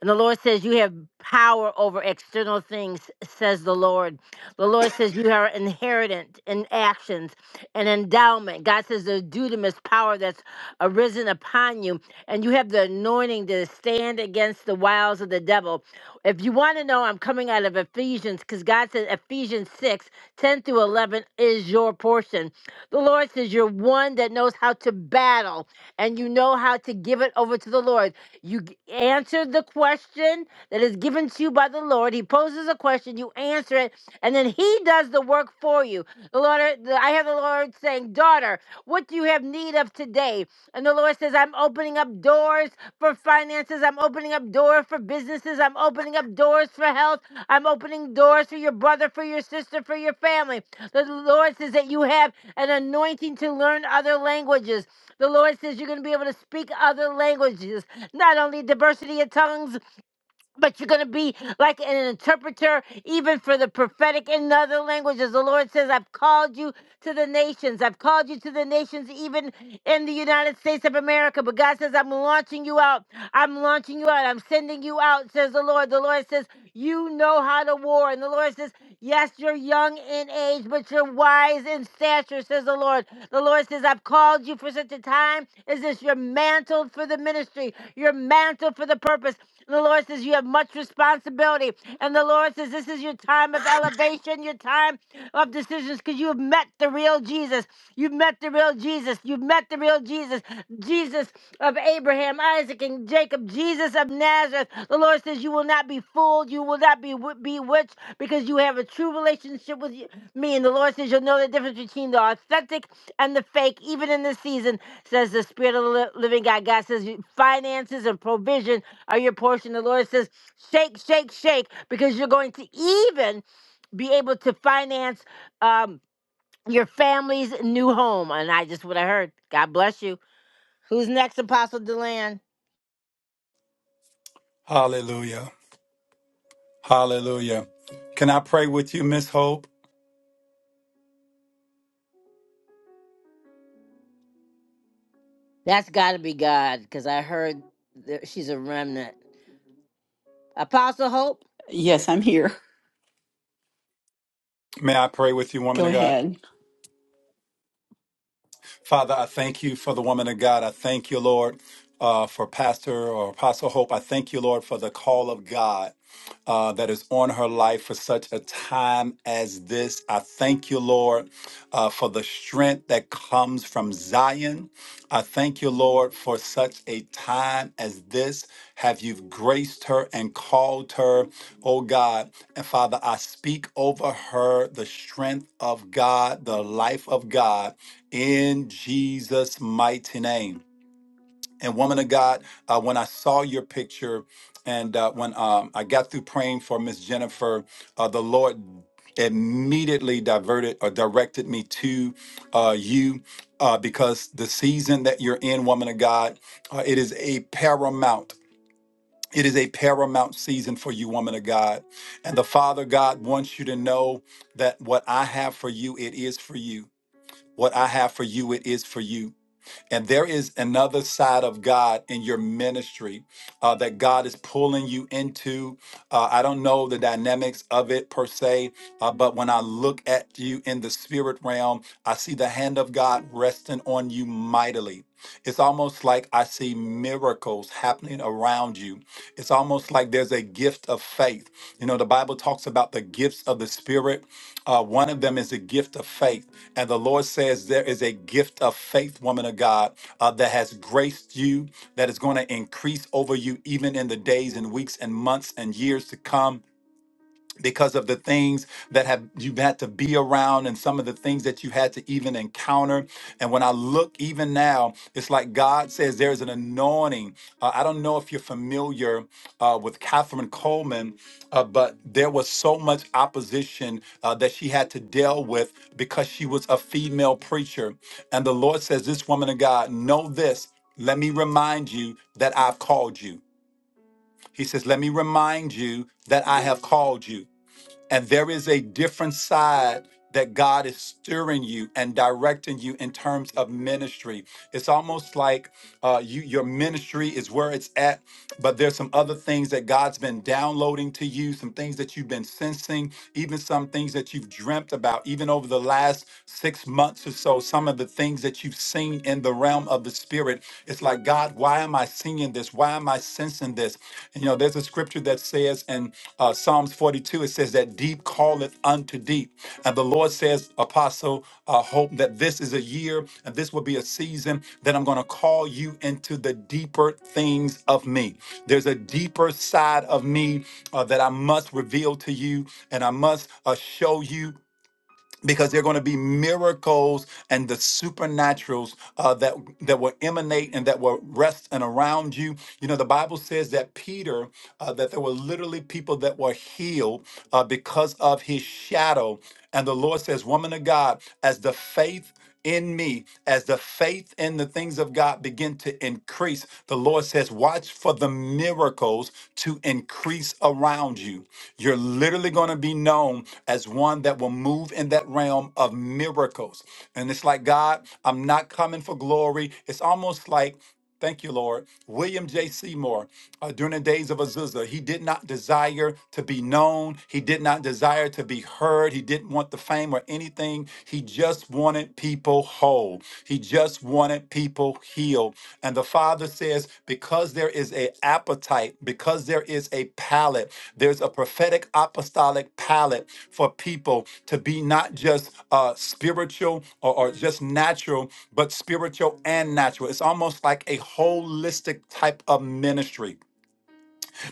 And the Lord says, You have power over external things, says the Lord. The Lord says, You are inheritance in actions and endowment. God says, There's dudamus power that's arisen upon you, and you have the anointing to stand against the wiles of the devil. If you want to know, I'm coming out of Ephesians because God says Ephesians 6 10 through 11 is your portion. The Lord says, You're one that knows how to battle, and you know how to give it over to the Lord. You g- answer the question that is given to you by the Lord. He poses a question, you answer it, and then He does the work for you. The Lord, the- I have the Lord saying, "Daughter, what do you have need of today?" And the Lord says, "I'm opening up doors for finances. I'm opening up doors for businesses. I'm opening up doors for health. I'm opening doors for your brother, for your sister, for your family." The Lord says that you have an anointing to learn other languages. The Lord says you're going to be able to speak other languages, not only diversity of tongues, but you're going to be like an interpreter, even for the prophetic in other languages. The Lord says, I've called you to the nations. I've called you to the nations, even in the United States of America. But God says, I'm launching you out. I'm launching you out. I'm sending you out, says the Lord. The Lord says, You know how to war. And the Lord says, Yes, you're young in age, but you're wise in stature, says the Lord. The Lord says, I've called you for such a time as this. You're mantled for the ministry, you're mantled for the purpose. The Lord says, You have much responsibility. And the Lord says, This is your time of elevation, your time of decisions, because you have met the real Jesus. You've met the real Jesus. You've met the real Jesus. Jesus of Abraham, Isaac, and Jacob, Jesus of Nazareth. The Lord says, You will not be fooled. You will not be wi- bewitched because you have a true relationship with you- me. And the Lord says, You'll know the difference between the authentic and the fake, even in this season, says the Spirit of the li- living God. God says, Finances and provision are your portion. The Lord says, Shake, shake, shake, because you're going to even be able to finance um, your family's new home. And I just what I heard. God bless you. Who's next, Apostle Deland? Hallelujah. Hallelujah. Can I pray with you, Miss Hope? That's got to be God, because I heard that she's a remnant. Apostle Hope? Yes, I'm here. May I pray with you, woman Go of God? ahead. Father, I thank you for the woman of God. I thank you, Lord, uh, for Pastor or Apostle Hope. I thank you, Lord, for the call of God uh, that is on her life for such a time as this. I thank you, Lord, uh, for the strength that comes from Zion. I thank you, Lord, for such a time as this. Have you graced her and called her, oh God? And Father, I speak over her the strength of God, the life of God in Jesus' mighty name. And woman of God, uh, when I saw your picture and uh, when um, I got through praying for Miss Jennifer, uh, the Lord immediately diverted or directed me to uh, you uh, because the season that you're in, woman of God, uh, it is a paramount. It is a paramount season for you, woman of God. And the Father God wants you to know that what I have for you, it is for you. What I have for you, it is for you and there is another side of God in your ministry uh, that God is pulling you into. Uh, I don't know the dynamics of it per se, uh, but when I look at you in the spirit realm, I see the hand of God resting on you mightily. It's almost like I see miracles happening around you. It's almost like there's a gift of faith. You know, the Bible talks about the gifts of the Spirit uh, one of them is a gift of faith. And the Lord says there is a gift of faith, woman of God, uh, that has graced you, that is going to increase over you even in the days and weeks and months and years to come because of the things that have you've had to be around and some of the things that you had to even encounter and when i look even now it's like god says there's an anointing uh, i don't know if you're familiar uh, with catherine coleman uh, but there was so much opposition uh, that she had to deal with because she was a female preacher and the lord says this woman of god know this let me remind you that i've called you he says let me remind you that i have called you and there is a different side that God is steering you and directing you in terms of ministry. It's almost like uh, you, your ministry is where it's at, but there's some other things that God's been downloading to you, some things that you've been sensing, even some things that you've dreamt about, even over the last six months or so, some of the things that you've seen in the realm of the spirit. It's like, God, why am I seeing this? Why am I sensing this? And, you know, there's a scripture that says in uh, uh, Psalms 42, it says that deep calleth unto deep. And the Lord says, Apostle, uh, hope that this is a year and this will be a season that I'm going to call you into the deeper things of me. There's a deeper side of me uh, that I must reveal to you and I must uh, show you because there are going to be miracles and the supernaturals uh, that that will emanate and that will rest and around you. You know, the Bible says that Peter uh, that there were literally people that were healed uh, because of his shadow. And the Lord says, "Woman of God, as the faith." in me as the faith in the things of God begin to increase. The Lord says, watch for the miracles to increase around you. You're literally going to be known as one that will move in that realm of miracles. And it's like, God, I'm not coming for glory. It's almost like Thank you, Lord. William J. Seymour, uh, during the days of Azusa, he did not desire to be known. He did not desire to be heard. He didn't want the fame or anything. He just wanted people whole. He just wanted people healed. And the Father says, because because there is a appetite, because there is a palate, there's a prophetic apostolic palate for people to be not just uh, spiritual or, or just natural, but spiritual and natural. It's almost like a holistic type of ministry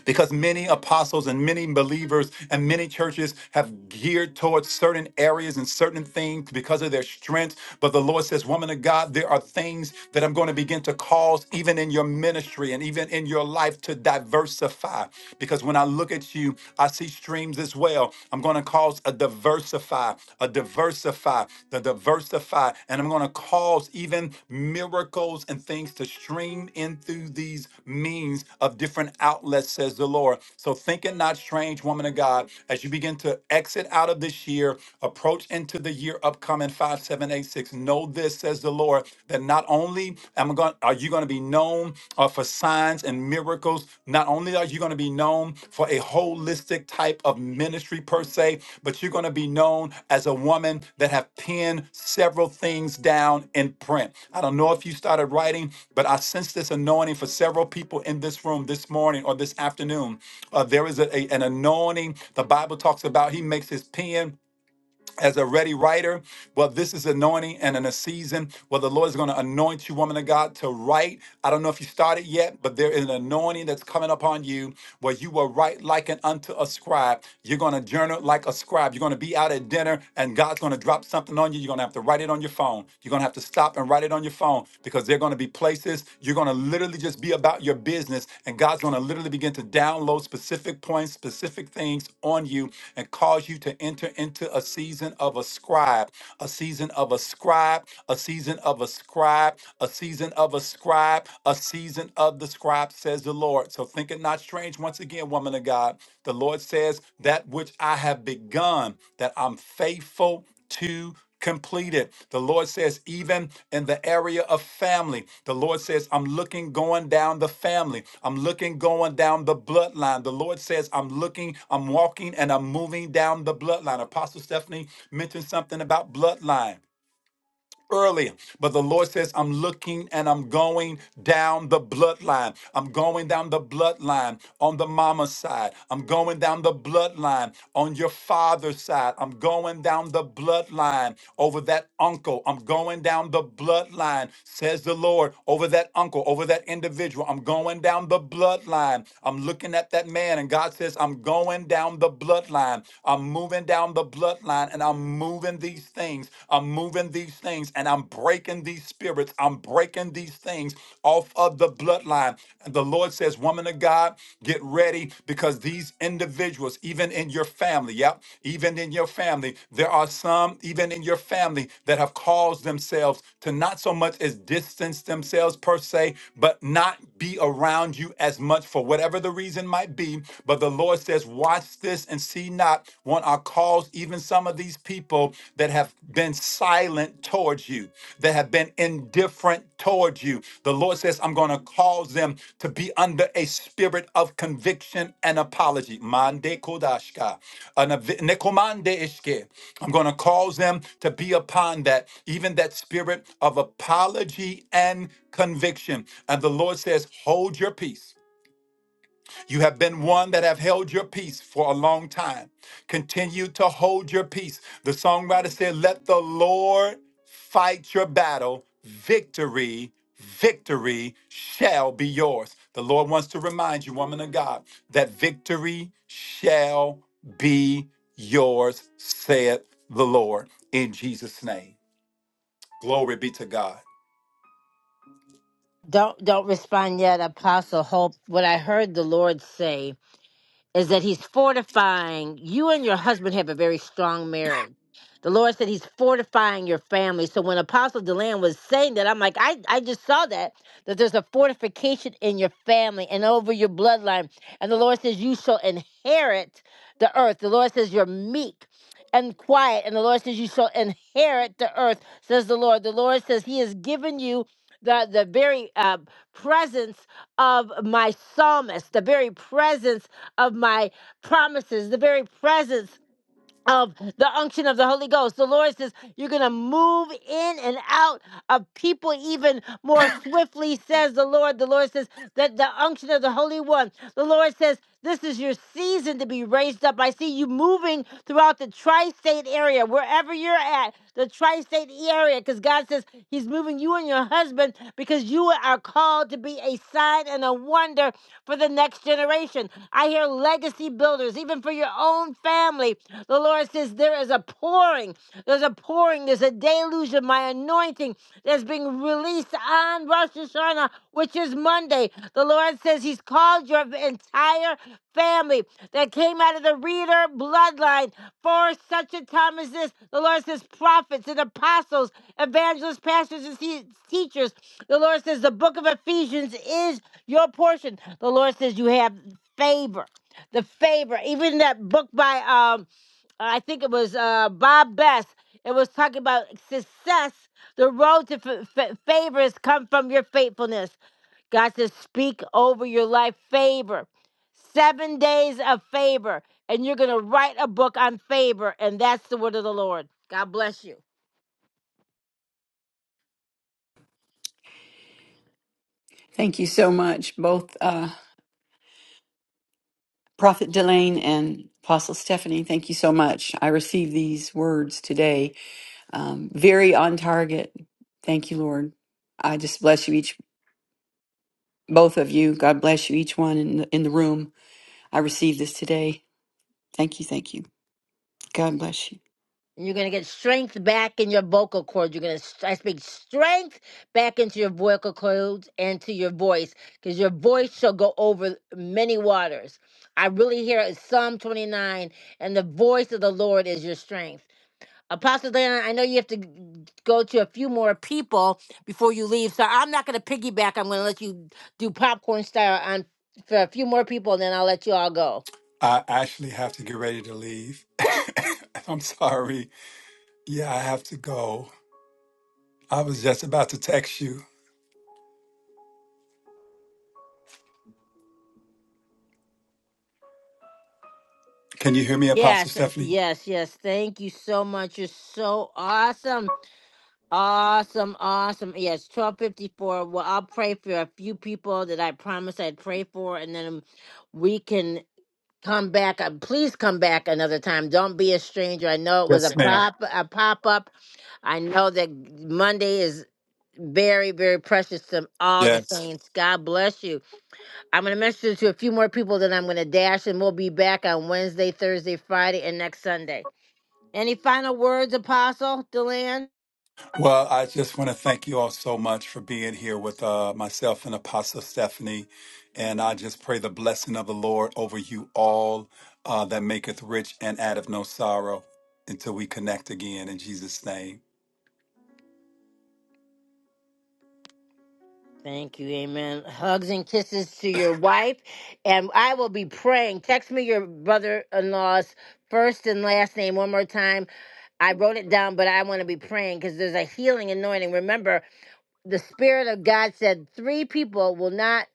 because many apostles and many believers and many churches have geared towards certain areas and certain things because of their strength. But the Lord says, Woman of God, there are things that I'm going to begin to cause even in your ministry and even in your life to diversify. Because when I look at you, I see streams as well. I'm going to cause a diversify, a diversify multiply, to diversify, and I'm going to cause even miracles and things to stream in through these means of different outlets, says the Lord. So think it not strange, woman of God, as you begin to exit out of this year, approach into the year upcoming 5786. Know this, says the Lord, that not only am I going, are you going to be known uh, for signs? signs and miracles. Not only are you going to be known for a holistic type of ministry per se, but you're going to be known as a woman that have penned several things down in print. I don't know if you started writing, but I sense this anointing for several people in this room this morning or this afternoon. Uh, there is a, a- an anointing. The Bible talks about he makes his pen as a ready writer. Well, this is anointing and in a season where the Lord is going to anoint you, woman of God, to write. I don't know if you started yet, but there is an anointing that's coming upon you where you will write like an unto a scribe. You're going to journal like a scribe. You're going to be out at dinner and God's going to drop something on you. You're going to have to write it on your phone. You're going to have to stop and write it on your phone because they're going to be places places. You're going to literally just be about your business, and God's going to literally begin to download specific points, specific things on you, and cause you to enter into a season of a scribe, a season of a scribe, a season of a scribe, a season of a scribe, a season of the scribe, says the Lord. So think it not strange, once again, woman of God. The Lord says, That which I have begun, that I'm faithful to complete it. The Lord says, even in the area of family, the Lord says, I'm looking going down the family. I'm looking going down the bloodline. The Lord says, I'm looking, I'm walking, and I'm moving down the bloodline. Apostle Stephanie mentioned something about bloodline earlier. But the Lord says, I'm looking and I'm going down the bloodline. I'm going down the bloodline on the mama side. I'm going down the bloodline on your father's side. I'm going down the bloodline over that uncle. I'm going down the bloodline, says the Lord, over that uncle, over that individual. I'm going down the bloodline. I'm looking at that man, and God says, I'm going down the bloodline. I'm moving down the bloodline line and I'm moving these things. I'm moving these things and I'm breaking these spirits. I'm breaking these things off of the bloodline. And the Lord says, Woman of God, get ready because these individuals, even in your family, yep, even in your family, there are some, even in your family, that have caused themselves to not so much as distance themselves per se, but not be around you as much for whatever the reason might be. But the Lord says, watch this and see not want our cause, even some of these people that have been silent towards you, that have been indifferent towards you. The Lord says, I'm going to cause them to be under a spirit of conviction and apology. Mande kodashka. An avi- nekomande ishke. I'm going to cause them to be upon that, even that spirit of apology and conviction. And the Lord says, Hold your peace you have been one that have held your peace for a long time. Continue to hold your peace. The songwriter said, Let the Lord fight your battle. Victory, victory shall be yours. The Lord wants to remind you, woman of God, that victory shall be yours, saith the Lord in Jesus' name. Glory be to God. Don't don't respond yet, Apostle Hope. What I heard the Lord say is that he's fortifying you and your husband have a very strong marriage. The Lord said he's fortifying your family. So when Apostle Deland was saying that, I'm like, I, I just saw that, that there's a fortification in your family and over your bloodline. And the Lord says, You shall inherit the earth. The Lord says, You're meek and quiet. And the Lord says, You shall inherit the earth, says the Lord. The Lord says, He has given you the, the very uh, presence of my psalmist, the very presence of my promises, the very presence of the unction of the Holy Ghost. The Lord says, You're going to move in and out of people even more swiftly, says the Lord. The Lord says that the unction of the Holy One, the Lord says, This is your season to be raised up. I see you moving throughout the tri state area, wherever you're at, the tri state area, because God says He's moving you and your husband because you are called to be a sign and a wonder for the next generation. I hear legacy builders, even for your own family. The Lord says there is a pouring, there's a pouring, there's a deluge of my anointing that's being released on Rosh Hashanah, which is Monday. The Lord says He's called your her entire family that came out of the reader bloodline for such a time as this. The Lord says, prophets and apostles, evangelists, pastors, and te- teachers. The Lord says, the book of Ephesians is your portion. The Lord says, you have favor. The favor, even that book by um, I think it was uh, Bob Best. It was talking about success. The road to f- f- favor has come from your faithfulness. God says, speak over your life favor. Seven days of favor. And you're going to write a book on favor. And that's the word of the Lord. God bless you. Thank you so much, both uh, Prophet Delane and Apostle Stephanie. Thank you so much. I received these words today, um, very on target. Thank you, Lord. I just bless you each, both of you. God bless you each one in the, in the room. I received this today. Thank you, thank you. God bless you. And you're going to get strength back in your vocal cords. You're going to, I speak strength back into your vocal cords and to your voice, because your voice shall go over many waters. I really hear it, Psalm 29, and the voice of the Lord is your strength. Apostle Diana, I know you have to g- go to a few more people before you leave, so I'm not going to piggyback. I'm going to let you do popcorn style on for a few more people, and then I'll let you all go. I actually have to get ready to leave. I'm sorry. Yeah, I have to go. I was just about to text you. Can you hear me, Apostle Yes, uh, Stephanie? yes, yes. Thank you so much. You're so awesome, awesome, awesome. Yes, twelve fifty four. Well, I'll pray for a few people that I promised I'd pray for, and then we can. come back. uh, Please come back another time. Don't be a stranger. I know it was a Yes, ma'am. pop a pop up. I know that Monday is very very precious to all the Yes. saints. God bless you. I'm gonna message to a few more people. Then I'm gonna dash, and we'll be back on Wednesday, Thursday, Friday, and next Sunday. Any final words, Apostle Deland? Well, I just want to thank you all so much for being here with uh, myself and Apostle Stephanie. And I just pray the blessing of the Lord over you all uh, that maketh rich and addeth no sorrow until we connect again in Jesus' name. Thank you. Amen. Hugs and kisses to your wife. And I will be praying. Text me your brother in law's first and last name one more time. I wrote it down, but I want to be praying because there's a healing anointing. Remember, the Spirit of God said three people will not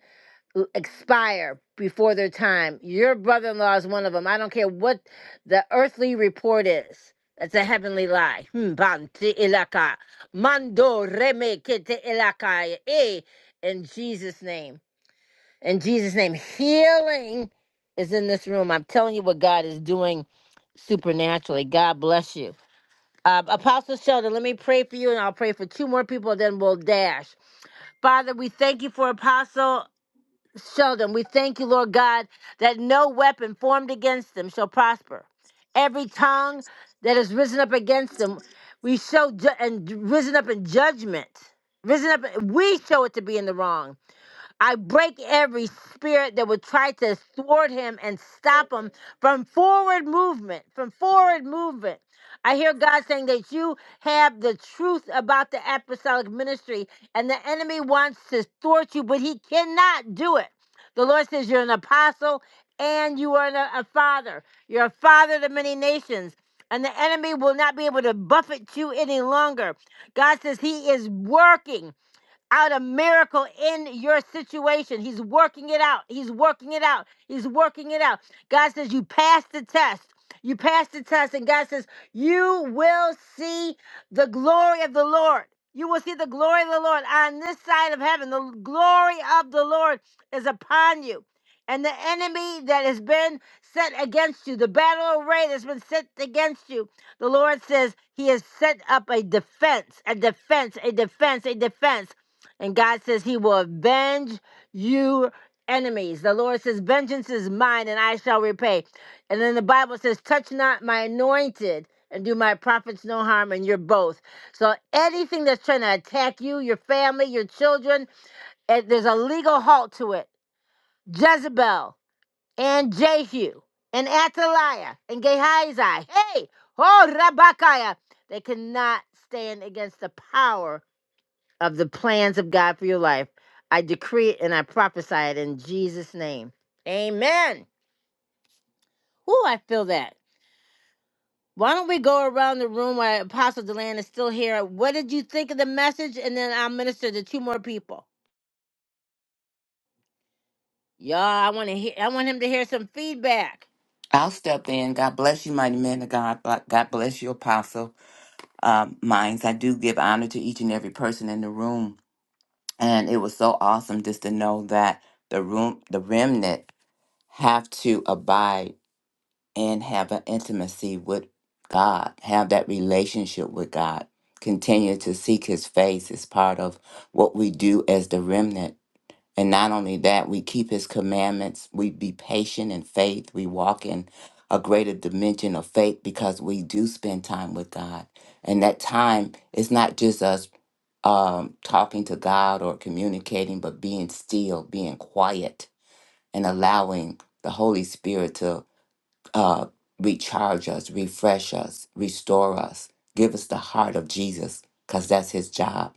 l- expire before their time. Your brother in law is one of them. I don't care what the earthly report is. That's a heavenly lie. Hmm, Banti ilaka. Mando reme kete ilaka. Eh, in Jesus' name. In Jesus' name. Healing is in this room. I'm telling you what God is doing supernaturally. God bless you. Uh, Apostle Sheldon, let me pray for you, and I'll pray for two more people, then we'll dash. Father, we thank you for Apostle. Sheldon, we thank you, Lord God, that no weapon formed against them shall prosper. Every tongue that is risen up against them, we show ju- and risen up in judgment. Risen up, we show it to be in the wrong. I break every spirit that would try to thwart him and stop him from forward movement, from forward movement. I hear God saying that you have the truth about the apostolic ministry, and the enemy wants to thwart you, but he cannot do it. The Lord says you're an apostle and you are a a father. You're a father to many nations, and the enemy will not be able to buffet you any longer. God says he is working out a miracle in your situation. He's working it out. He's working it out. He's working it out. God says, You passed the test. You passed the test. And God says, You will see the glory of the Lord. You will see the glory of the Lord on this side of heaven. The glory of the Lord is upon you. And the enemy that has been set against you, the battle array that's been set against you, the Lord says he has set up a defense, a defense, a defense, a defense. And God says he will avenge you enemies. The Lord says, Vengeance is mine and I shall repay. And then the Bible says, Touch not my anointed and do my prophets no harm, and you're both. So anything that's trying to attack you, your family, your children, eh, there's a legal halt to it. Jezebel and Jehu and Athaliah and Gehazi, hey, oh, Rabakaya, they cannot stand against the power of the plans of God for your life. I decree it and I prophesy it in Jesus' name. Amen. Whoo, I feel that. Why don't we go around the room while Apostle Deland is still here? What did you think of the message? And then I'll minister to two more people. Y'all, I want to hear I want him to hear some feedback. I'll step in. God bless you, mighty man of God. But God bless you, apostle um, minds. I do give honor to each and every person in the room. And so awesome just to know that the room, the remnant, have to abide and have an intimacy with God, have that relationship with God. Continue to seek His face is part of what we do as the remnant. And not only that, we keep his commandments. We be patient in faith. We walk in a greater dimension of faith because we do spend time with God. And that time is not just us um, talking to God or communicating, but being still, being quiet, and allowing the Holy Spirit to uh, recharge us, refresh us, restore us, give us the heart of Jesus because that's his job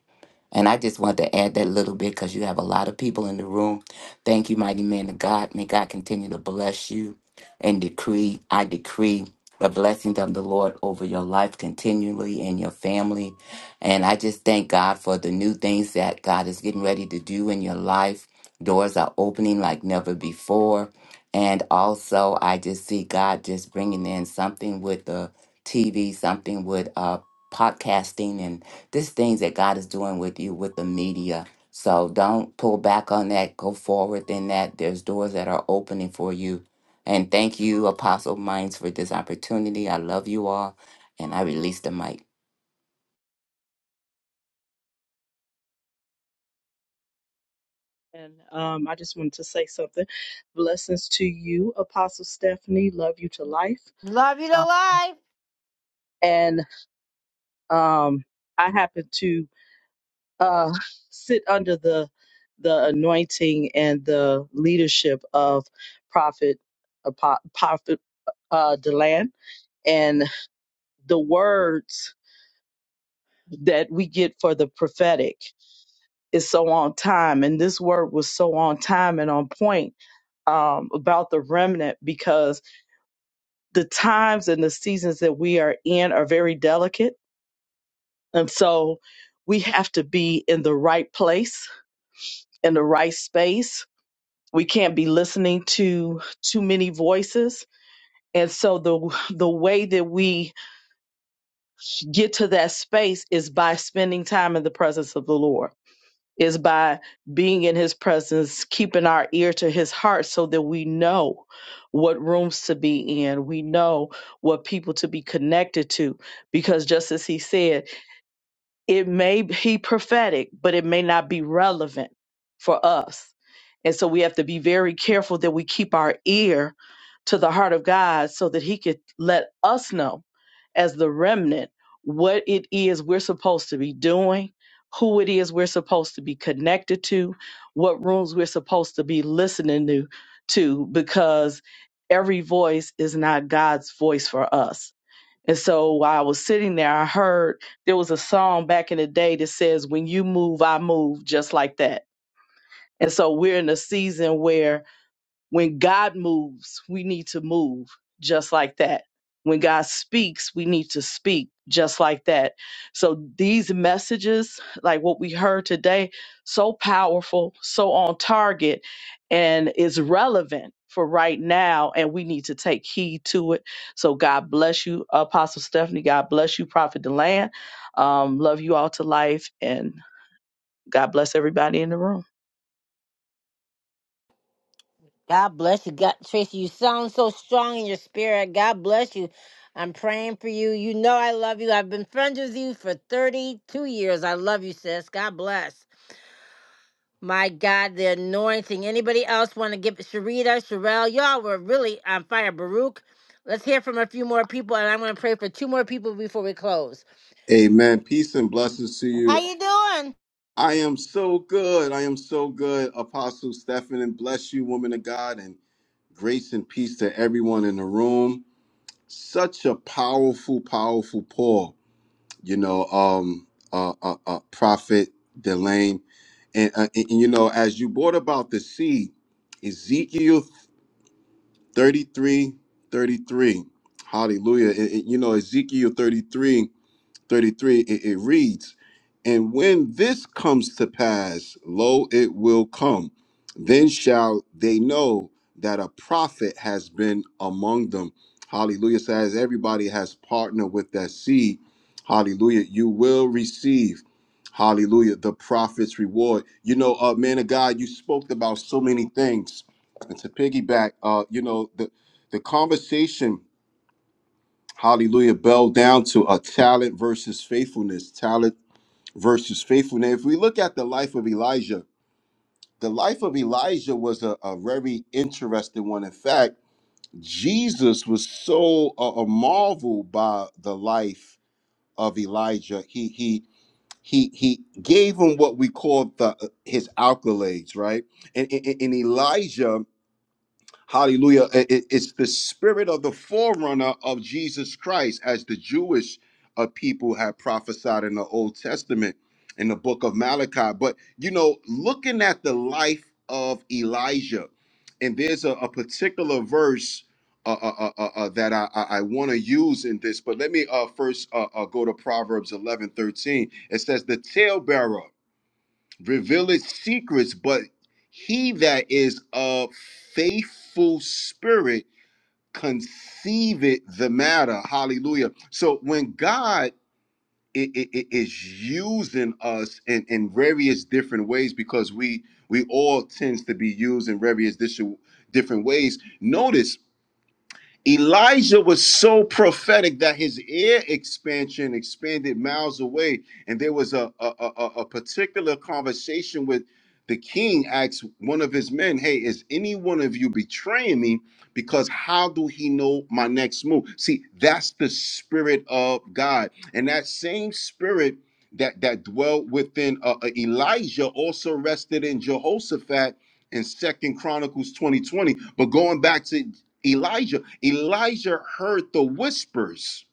and I just wanted to add that little bit because you have a lot of people in the room. Thank you, mighty man of God. May God continue to bless you and decree. I decree the blessings of the Lord over your life continually and your family. And I just thank God for the new things that God is getting ready to do in your life. Doors are opening like never before. And also, I just see God just bringing in something with the TV, something with uh, podcasting and. This things that God is doing with you with the media. So don't pull back on that. Go forward in that. There's doors that are opening for you. And thank you, Apostle Minds, for this opportunity. I love you all. And I release the mic. And um, I just wanted to say something. Blessings to you, Apostle Stephanie. Love you to life. Love you to Um, life. and um, I happen to uh, sit under the the anointing and the leadership of Prophet Apo- Prophet uh, Deland, and the words that we get for the prophetic is so on time. And this word was so on time and on point um, about the remnant because the times and the seasons that we are in are very delicate. And so we have to be in the right place, in the right space. We can't be listening to too many voices. And so the the way that we get to that space is by spending time in the presence of the Lord. is by being in his presence, keeping our ear to his heart so that we know what rooms to be in. We know what people to be connected to. Because just as he said, it may be prophetic, but it may not be relevant for us. And so we have to be very careful that we keep our ear to the heart of God so that He could let us know, as the remnant, what it is we're supposed to be doing, who it is we're supposed to be connected to, what rooms we're supposed to be listening to, to because every voice is not God's voice for us and so while I was sitting there, I heard there was a song back in the day that says, When you move, I move, just like that. And so we're in a season where when God moves, we need to move just like that. When God speaks, we need to speak just like that. So these messages, like what we heard today, so powerful, so on target, and is relevant for right now. And we need to take heed to it. So God bless you, Apostle Stephanie. God bless you, Prophet Deland. Um, love you all to life. And God bless everybody in the room. God bless you. God Tracy, you sound so strong in your spirit. God bless you. I'm praying for you. You know I love you. I've been friends with you for 32 years. I love you, sis. God bless. My God, the anointing. Anybody else want to give Sharita, Sherelle? Y'all were really on fire. Baruch. Let's hear from a few more people, and I'm going to pray for two more people before we close. Amen. Peace and blessings to How you. you doing? I am so good. I am so good. Apostle Stephen, and bless you, woman of God, and grace and peace to everyone in the room. Such a powerful, powerful Paul, you know, um, uh, uh, uh prophet Delane, and, uh, and and, you know, as you brought about the seed, Ezekiel 33, 33, hallelujah It- it- you know ezekiel 33 33, it, it reads, And when this comes to pass, lo, it will come. Then shall they know that a prophet has been among them. Hallelujah. So as everybody has partnered with that seed, hallelujah, you will receive, hallelujah, the prophet's reward. You know, uh, man of God, you spoke about so many things. And to piggyback, uh, you know, the, the conversation Hallelujah. Bell down to a talent versus faithfulness. Talent versus faithfulness. If we look at the life of Elijah, the life of Elijah was a, a very interesting one. In fact, Jesus was so uh, uh, marveled by the life of Elijah. He he he he gave him what we call the his accolades, right? And, and, and Elijah Hallelujah. I- I- It's the spirit of the forerunner of Jesus Christ, as the Jewish uh, people had prophesied in the Old Testament in the book of Malachi. But, you know, looking at the life of Elijah, and there's a, a particular verse uh, uh, uh, uh, uh, that I, I, I want to use in this, but let me uh, first uh, uh, go to Proverbs 11 13. It says, The talebearer." Reveal its secrets, but he that is a faithful spirit conceiveth the matter. Hallelujah. So when God i- i- i- is using us in, in various different ways, because we we all tends to be used in various dis- different ways. Notice Elijah was so prophetic that his ear expansion expanded miles away, and there was a a, a, a a particular conversation with the king. Asked one of his men, "Hey, is any one of you betraying me? Because how do he know my next move? See, that's the spirit of God, and that same spirit." That, that dwelt within uh, uh, Elijah also rested in Jehoshaphat in Second Chronicles 2020. But going back to Elijah. Elijah heard the whispers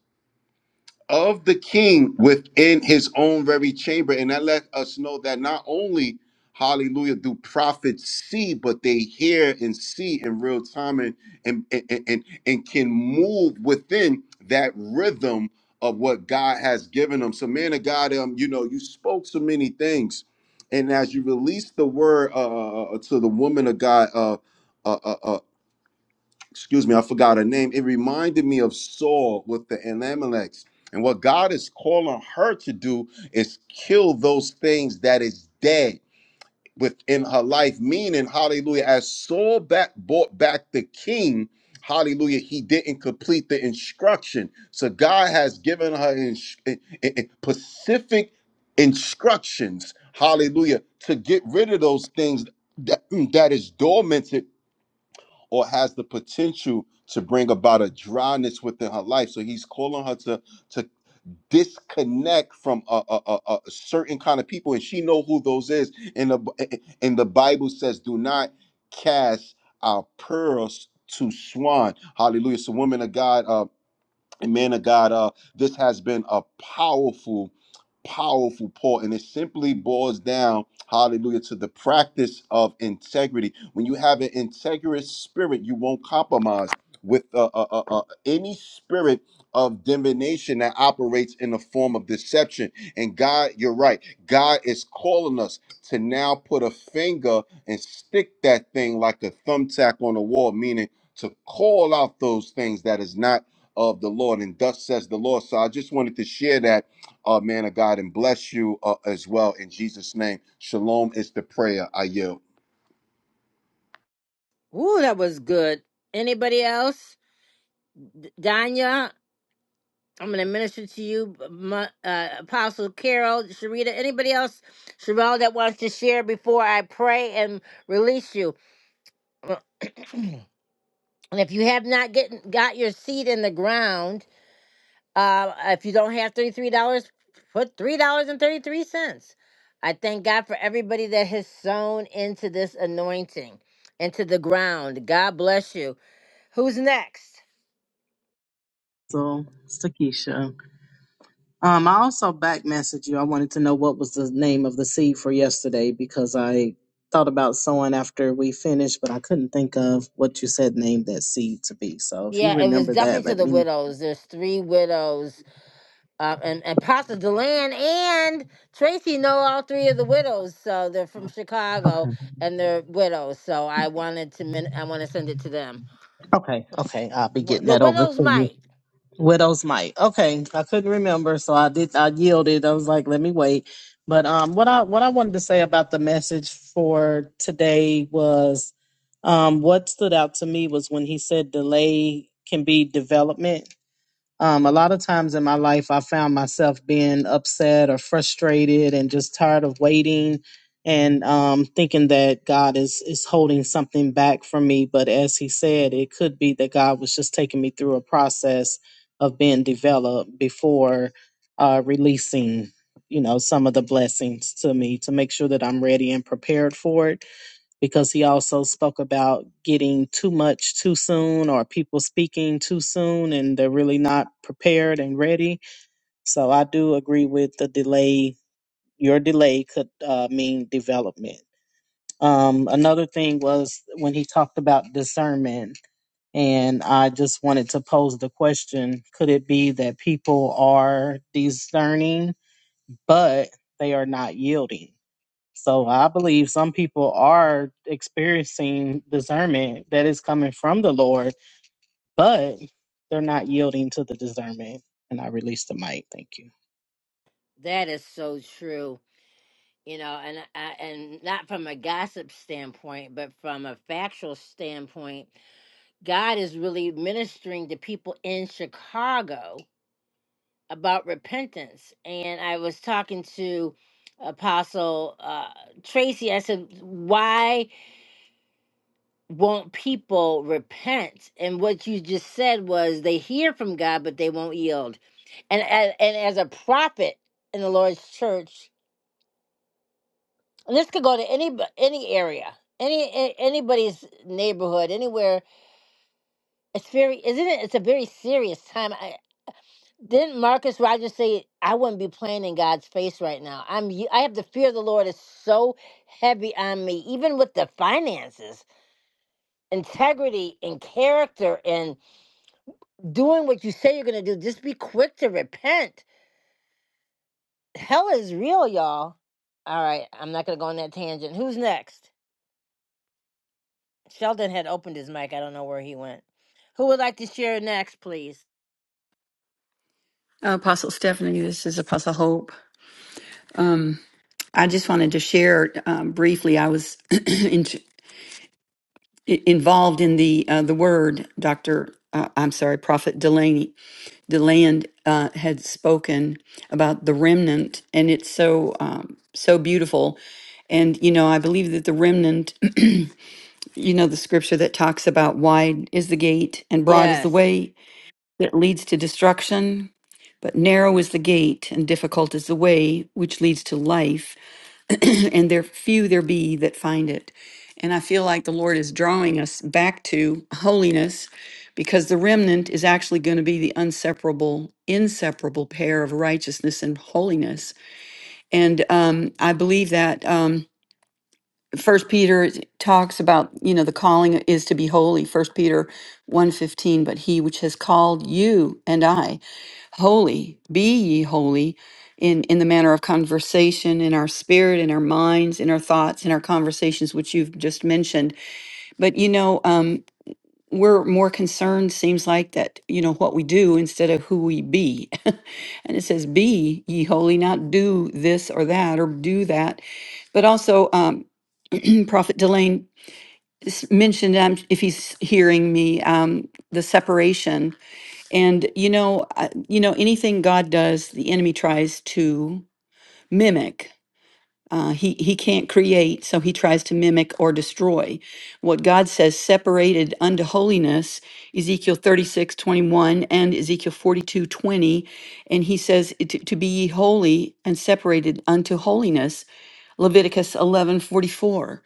of the king within his own very chamber. And that let us know that not only, hallelujah, do prophets see, but they hear and see in real time and, and, and, and, and can move within that rhythm of what God has given them. So, man of God, um, you know, you spoke so many things. And as you released the word uh, uh, uh, to the woman of God, uh, uh, uh, excuse me, I forgot her name. It reminded me of Saul with the Elimelechs. And what God is calling her to do is kill those things that is dead within her life. Meaning, hallelujah, as Saul back brought back the king, hallelujah, he didn't complete the instruction. So God has given her ins- in- in- in- specific instructions, hallelujah, to get rid of those things that, that is dormant or has the potential to bring about a dryness within her life. So he's calling her to to disconnect from a, a, a, a certain kind of people, and she know who those is. And the and the Bible says, "Do not cast our pearls." To swan, hallelujah. So, women of God, uh, and man of God, uh, this has been a powerful, powerful pour, and it simply boils down, hallelujah, to the practice of integrity. When you have an integrous spirit, you won't compromise with uh, uh, uh, uh, any spirit of divination that operates in the form of deception. And God, you're right, God is calling us to now put a finger and stick that thing like a thumbtack on the wall, meaning to call out those things that is not of the Lord. And thus says the Lord. So I just wanted to share that, uh, man of God, and bless you uh, as well in Jesus' name. Shalom is the prayer I yield. Ooh, that was good. Anybody else? D- Danya, I'm going to minister to you. My, uh, Apostle Carol, Sharita. Anybody else, Sherelle, that wants to share before I pray and release you? and if you have not get, got your seed in the ground, Uh, if you don't have $33, put $3.33. I thank God for everybody that has sown into this anointing, into the ground. God bless you. Who's next? So, it's Takesha. Um, I also back messaged you. I wanted to know what was the name of the seed for yesterday because I thought about sowing after we finished, but I couldn't think of what you said name that seed to be. So if you Yeah, it was remember that, definitely to let the me know. widows. There's three widows. Uh, and, and Pastor Deland and Tracy know all three of the widows. So they're from Chicago Okay. and they're widows. So I wanted to min- I want to send it to them. Okay. Okay. I'll be Wh- getting The that over widow's to you. might. Widow's Mite. Okay, I couldn't remember, so I did. I yielded. I was like, let me wait. But um, what I what I wanted to say about the message for today was, um, what stood out to me was when he said delay can be development. Um, a lot of times in my life, I found myself being upset or frustrated and just tired of waiting and um, thinking that God is, is holding something back from me. But as he said, it could be that God was just taking me through a process of being developed before uh, releasing, you know, some of the blessings to me to make sure that I'm ready and prepared for it because he also spoke about getting too much too soon or people speaking too soon and they're really not prepared and ready. So I do agree with the delay. Your delay could uh, mean development. Um, another thing was when he talked about discernment, and I just wanted to pose the question could it be that people are discerning, but they are not yielding? So I believe some people are experiencing discernment that is coming from the Lord, but they're not yielding to the discernment. And I release the mic. Thank you. That is so true. you know, and I, and not from a gossip standpoint, but from a factual standpoint, God is really ministering to people in Chicago about repentance. And I was talking to Apostle uh, Tracy. I said, "Why won't people repent?" And what you just said was they hear from God, but they won't yield. And and, and as a prophet in the Lord's church. And this could go to any bu- any area, any a- anybody's neighborhood, anywhere. It's very, isn't it? It's a very serious time. I, didn't Marcus Rogers say, "I wouldn't be playing in God's face right now. I'm, y- I have the fear of the Lord is so heavy on me, even with the finances, integrity, and character, and doing what you say you're going to do. Just be quick to repent. Hell is real, y'all. All right, I'm not going to go on that tangent. Who's next? Sheldon had opened his mic. I don't know where he went. Who would like to share next, please? Uh, Apostle Stephanie, this is Apostle Hope. I just wanted to share um, briefly. I was in i- involved in the uh, the word. Doctor, uh, I'm sorry, Prophet Delaney Deland uh, had spoken about the remnant, and it's so um, so beautiful. And you know, I believe that the remnant, you know, the scripture that talks about wide is the gate and broad is the Yes. way that leads to destruction. But narrow is the gate, and difficult is the way which leads to life, and there few there be that find it. And I feel like the Lord is drawing us back to holiness because the remnant is actually going to be the inseparable, inseparable pair of righteousness and holiness. And um, I believe that um, First Peter talks about, you know, the calling is to be holy. First Peter one fifteen, but he which has called you and I holy be ye holy in in the manner of conversation in our spirit in our minds in our thoughts in our conversations which you've just mentioned but you know um we're more concerned seems like that you know what we do instead of who we be and it says be ye holy not do this or that or do that but also um prophet delane s- mentioned um, if he's hearing me um the separation and you know, I- you know, anything God does, the enemy tries to mimic. Uh, he he can't create, so he tries to mimic or destroy. What God says, separated unto holiness, Ezekiel 36 21 and Ezekiel 42 20, And he says, to, to be ye holy and separated unto holiness, Leviticus eleven forty four.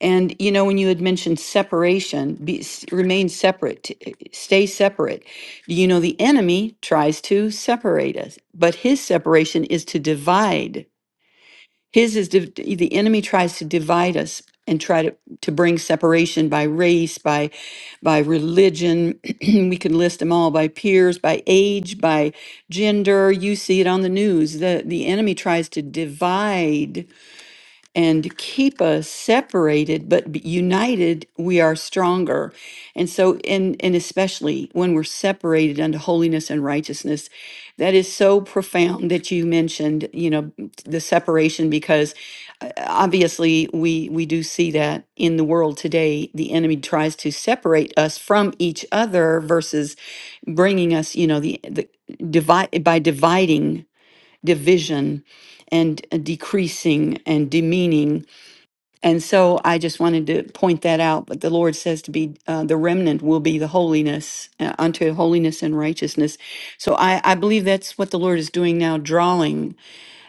And you know, when you had mentioned separation, be, s- remain separate, t- eh, stay separate. You know, the enemy tries to separate us, but his separation is to divide. His is div- the enemy tries to divide us and try to, to bring separation by race, by by religion. we can list them all by peers, by age, by gender. You see it on the news. The the enemy tries to divide and keep us separated but b- united we are stronger and so and and especially when we're separated unto holiness and righteousness that is so profound that you mentioned you know the separation because uh, obviously we we do see that in the world today the enemy tries to separate us from each other versus bringing us you know the, the divide by dividing division and decreasing and demeaning. And so I just wanted to point that out. But the Lord says to be uh, the remnant will be the holiness uh, unto holiness and righteousness. So I, I believe that's what the Lord is doing now, drawing,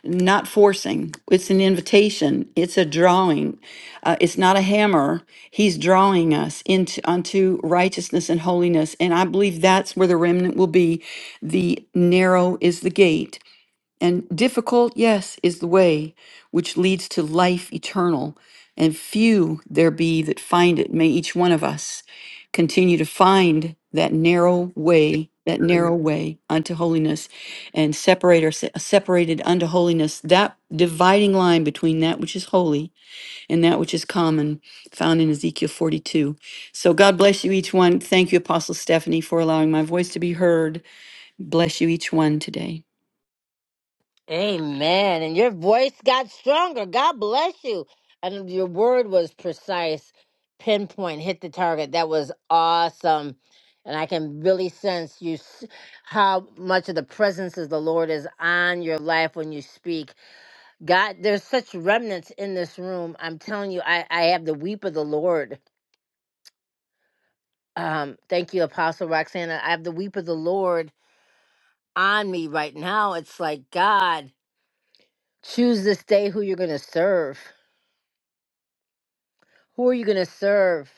not forcing. It's an invitation. It's a drawing. Uh, it's not a hammer. He's drawing us into unto righteousness and holiness. And I believe that's where the remnant will be. The narrow is the gate and difficult, yes, is the way which leads to life eternal, and few there be that find it. May each one of us continue to find that narrow way, that narrow Amen. way unto holiness, and separate or separated unto holiness, that dividing line between that which is holy and that which is common, found in Ezekiel 42. So God bless you each one. Thank you, Apostle Stephanie, for allowing my voice to be heard. Bless you each one today. Amen. And your voice got stronger. God bless you. And your word was precise, pinpoint, hit the target. That was awesome. And I can really sense you s- how much of the presence of the Lord is on your life when you speak. God, there's such remnants in this room. I'm telling you, I, I have the weep of the Lord Um, thank you, Apostle Roxana. I have the weep of the Lord on me right now. It's like, God, choose this day who you're going to serve. Who are you going to serve?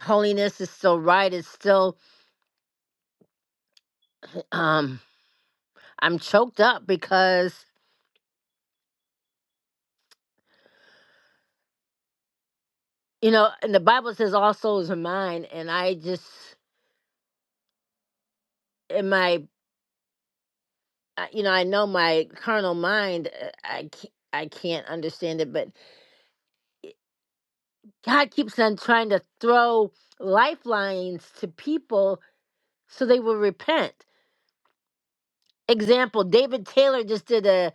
Holiness is still right. It's still, um, I'm choked up because, you know, and the Bible says all souls are mine. And I just, in my, uh, you know, I know my carnal mind, uh, I can't, I can't understand it, but God keeps on trying to throw lifelines to people so they will repent. example, David Taylor just did a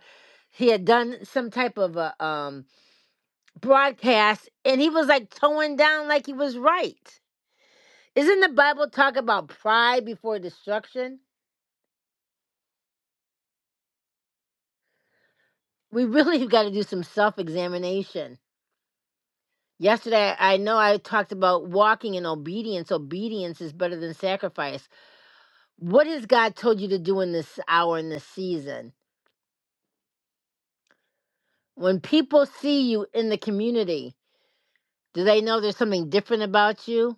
he had done some type of a um broadcast and he was like towing down like he was right. Isn't the Bible talk about pride before destruction? We really have got to do some self-examination. Yesterday I know I talked about walking in obedience. Obedience is better than sacrifice. What has God told you to do in this hour in this season? When people see you in the community, do they know there's something different about you?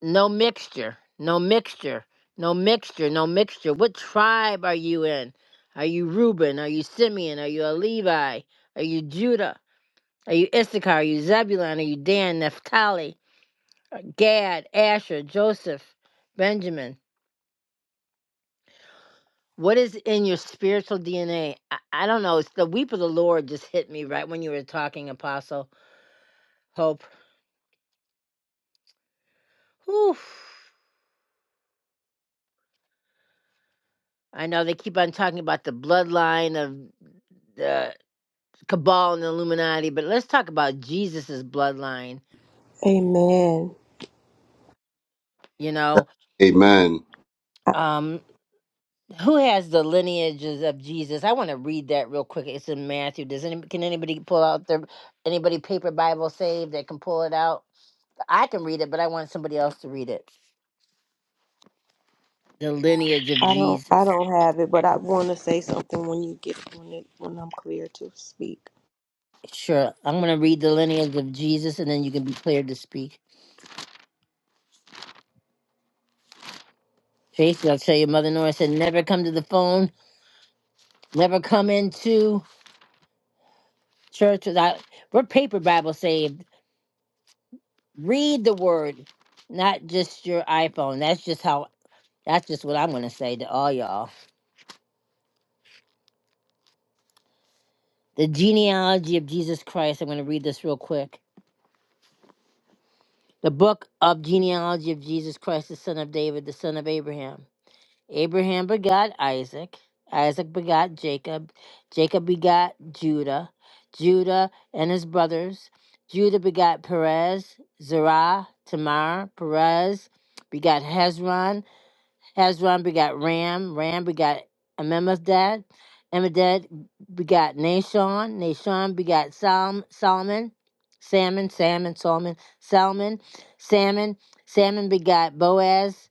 No mixture, no mixture, no mixture, no mixture. What tribe are you in? Are you Reuben? Are you Simeon? Are you a Levi? Are you Judah? Are you Issachar? Are you Zebulun? Are you Dan, Naphtali, uh, Gad, Asher, Joseph, Benjamin? What is in your spiritual DNA? I, I don't know. It's the weep of the Lord just hit me right when you were talking, Apostle Hope. Whew. I know they keep on talking about the bloodline of the. cabal and illuminati but let's talk about jesus's bloodline Amen. you know Amen. I, I um who has the lineages of jesus i want to read that real quick it's in matthew does any can anybody pull out their anybody paper bible saved that can pull it out i can read it but i want somebody else to read it the lineage of don't I jesus don't have it, but I want to say something when you get when it when I'm clear to speak. sure i'm going to read the lineage of jesus and then you can be cleared to speak tracy i'll tell you mother nora said never come to the phone never come into church without we're paper bible saved Read the word, not just your iPhone. That's just how that's just what I'm going to say to all y'all. The genealogy of Jesus Christ. I'm going to read this real quick. The book of genealogy of Jesus Christ, the son of David, the son of Abraham. Abraham begot Isaac. Isaac begot Jacob. Jacob begot Judah. Judah and his brothers. Judah begot Perez, Zerah, Tamar. Perez begot Hezron. Hezron begot Ram. Ram begot Amimadad. Amimadad begot Nashon. Nashon begot Solomon. Solomon. Salmon, Salmon, Solomon, Solomon, Salmon. Salmon begot Boaz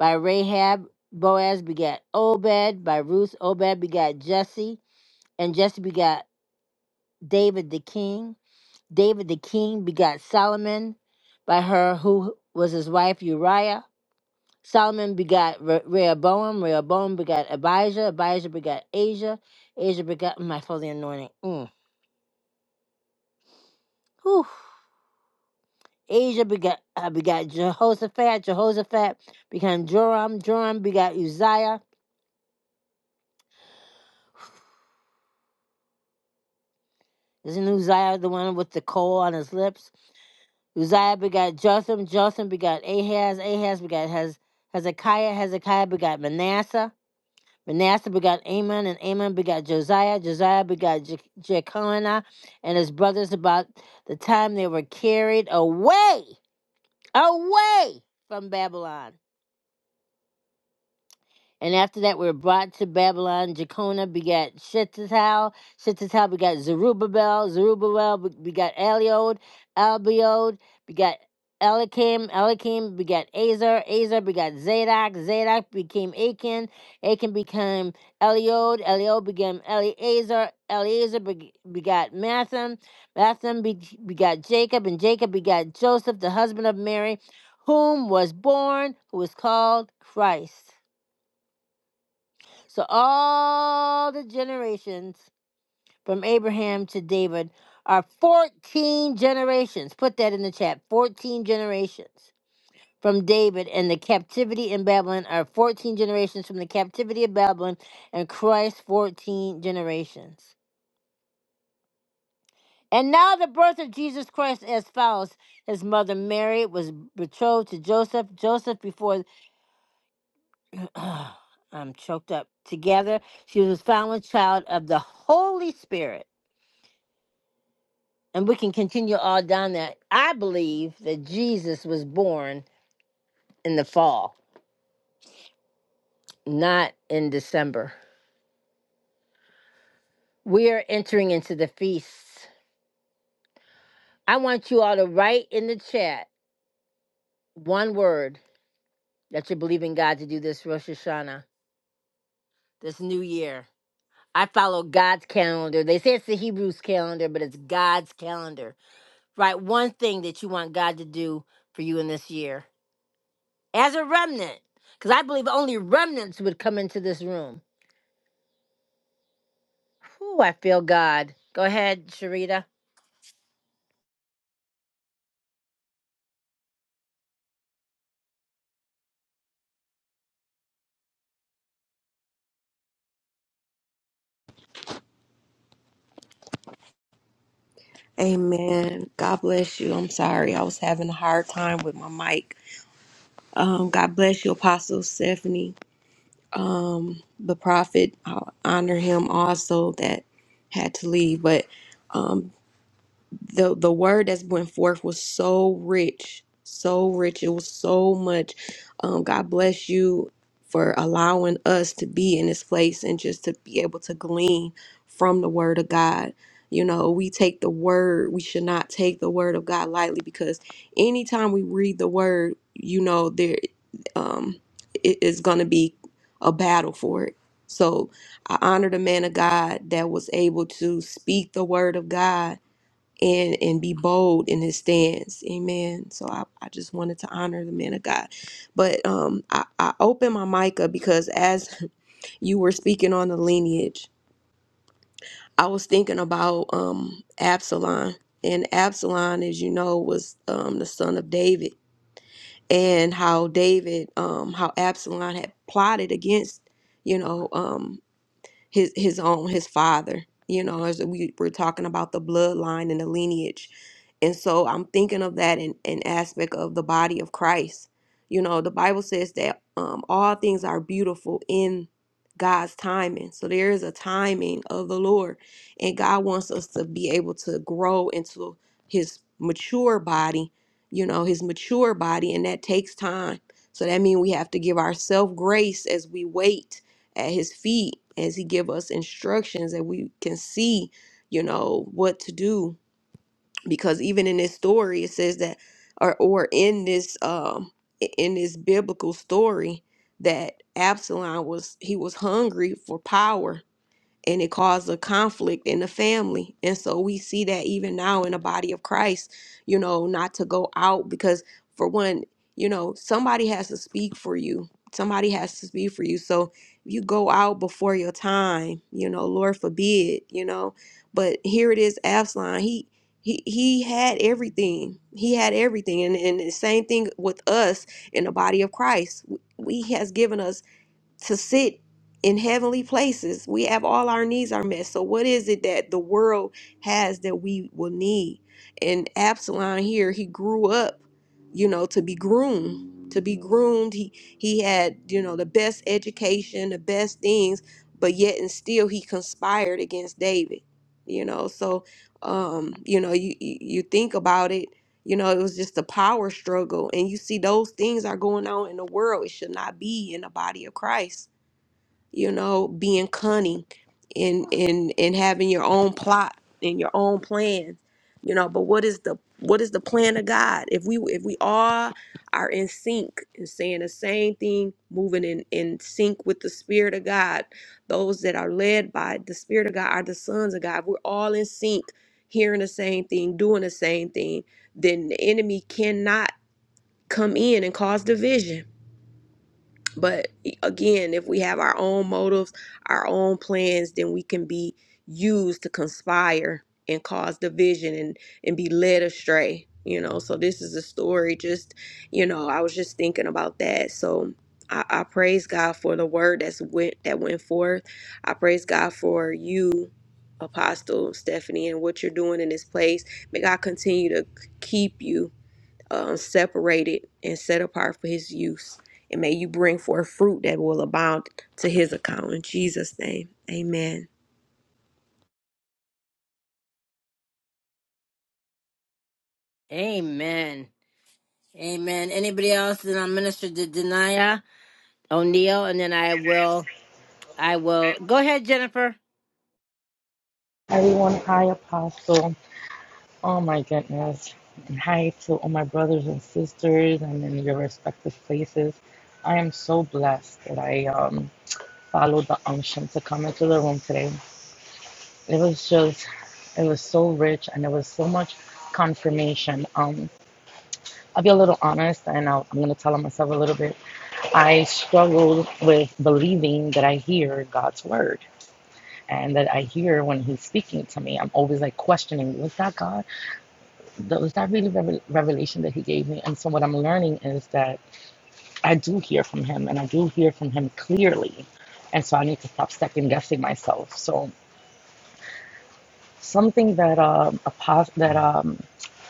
by Rahab. Boaz begot Obed by Ruth. Obed begot Jesse. And Jesse begot David the king. David the king begot Solomon by her who was his wife Uriah. Solomon begot Re- Rehoboam. Rehoboam begot Abijah. Abijah begot Asia. Asia begot my holy anointing. Mm. Whew. Asia begot uh, begot Jehoshaphat. Jehoshaphat became Joram. Joram begot Uzziah. Isn't Uzziah the one with the coal on his lips? Uzziah begot Jotham. Jotham begot Ahaz. Ahaz begot Hez- Hezekiah. Hezekiah begot Manasseh. Manasseh begot Amon, and Amon begot Josiah. Josiah begot Je- Jeconiah and his brothers about the time they were carried away, away from Babylon. And after that, we were brought to Babylon. Jeconiah begat Shettatel. Shettatel begat Zerubbabel. Zerubbabel begat Eliod. Albiod begat Elikim. Elikim begat Azar. Azar begat Zadok. Zadok became Achan. Achan became Eliod. Eliod became Eleazar. Eleazar begat Mathem. Mathem begat Jacob. And Jacob begat Joseph, the husband of Mary, whom was born, who was called Christ. So all the generations from Abraham to David are 14 generations. Put that in the chat. 14 generations from David and the captivity in Babylon are 14 generations from the captivity of Babylon and Christ 14 generations. And now the birth of Jesus Christ as follows. His mother Mary was betrothed to Joseph. Joseph before I'm choked up. Together, she was found with child of the Holy Spirit. and we can continue all down that. I believe that Jesus was born in the fall, not in December. We are entering into the feasts. I want you all to write in the chat one word that you believe in God to do this Rosh Hashanah, this new year. I follow God's calendar. They say it's the Hebrews calendar, but it's God's calendar. Write one thing that you want God to do for you in this year as a remnant, because I believe only remnants would come into this room Whew, I feel God. Go ahead, Sharita. Amen. God bless you. I'm sorry. I was having a hard time with my mic. Um, God bless you, Apostle Stephanie. um, the prophet. I honor him also that had to leave, but um, the the word that's went forth was so rich, so rich. It was so much. Um, God bless you for allowing us to be in this place and just to be able to glean from the word of God. You know, we take the word. We should not take the word of God lightly because anytime we read the word, you know, there um, it is going to be a battle for it. So I honor the man of God that was able to speak the word of God and and be bold in his stance amen so i, I just wanted to honor the man of god but um i, I opened my mic up because as you were speaking on the lineage i was thinking about um absalom and absalom as you know was um the son of david and how david um how absalom had plotted against you know um his his own his father you know as we were talking about the bloodline and the lineage and so i'm thinking of that in an aspect of the body of christ you know the bible says that um, all things are beautiful in god's timing so there is a timing of the lord and god wants us to be able to grow into his mature body you know his mature body and that takes time so that means we have to give ourselves grace as we wait at his feet as he give us instructions that we can see you know what to do because even in this story it says that or or in this um i- in this biblical story that Absalom was he was hungry for power and it caused a conflict in the family. And so we see that even now in the body of Christ, you know, not to go out because, for one, you know, somebody has to speak for you. Somebody has to speak for you. So if you go out before your time, you know, Lord forbid, you know. But here it is, Absalom. He he he had everything. He had everything. And and the same thing with us in the body of Christ. We, he has given us to sit in heavenly places. We have all our needs are met. So what is it that the world has that we will need? And Absalom here, he grew up, you know, to be groomed, to be groomed. He he had, you know, the best education, the best things, but yet and still he conspired against David. You know, so um, you know, you you you think about it you know, it was just a power struggle. And you see, those things are going on in the world. It should not be in the body of Christ you know, being cunning and and and having your own plot and your own plans, you know. But what is the what is the plan of God? If we if we all are in sync and saying the same thing, moving in in sync with the Spirit of God, those that are led by the Spirit of God are the sons of God. If We're all in sync, hearing the same thing, doing the same thing. Then the enemy cannot come in and cause division but e, again, if we have our own motives, our own plans, then we can be used to conspire and cause division and and be led astray, you know. So this is a story just, you know, I was just thinking about that. So I, I praise God for the word that's went that went forth. I praise God for you, Apostle Stephanie, and what you're doing in this place. May God continue to keep you uh, separated and set apart for his use. And may you bring forth fruit that will abound to his account. In Jesus' name, amen. Amen. Amen. Anybody else? Then I'll minister to Denia O'Neill, and then I will. I will. Go ahead, Jennifer. Everyone, hi, Apostle. Oh my goodness. And hi to all my brothers and sisters and in your respective places. I am so blessed that I um, followed the unction to come into the room today. It was just, it was so rich and there was so much confirmation. Um, I'll be a little honest and I'll, I'm going to tell on myself a little bit. I struggled with believing that I hear God's word and that I hear when He's speaking to me. I'm always like questioning, was that God? that was that really revel- revelation that he gave me. And so what I'm learning is that I do hear from him, and I do hear from him clearly. And so I need to stop second guessing myself. So something that um, a pos- that um,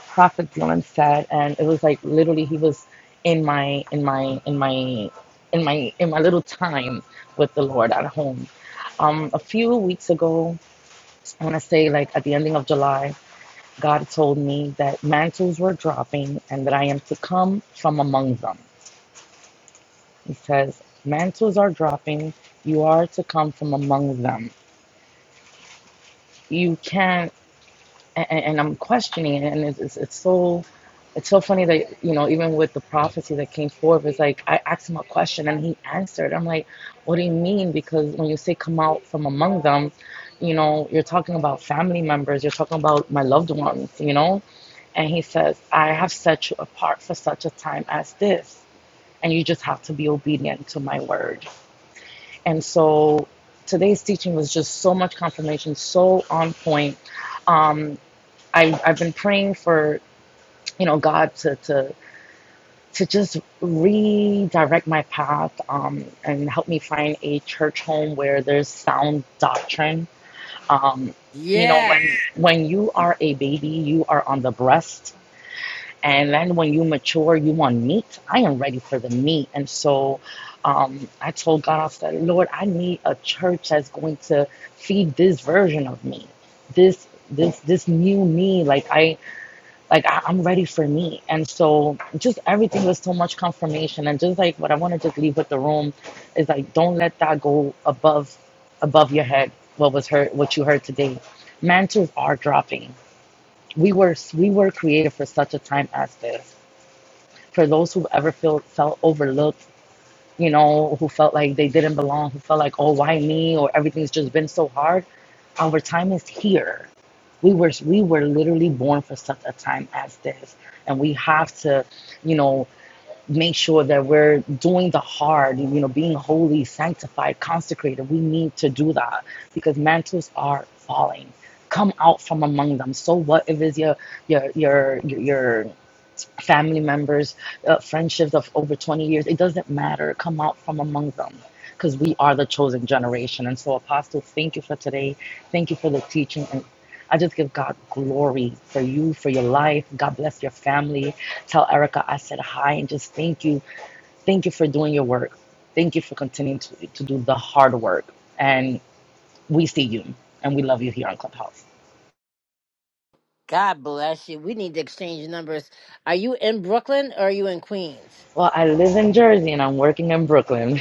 Prophet Dylan said, and it was like literally he was in my in my in my in my in my little time with the Lord at home. Um, a few weeks ago, I want to say like at the ending of July, God told me that mantles were dropping and that I am to come from among them. He says, Mantles are dropping. You are to come from among them. You can. not and, and I'm questioning it, and it's, it's it's so it's so funny that you know even with the prophecy that came forth, it's like I asked him a question and he answered. I'm like, what do you mean? Because when you say come out from among them, you know you're talking about family members, you're talking about my loved ones, you know. And he says, I have set you apart for such a time as this, and you just have to be obedient to my word. And so today's teaching was just so much confirmation, so on point Um, I'm, I've been praying for, you know, God to, to, to just redirect my path um, and help me find a church home where there's sound doctrine. Um, you know, when, Yes. when you are a baby, you are on the breast. And then when you mature, you want meat. I am ready for the meat. And so um, I told God, I said, Lord, I need a church that's going to feed this version of me, this, this, this new me. Like I, like I, I'm ready for me. And so just everything was so much confirmation. And just like what I want to just leave with the room is like don't let that go above above your head. What was heard, what you heard today. Mantras are dropping. We were we were created for such a time as this. For those who ever feel felt overlooked you know, who felt like they didn't belong, who felt like, oh, why me? Or everything's just been so hard. Our time is here. We were we were literally born for such a time as this, and we have to, you know, make sure that we're doing the hard, you know, being holy, sanctified, consecrated. We need to do that because mantles are falling. Come out from among them. So what if it's your your your your family members, uh, friendships of over 20 years, it doesn't matter. Come out from among them because we are the chosen generation. And so, Apostle, thank you for today. Thank you for the teaching. And I just give God glory for you, for your life. God bless your family. Tell Erica I said hi and just thank you. Thank you for doing your work. Thank you for continuing to, to do the hard work. And we see you and we love you here on Clubhouse. God bless you. We need to exchange numbers. Are you in Brooklyn or are you in Queens? Well, I live in Jersey and I'm working in Brooklyn.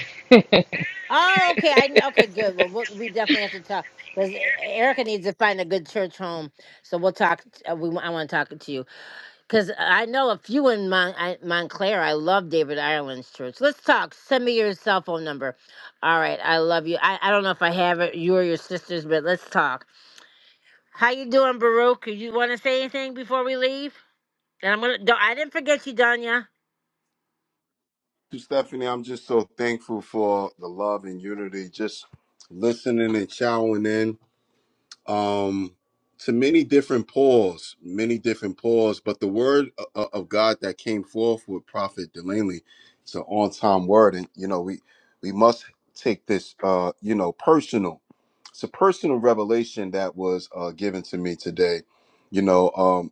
Oh, okay. I kn- okay. Good. Well, we'll we definitely have to talk because Erica needs to find a good church home. So we'll talk. Uh, we I want to talk to you. Because I know a few in Mon- I, Montclair. I love David Ireland's church. Let's talk. Send me your cell phone number. All right. I love you. I, I don't know if I have it, you or your sisters, but let's talk. How you doing, Baruch? You want to say anything before we leave? And I'm gonna. don't- I didn't forget you, Danya. you, Stephanie. I'm just so thankful for the love and unity, just listening and chowing in. um, to many different paws, many different paws. But the word o- of God that came forth with Prophet Delaney, it's an on-time word, and you know we we must take this, uh, you know, personal. It's a personal revelation that was uh, given to me today. You know, um,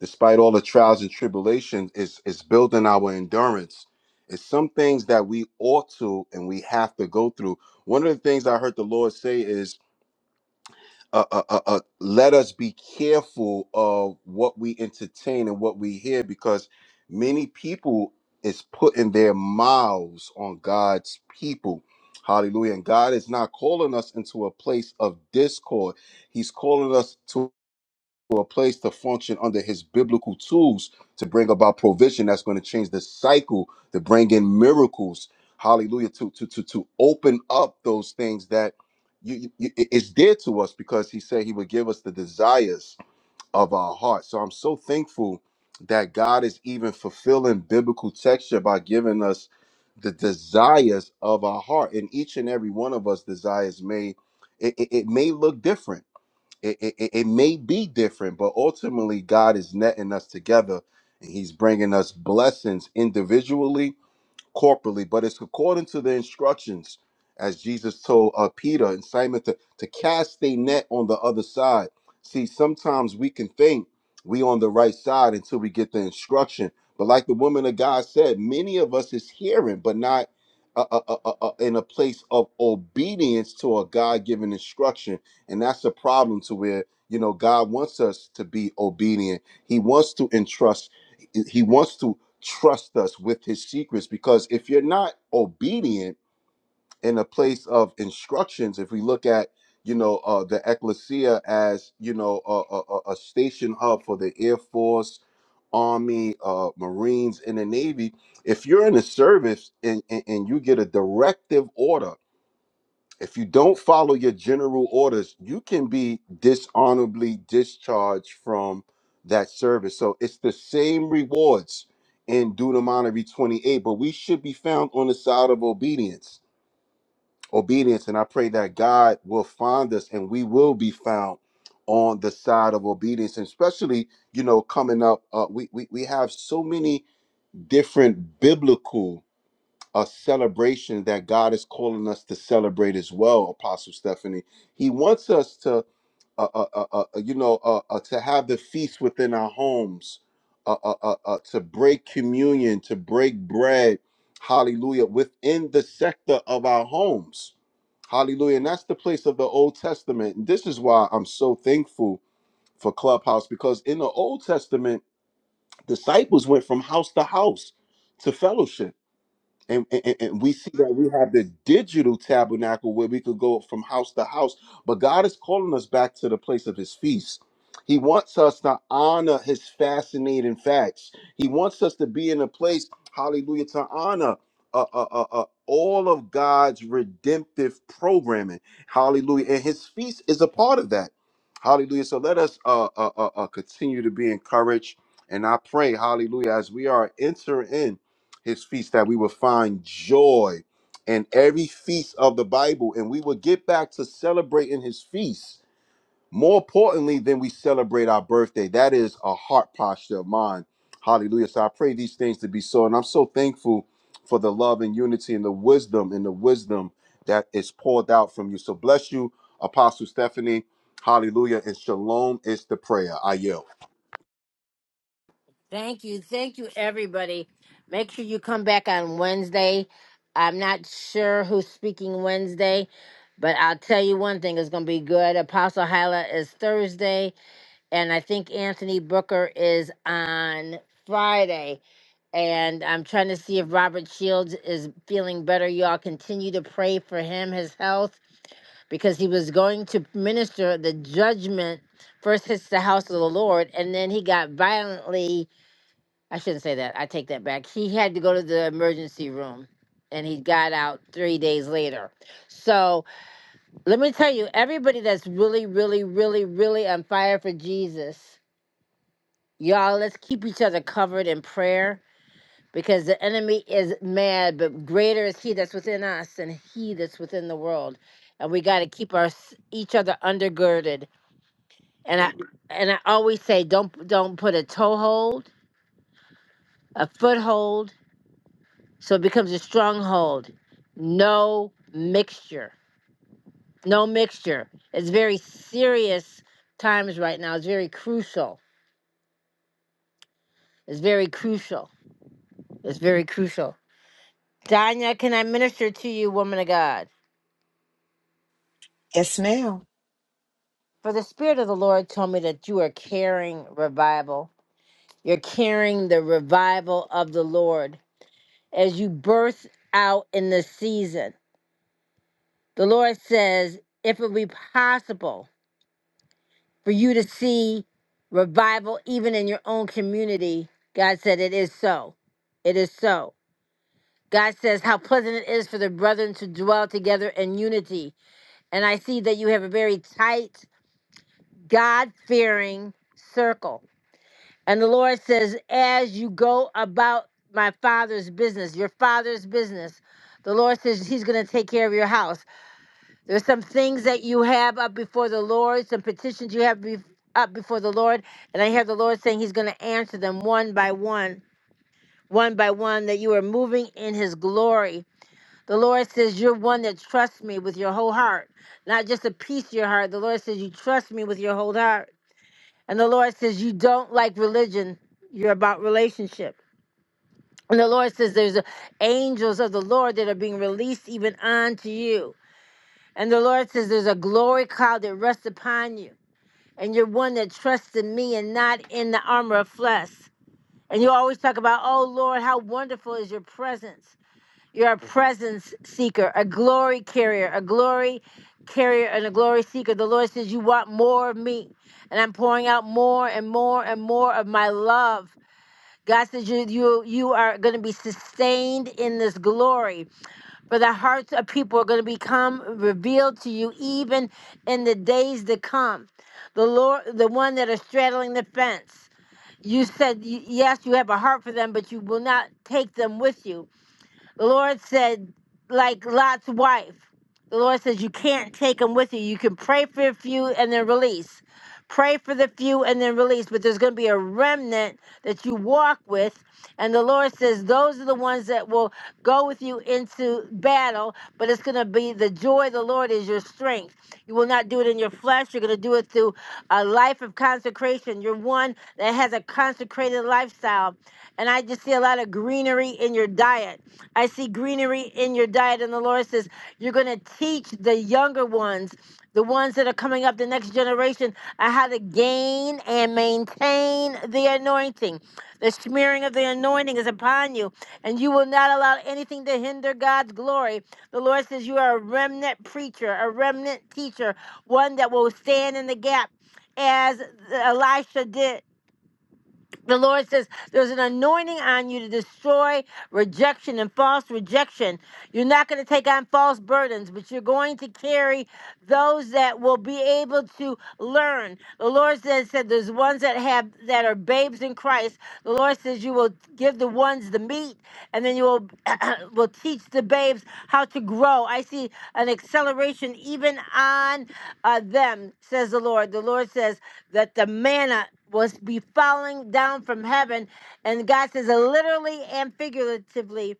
despite all the trials and tribulations, it's it's building our endurance. It's some things that we ought to and we have to go through. One of the things I heard the Lord say is uh, uh, uh, uh, let us be careful of what we entertain and what we hear because many people is putting their mouths on God's people. Hallelujah. And God is not calling us into a place of discord. He's calling us to for a place to function under his biblical tools to bring about provision that's going to change the cycle to bring in miracles hallelujah to to to, to open up those things that you, you it- it's dear to us because he said he would give us the desires of our heart so i'm so thankful that god is even fulfilling biblical texture by giving us the desires of our heart and each and every one of us desires may it, it it may look different it, it, it it may be different, but ultimately, God is netting us together and He's bringing us blessings individually corporately, but it's according to the instructions as Jesus told uh, Peter and Simon to, to cast a net on the other side. See, sometimes we can think we on the right side until we get the instruction. But like the woman of God said, many of us is hearing, but not uh, uh, uh, uh, uh, in a place of obedience to a God-given instruction. And that's a problem to where, you know, God wants us to be obedient. He wants to entrust he wants to trust us with his secrets because if you're not obedient in a place of instructions if we look at you know uh, the ecclesia as you know a, a, a a station hub for the air force army uh, marines and the navy if you're in the service and, and, and you get a directive order if you don't follow your general orders, you can be dishonorably discharged from that service. So it's the same rewards in Deuteronomy 28, but we should be found on the side of obedience. Obedience. And I pray that God will find us and we will be found on the side of obedience. And especially, you know, coming up, uh, we, we, we have so many different biblical a celebration that God is calling us to celebrate as well, Apostle Stephanie. He wants us to, uh, uh, uh, uh, uh, you know, uh, uh, to have the feast within our homes, uh, uh, uh, uh, to break communion, to break bread, hallelujah, within the sector of our homes. Hallelujah. And that's the place of the Old Testament. And this is why I'm so thankful for Clubhouse because in the Old Testament, disciples went from house to house to fellowship and, and, and we see that we have the digital tabernacle where we could go from house to house but god is calling us back to the place of his feast he wants us to honor his fascinating facts he wants us to be in a place hallelujah to honor uh, uh, uh, uh, all of god's redemptive programming hallelujah and his feast is a part of that hallelujah so let us uh, uh, uh, uh, continue to be encouraged and i pray hallelujah as we are entering in his feast that we will find joy in every feast of the Bible and we will get back to celebrating his feast more importantly than we celebrate our birthday. That is a heart posture of mine. Hallelujah. So I pray these things to be so. And I'm so thankful for the love and unity and the wisdom and the wisdom that is poured out from you. So bless you, Apostle Stephanie. Hallelujah. And shalom is the prayer. I yield. Thank you. Thank you, everybody. Make sure you come back on Wednesday. I'm not sure who's speaking Wednesday, but I'll tell you one thing. It's gonna be good. Apostle Hyla is Thursday. and I think Anthony Booker is on Friday. And I'm trying to see if Robert Shields is feeling better. Y'all continue to pray for him, his health, because he was going to minister the judgment first hits the house of the Lord, and then he got violently. I shouldn't say that. I take that back. He had to go to the emergency room, and he got out three days later. So let me tell you, everybody that's really, really, really, really on fire for Jesus Y'all, let's keep each other covered in prayer because the enemy is mad, but greater is he that's within us than he that's within the world. And we got to keep our each other undergirded. And I and I always say, don't don't put a toehold, a foothold, so it becomes a stronghold. No mixture, no mixture. It's very serious times right now. It's very crucial. It's very crucial. It's very crucial. Danya, can I minister to you, woman of God? Yes, ma'am. For the Spirit of the Lord told me that you are carrying revival. You're carrying the revival of the Lord as you birth out in this season. The Lord says, if it be possible for you to see revival even in your own community, God said, it is so. It is so. God says, how pleasant it is for the brethren to dwell together in unity. And I see that you have a very tight God fearing circle. And the Lord says, as you go about my father's business, your father's business, the Lord says he's going to take care of your house. There's some things that you have up before the Lord, some petitions you have be- up before the Lord. And I hear the Lord saying he's going to answer them one by one, one by one, that you are moving in his glory. The Lord says, You're one that trusts me with your whole heart, not just a piece of your heart. The Lord says, You trust me with your whole heart. And the Lord says, You don't like religion, you're about relationship. And the Lord says, There's a- angels of the Lord that are being released even unto you. And the Lord says, There's a glory cloud that rests upon you. And you're one that trusts in me and not in the armor of flesh. And you always talk about, Oh Lord, how wonderful is your presence. You're a presence seeker, a glory carrier, a glory carrier, and a glory seeker. The Lord says, You want more of me. And I'm pouring out more and more and more of my love. God says you you you are going to be sustained in this glory, for the hearts of people are going to become revealed to you even in the days to come. The Lord, the one that are straddling the fence, you said y- yes, you have a heart for them, but you will not take them with you the Lord said, like Lot's wife, the Lord says, you can't take them with you. You can pray for a few and then release. Pray for the few and then release. But there's going to be a remnant that you walk with. And the Lord says, those are the ones that will go with you into battle. But it's going to be the joy of the Lord is your strength. You will not do it in your flesh. You're going to do it through a life of consecration. You're one that has a consecrated lifestyle. And I just see a lot of greenery in your diet. I see greenery in your diet. And the Lord says, You're going to teach the younger ones, the ones that are coming up, the next generation, on how to gain and maintain the anointing. The smearing of the anointing is upon you, and you will not allow anything to hinder God's glory. The Lord says, You are a remnant preacher, a remnant teacher, one that will stand in the gap as Elisha did the Lord says there's an anointing on you to destroy rejection and false rejection. You're not going to take on false burdens, but you're going to carry those that will be able to learn. The Lord says said there's ones that have that are babes in Christ. The Lord says you will give the ones the meat, and then you will will teach the babes how to grow. I see an acceleration even on uh, them, says the Lord. The Lord says that the manna was be falling down from heaven. And God says, uh, literally and figuratively.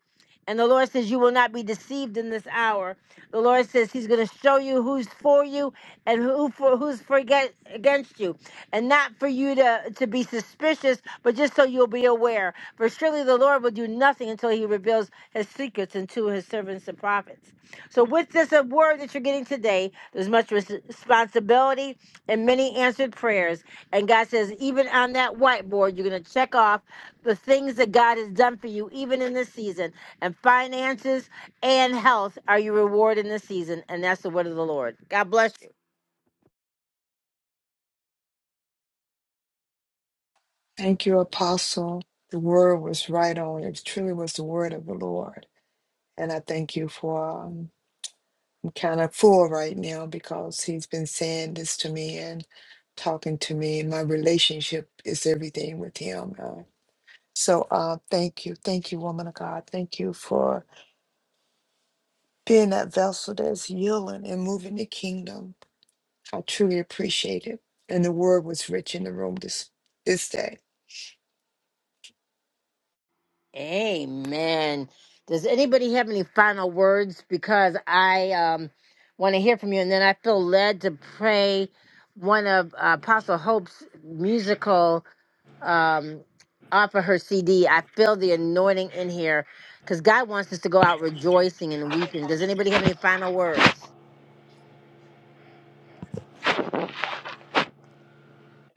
And the Lord says, You will not be deceived in this hour. The Lord says He's going to show you who's for you and who for, who's for against, against you. And not for you to, to be suspicious, but just so you'll be aware. For surely the Lord will do nothing until He reveals His secrets unto His servants and prophets. So, with this word that you're getting today, there's much responsibility and many answered prayers. And God says, even on that whiteboard, you're going to check off the things that God has done for you, even in this season. And finances and health are your reward in this season. And that's the word of the Lord. God bless you. Thank you, Apostle. The word was right on. It truly was the word of the Lord. And I thank you for, um, I'm kind of full right now because he's been saying this to me and talking to me. my relationship is everything with him. Uh, so uh, thank you. Thank you, woman of God. Thank you for being that vessel that's yielding and moving the kingdom. I truly appreciate it. And the word was rich in the room this, this day. Amen. Does anybody have any final words? Because I um, want to hear from you. And then I feel led to pray one of uh, Apostle Hope's musical um, off of her CD. I feel the anointing in here because God wants us to go out rejoicing and weeping. Does anybody have any final words?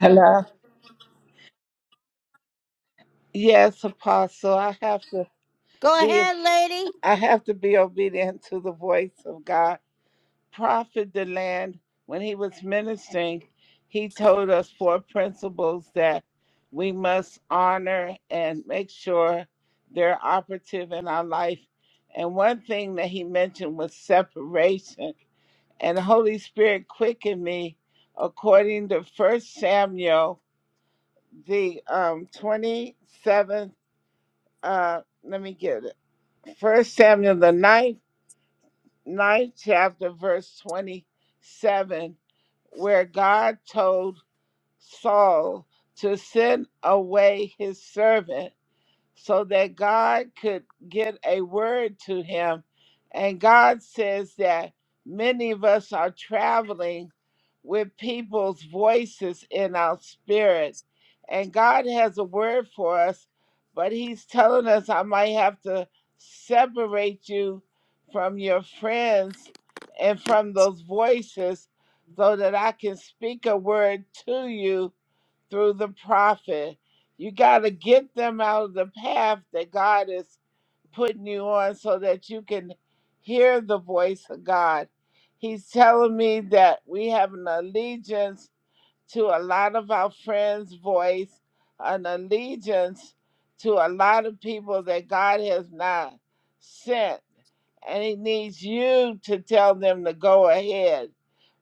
Hello. Yes, Apostle. I have to Go be. ahead, lady. I have to be obedient to the voice of God. Prophet Deland, when he was ministering, he told us four principles that we must honor and make sure they're operative in our life. And one thing that he mentioned was separation. And the Holy Spirit quickened me according to First Samuel, the um, 27th, uh, let me get it, First Samuel, the ninth ninth chapter, verse 27, where God told Saul to send away his servant so that God could get a word to him. And God says that many of us are traveling with people's voices in our spirit. And God has a word for us, but He's telling us, I might have to separate you from your friends and from those voices so that I can speak a word to you through the prophet. You got to get them out of the path that God is putting you on so that you can hear the voice of God. He's telling me that we have an allegiance to a lot of our friends' voice, an allegiance to a lot of people that God has not sent. And He needs you to tell them to go ahead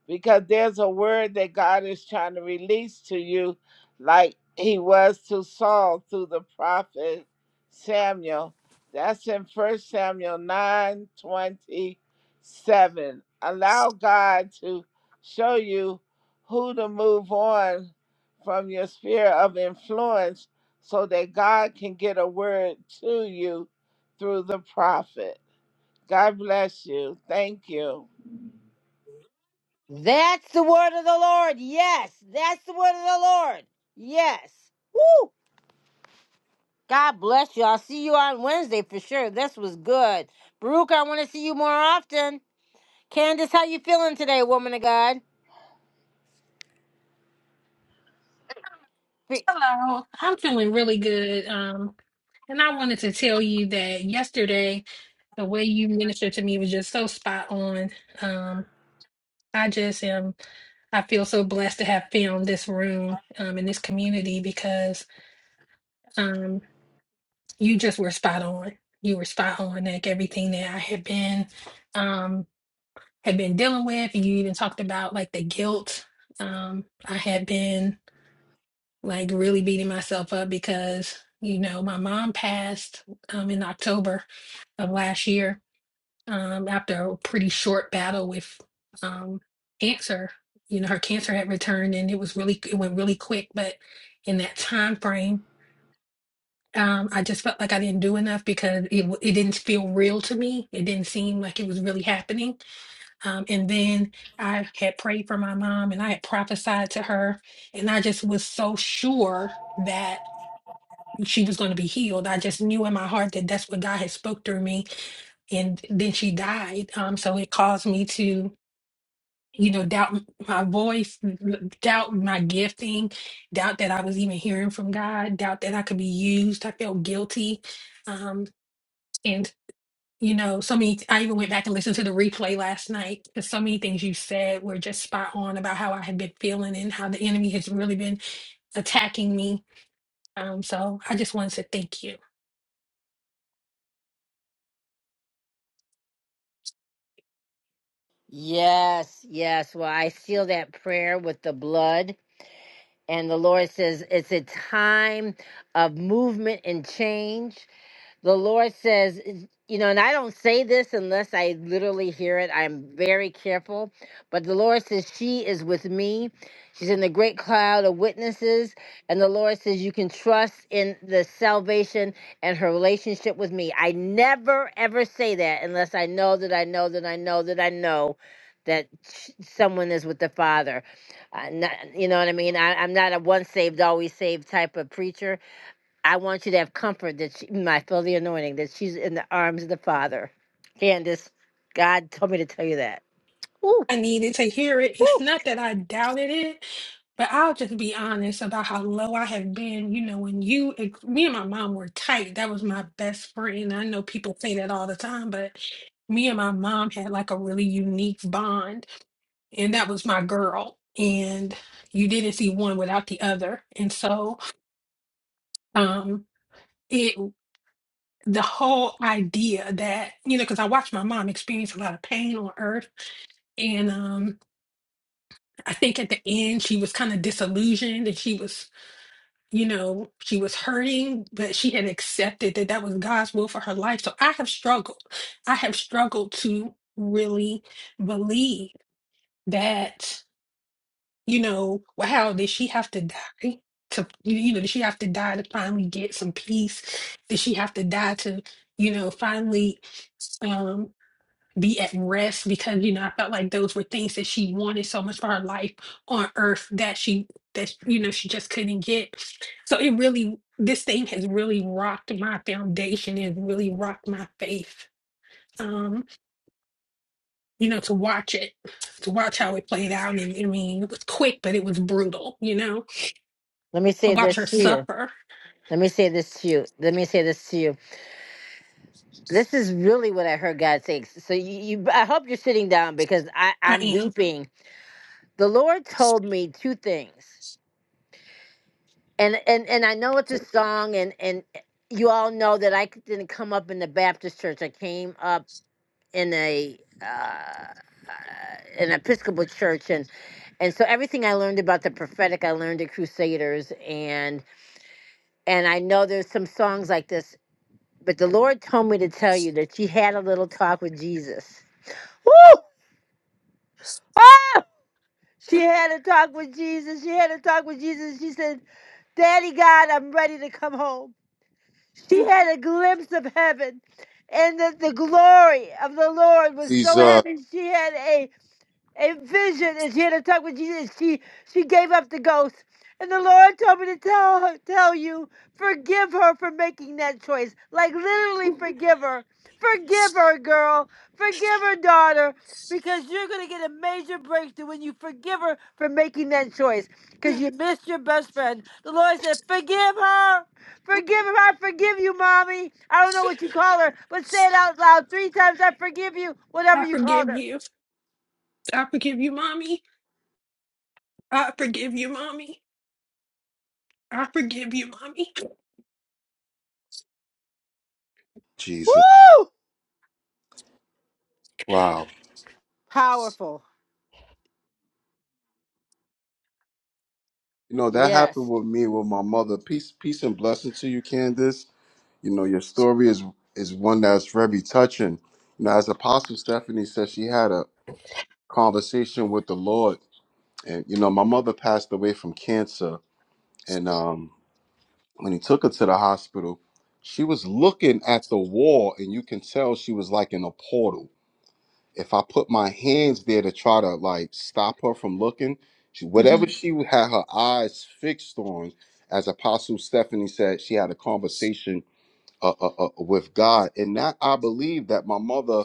because there's a word that God is trying to release to you, like he was to Saul through the prophet Samuel. That's in First Samuel nine twenty seven. Allow God to show you who to move on from your sphere of influence so that God can get a word to you through the prophet. God bless you. Thank you. That's the word of the Lord. Yes, that's the word of the Lord. Yes. Woo! God bless you. I'll see you on Wednesday for sure. This was good. Baruch, I want to see you more often. Candace, how you feeling today, woman of God? Fe- Hello, I'm feeling really good. Um, and I wanted to tell you that yesterday, the way you ministered to me was just so spot on. Um, I just am, I feel so blessed to have found this room, um, in this community because, um, you just were spot on. You were spot on, like everything that I had been, um, had been dealing with. You even talked about like the guilt, um, I had been. like really beating myself up because you know my mom passed um, in October of last year um, after a pretty short battle with um, cancer. You know her cancer had returned and it was really it went really quick, but in that time frame, um, I just felt like I didn't do enough because it w- it didn't feel real to me. It didn't seem like it was really happening. Um, and then I had prayed for my mom and I had prophesied to her, and I just was so sure that she was going to be healed. I just knew in my heart that that's what God had spoke through me. And then she died. Um, so it caused me to, you know, doubt m- my voice, m- doubt my gifting, doubt that I was even hearing from God, doubt that I could be used. I felt guilty. Um, and you know, so many, I even went back and listened to the replay last night because so many things you said were just spot on about how I had been feeling and how the enemy has really been attacking me. Um, so I just wanted to thank you. Yes, yes. Well, I seal that prayer with the blood And the Lord says it's a time of movement and change. The Lord says, you know, and I don't say this unless I literally hear it. I'm very careful. But the Lord says, She is with me. She's in the great cloud of witnesses. And the Lord says, You can trust in the salvation and her relationship with me. I never, ever say that unless I know that I know that I know that I know that sh- someone is with the Father. Uh, not, you know what I mean? I, I'm not a once saved, always saved type of preacher I want you to have comfort that she might feel the anointing, that she's in the arms of the Father. Candace, God told me to tell you that. Woo, I needed to hear it. woo. It's not that I doubted it, but I'll just be honest about how low I have been. You know, when you, ex- me and my mom were tight, that was my best friend. I know people say that all the time, but me and my mom had like a really unique bond, and that was my girl. And you didn't see one without the other. And so, um, it the whole idea that you know because i watched my mom experience a lot of pain on earth and um I think at the end she was kind of disillusioned and she was, you know, she was hurting, but she had accepted that that was God's will for her life. So I have struggled. I have struggled to really believe that, you know, wow, did she have to die? To, you know, did she have to die to finally get some peace? Did she have to die to, you know, finally um, be at rest because you know I felt like those were things that she wanted so much for her life on earth that she that you know she just couldn't get. So it really this thing has really rocked my foundation and really rocked my faith. Um, you know, to watch it, to watch how it played out. And I mean, it was quick, but it was brutal, you know, Let me to say watch her this to you. suffer. Let me say this to you. Let me say this to you. This is really what I heard God say. So you, you I hope you're sitting down because I, I I'm am. weeping. The Lord told me two things. And and and I know it's a song and and you all know that I didn't come up in the Baptist church. I came up in a uh, uh, an Episcopal church, and and so everything I learned about the prophetic, I learned at Crusaders, and and I know there's some songs like this, but the Lord told me to tell you that she had a little talk with Jesus. Woo! Ah! She had a talk with Jesus. She had a talk with Jesus. She said, Daddy God, I'm ready to come home. She had a glimpse of heaven, and that the glory of the Lord was so Jesus. heavy. She had a and vision is here to talk with Jesus. She she gave up the ghost. And the Lord told me to tell her, tell you, forgive her for making that choice. Like literally forgive her. Forgive her, girl. Forgive her, daughter. Because you're gonna get a major breakthrough when you forgive her for making that choice. Because Mhm. you missed your best friend. The Lord said, Forgive her. Forgive her. I forgive you, mommy. I don't know what you call her, but say it out loud three times. I forgive you, whatever I you called forgive her. you. I forgive you, mommy. I forgive you, mommy. I forgive you, mommy. Jesus. Woo! Wow. Powerful. You know, that happened Yes. with me with my mother. Peace, peace and blessing to you, Candace. You know, your story is is one that's very touching. You know, as Apostle Stephanie said, she had a conversation with the Lord. And, you know, my mother passed away from cancer. And um when he took her to the hospital, she was looking at the wall, and you can tell she was like in a portal if I put my hands there to try to like stop her from looking, she, whatever Mhm. she had her eyes fixed on, as Apostle Stephanie said, she had a conversation uh, uh, uh, with God. And that I believe that my mother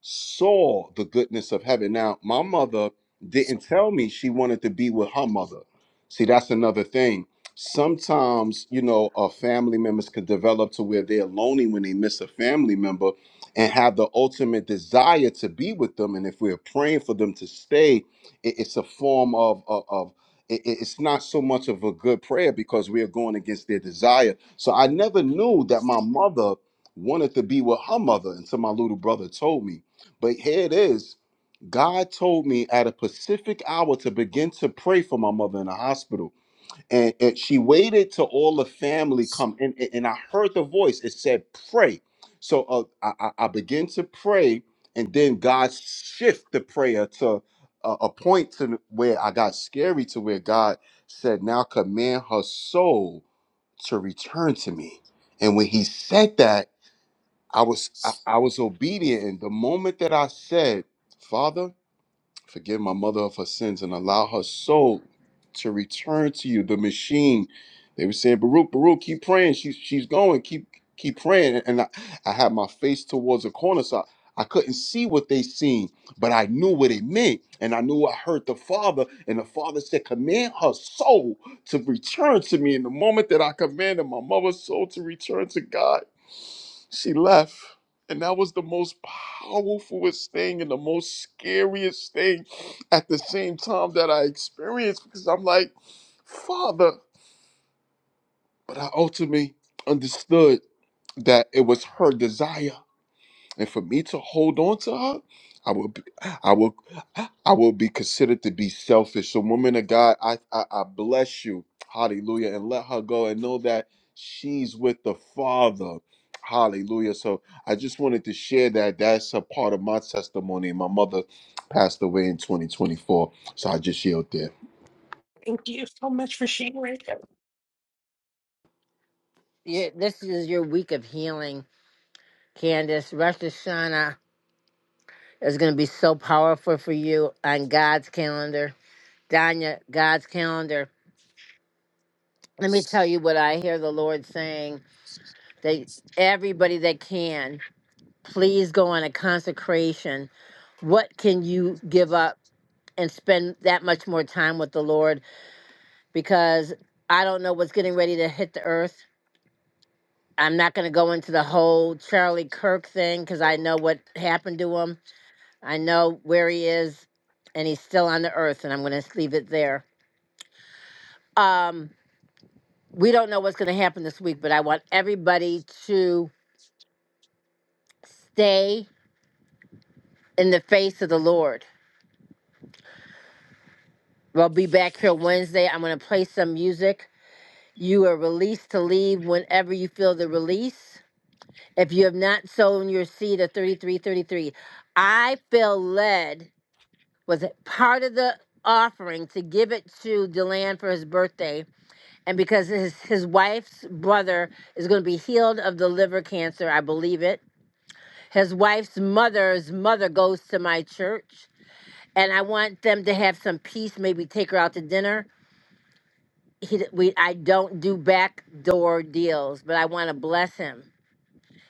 saw the goodness of heaven. Now, my mother didn't tell me she wanted to be with her mother. See, that's another thing. Sometimes, you know, uh, family members could develop to where they're lonely when they miss a family member and have the ultimate desire to be with them. And if we're praying for them to stay, it- it's a form of, of, of it- it- it's not so much of a good prayer because we are going against their desire. So I never knew that my mother wanted to be with her mother until my little brother told me. But here it is. God told me at a specific hour to begin to pray for my mother in the hospital and, and she waited till all the family come and, and and i heard the voice it said pray so uh, I, I I began to pray and then god shift the prayer to a, a point to where i got scary to where god said now command her soul to return to me and when he said that i was i, I was obedient and the moment that i said father Forgive my mother of her sins and allow her soul to return to you. The machine. They were saying, Baruch, Baruch, keep praying. She's she's going. Keep keep praying. And I, I had my face towards the corner, so I I couldn't see what they seen, but I knew what it meant. And I knew I heard the Father. And the Father said, Command her soul to return to me. And the moment that I commanded my mother's soul to return to God, she left. And that was the most powerfulest thing and the most scariest thing at the same time that I experienced because I'm like, Father. But I ultimately understood that it was her desire and for me to hold on to her i will be, i will i will be considered to be selfish so woman of god I, I i bless you hallelujah and let her go and know that she's with the father hallelujah so i just wanted to share that that's a part of my testimony my mother passed away in 2024 so i just yelled there Thank you so much for sharing. You, this is your week of healing, Candace. Rosh Hashanah is going to be so powerful for you on God's calendar. Danya, God's calendar. Let me tell you what I hear the Lord saying. That everybody that can, please go on a consecration. What can you give up and spend that much more time with the Lord? Because I don't know what's getting ready to hit the earth. I'm not going to go into the whole Charlie Kirk thing because I know what happened to him. I know where he is, and he's still on the earth, and I'm going to leave it there. Um, we don't know what's going to happen this week, but I want everybody to stay in the face of the Lord. We'll be back here Wednesday. I'm going to play some music. You are released to leave whenever you feel the release. If you have not sown your seed of 3333, I feel led was it part of the offering to give it to Deland for his birthday, and because his his wife's brother is going to be healed of the liver cancer, I believe it. His wife's mother's mother goes to my church, and I want them to have some peace. Maybe take her out to dinner. He, we, I don't do backdoor deals, but I want to bless him.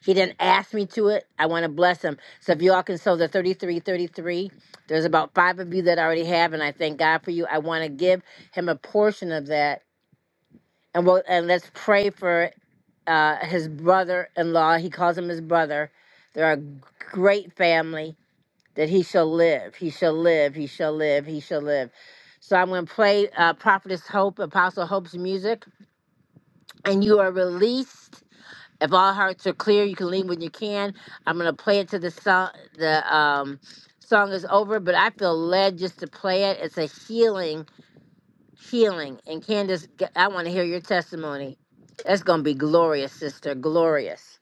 He didn't ask me to it. I want to bless him. So if y'all can sow the 3333, there's about five of you that already have, and I thank God for you. I want to give him a portion of that. And we'll, and let's pray for uh, his brother-in-law. He calls him his brother. They're a g- great family that he shall live. He shall live. He shall live. He shall live. So I'm going to play uh, Prophetess Hope, Apostle Hope's music, and you are released if all hearts are clear, you can leave when you can. I'm gonna play it till the song the um song is over, but I feel led just to play it. It's a healing, healing. And Candace, g- I want to hear your testimony. That's gonna be glorious, sister, glorious.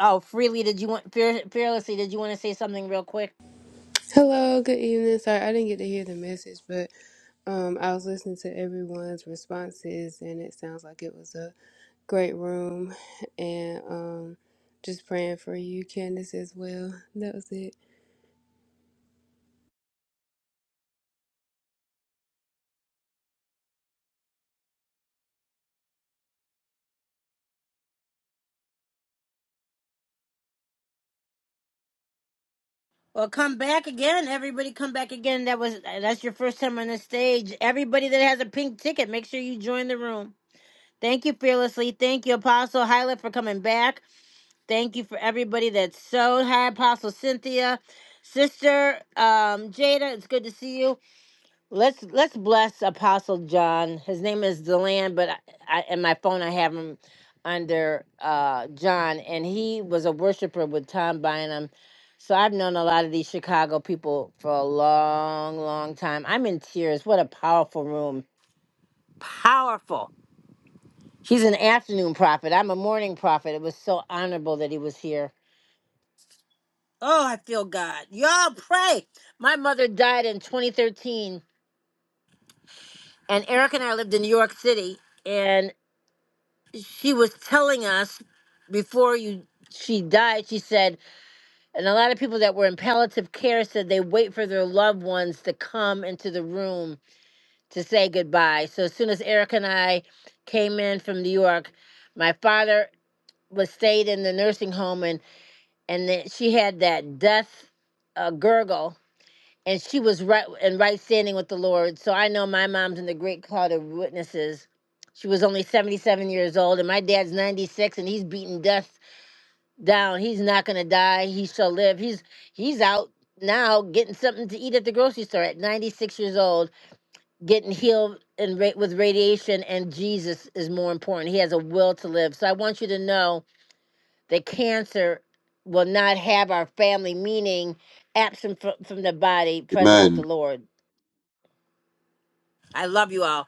Oh, freely, did you want fear, fearlessly? Did you want to say something real quick? Hello, good evening. Sorry, I didn't get to hear the message, but um, I was listening to everyone's responses, and it sounds like it was a great room. And um, just praying for you, Candace, as well. That was it. Well, come back again, everybody. Come back again. That was that's your first time on the stage. Everybody that has a pink ticket, make sure you join the room. Thank you, fearlessly. Thank you, Apostle Hyla, for coming back. Thank you for everybody that sewed. Hi, Apostle Cynthia, Sister um, Jada. It's good to see you. Let's let's bless Apostle John. His name is Deland, but I, I in my phone I have him under uh, John, and he was a worshiper with Tom Bynum. So I've known a lot of these Chicago people for a long, long time. I'm in tears. What a powerful room. Powerful. He's an afternoon prophet. I'm a morning prophet. It was so honorable that he was here. Oh, I feel God. Y'all pray. My mother died in 2013, and Eric and I lived in New York City, and she was telling us before you she died, she said, and a lot of people that were in palliative care said they wait for their loved ones to come into the room to say goodbye. So as soon as Eric and I came in from New York, my father was stayed in the nursing home and and then she had that death uh, gurgle and she was right and right standing with the Lord. So I know my mom's in the great cloud of witnesses. She was only 77 years old, and my dad's 96, and he's beating death down. He's not gonna die. He shall live. He's he's out now getting something to eat at the grocery store at 96 years old, getting healed and ra- with radiation. And Jesus is more important. He has a will to live. So I want you to know that cancer will not have our family, meaning absent fro- from the body, present with the Amen. Lord. I love you all.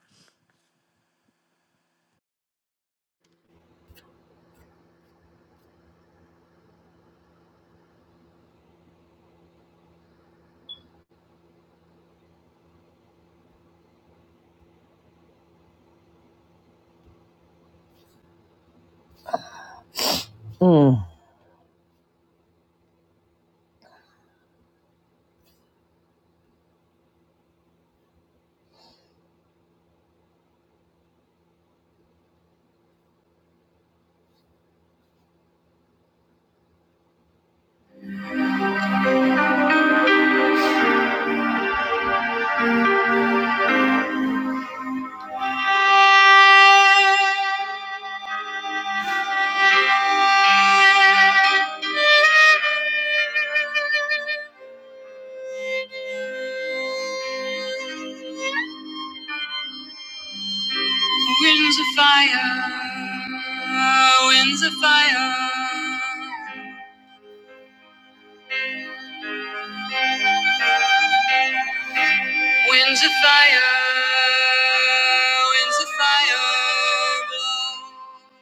Mm. Winds of fire, winds of fire, winds of fire, winds of fire, blow.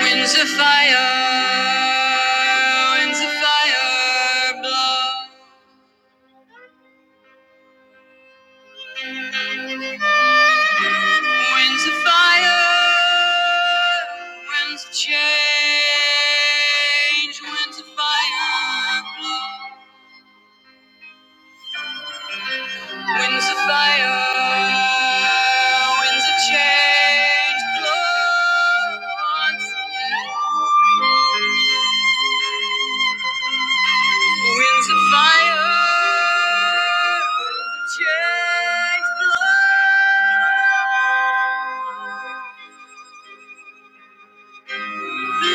Winds of fire, winds of fire blow. Winds of fire, winds of change. Winds of fire blow. Winds of fire, winds of change blow once again. Winds of fire, winds of change, blood, blood, blood, blood.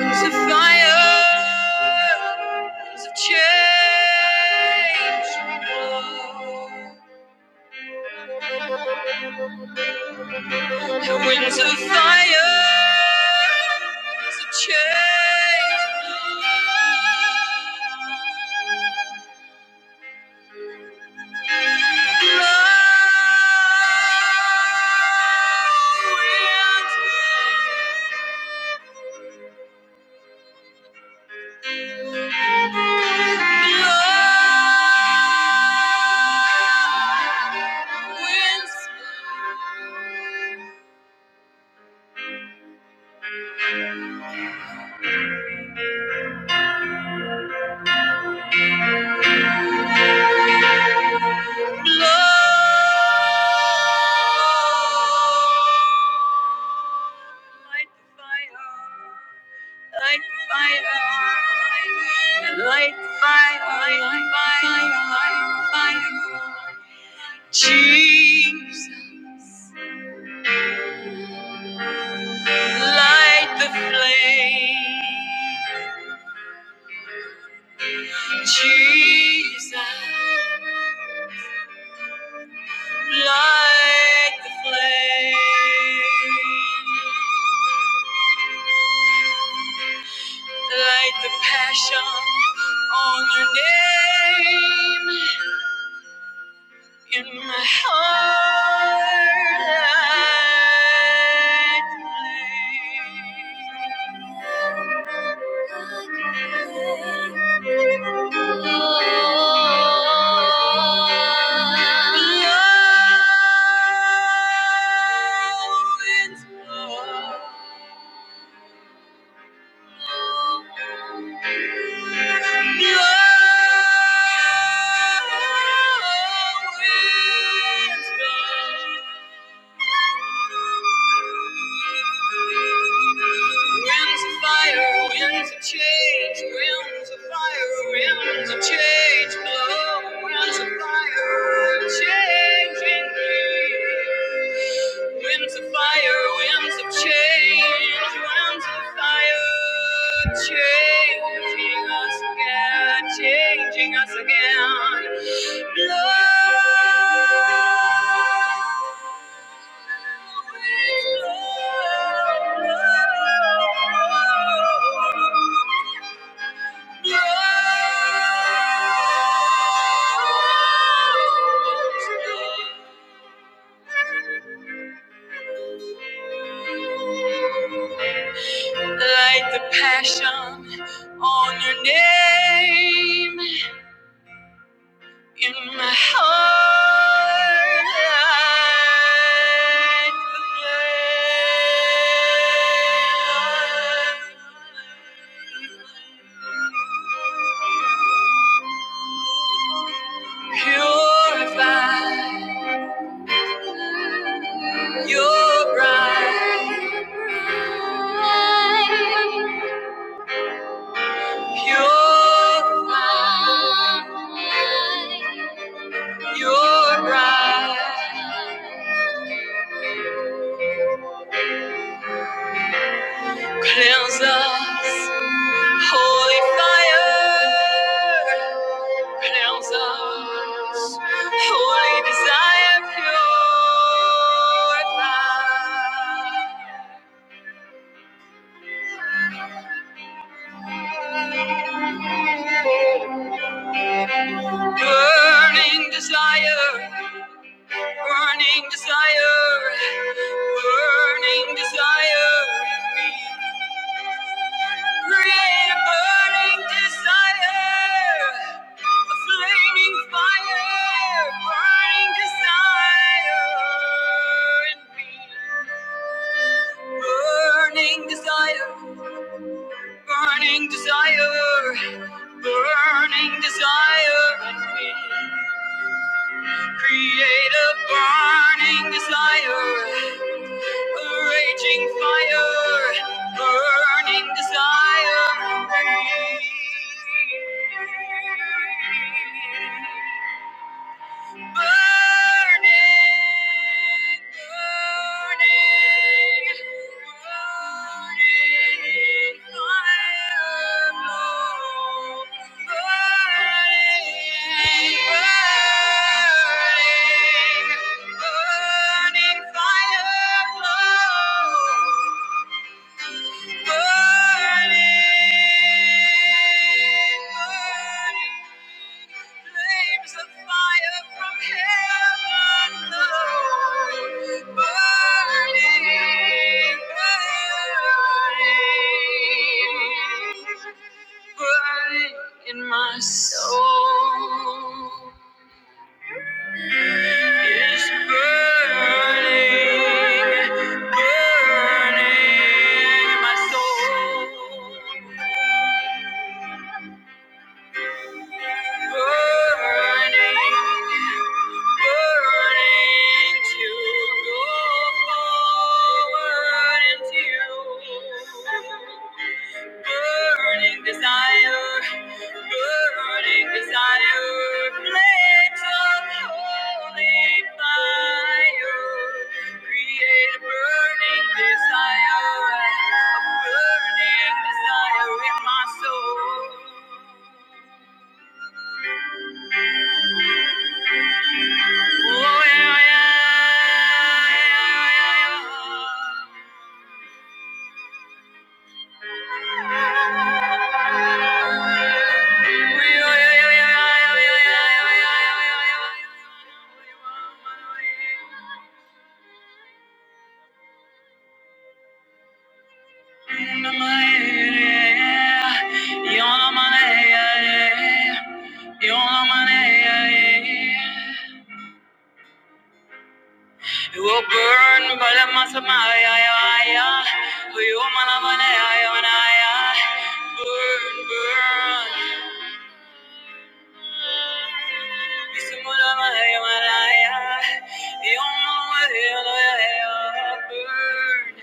Winds of fire, winds of change, blood. The winds of fire to change love winds, love winds. Light the fire, light the fire, light the fire, light the fire, light the fire. Jesus, light the flame. Jesus, like the flame, light the passion on your name. In my heart, Winds of fire, winds of change, winds of fire, winds of change, blow, winds of fire, changing me. Winds of fire, winds of change, winds of fire, changing us again, changing us again. Blood, blood, blood. blood. Light the passion on your name. In my heart, light the flame. purify your bride, purify your bride, cleanse us. Holy fire, pronounce us. Holy desire, purify. Burning desire, burning desire, burning desire. Create a burning desire, a flaming fire, burning desire Burning desire, burning desire, burning desire in me. Create a burning desire, a raging fire, burning desire. for me. Burning fire, flow. In my soul. It's burning, burning in my soul. Burning desire in my soul. Yeah. You will burn by the Masamaya, you Manamanaya, burn, burn. Isimulamaya, you Mulamaya, burn.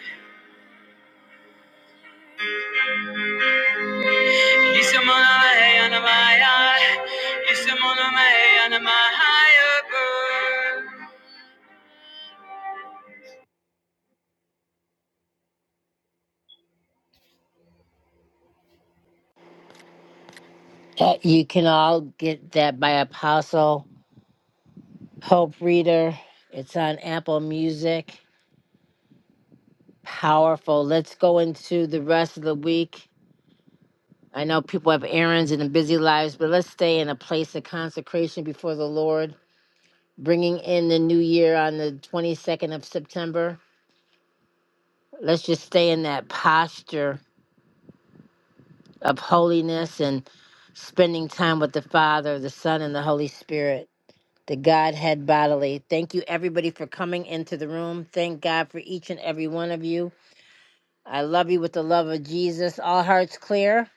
Isimulamaya, Isimulamaya, burn. That you can all get that by Apostle Hope Reader. It's on Apple Music. Powerful. Let's go into the rest of the week. I know people have errands and busy lives, but let's stay in a place of consecration before the Lord, bringing in the new year on the 22nd of September. Let's just stay in that posture of holiness and spending time with the Father, the Son, and the Holy Spirit, the Godhead bodily. Thank you, everybody, for coming into the room. Thank God for each and every one of you. I love you with the love of Jesus. All hearts clear.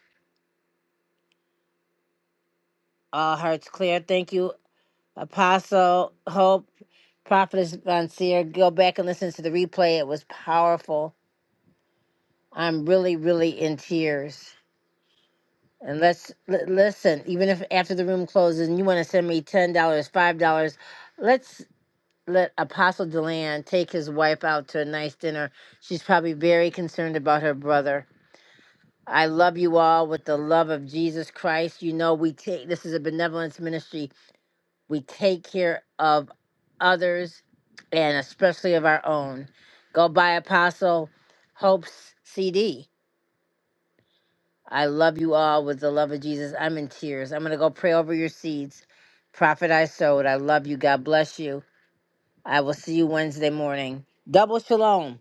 All hearts clear. Thank you, Apostle Hope, Prophetess Von Seer. Go back and listen to the replay. It was powerful. I'm really, really in tears. And let's l- listen. Even if after the room closes, and you want to send me ten dollars, five dollars, let's let Apostle Deland take his wife out to a nice dinner. She's probably very concerned about her brother. I love you all with the love of Jesus Christ. You know we take this is a benevolence ministry. we take care of others and especially of our own. Go buy Apostle Hope's CD. I love you all with the love of Jesus. I'm in tears. I'm going to go pray over your seeds. Prophet I sowed. I love you. God bless you. I will see you Wednesday morning. Double shalom.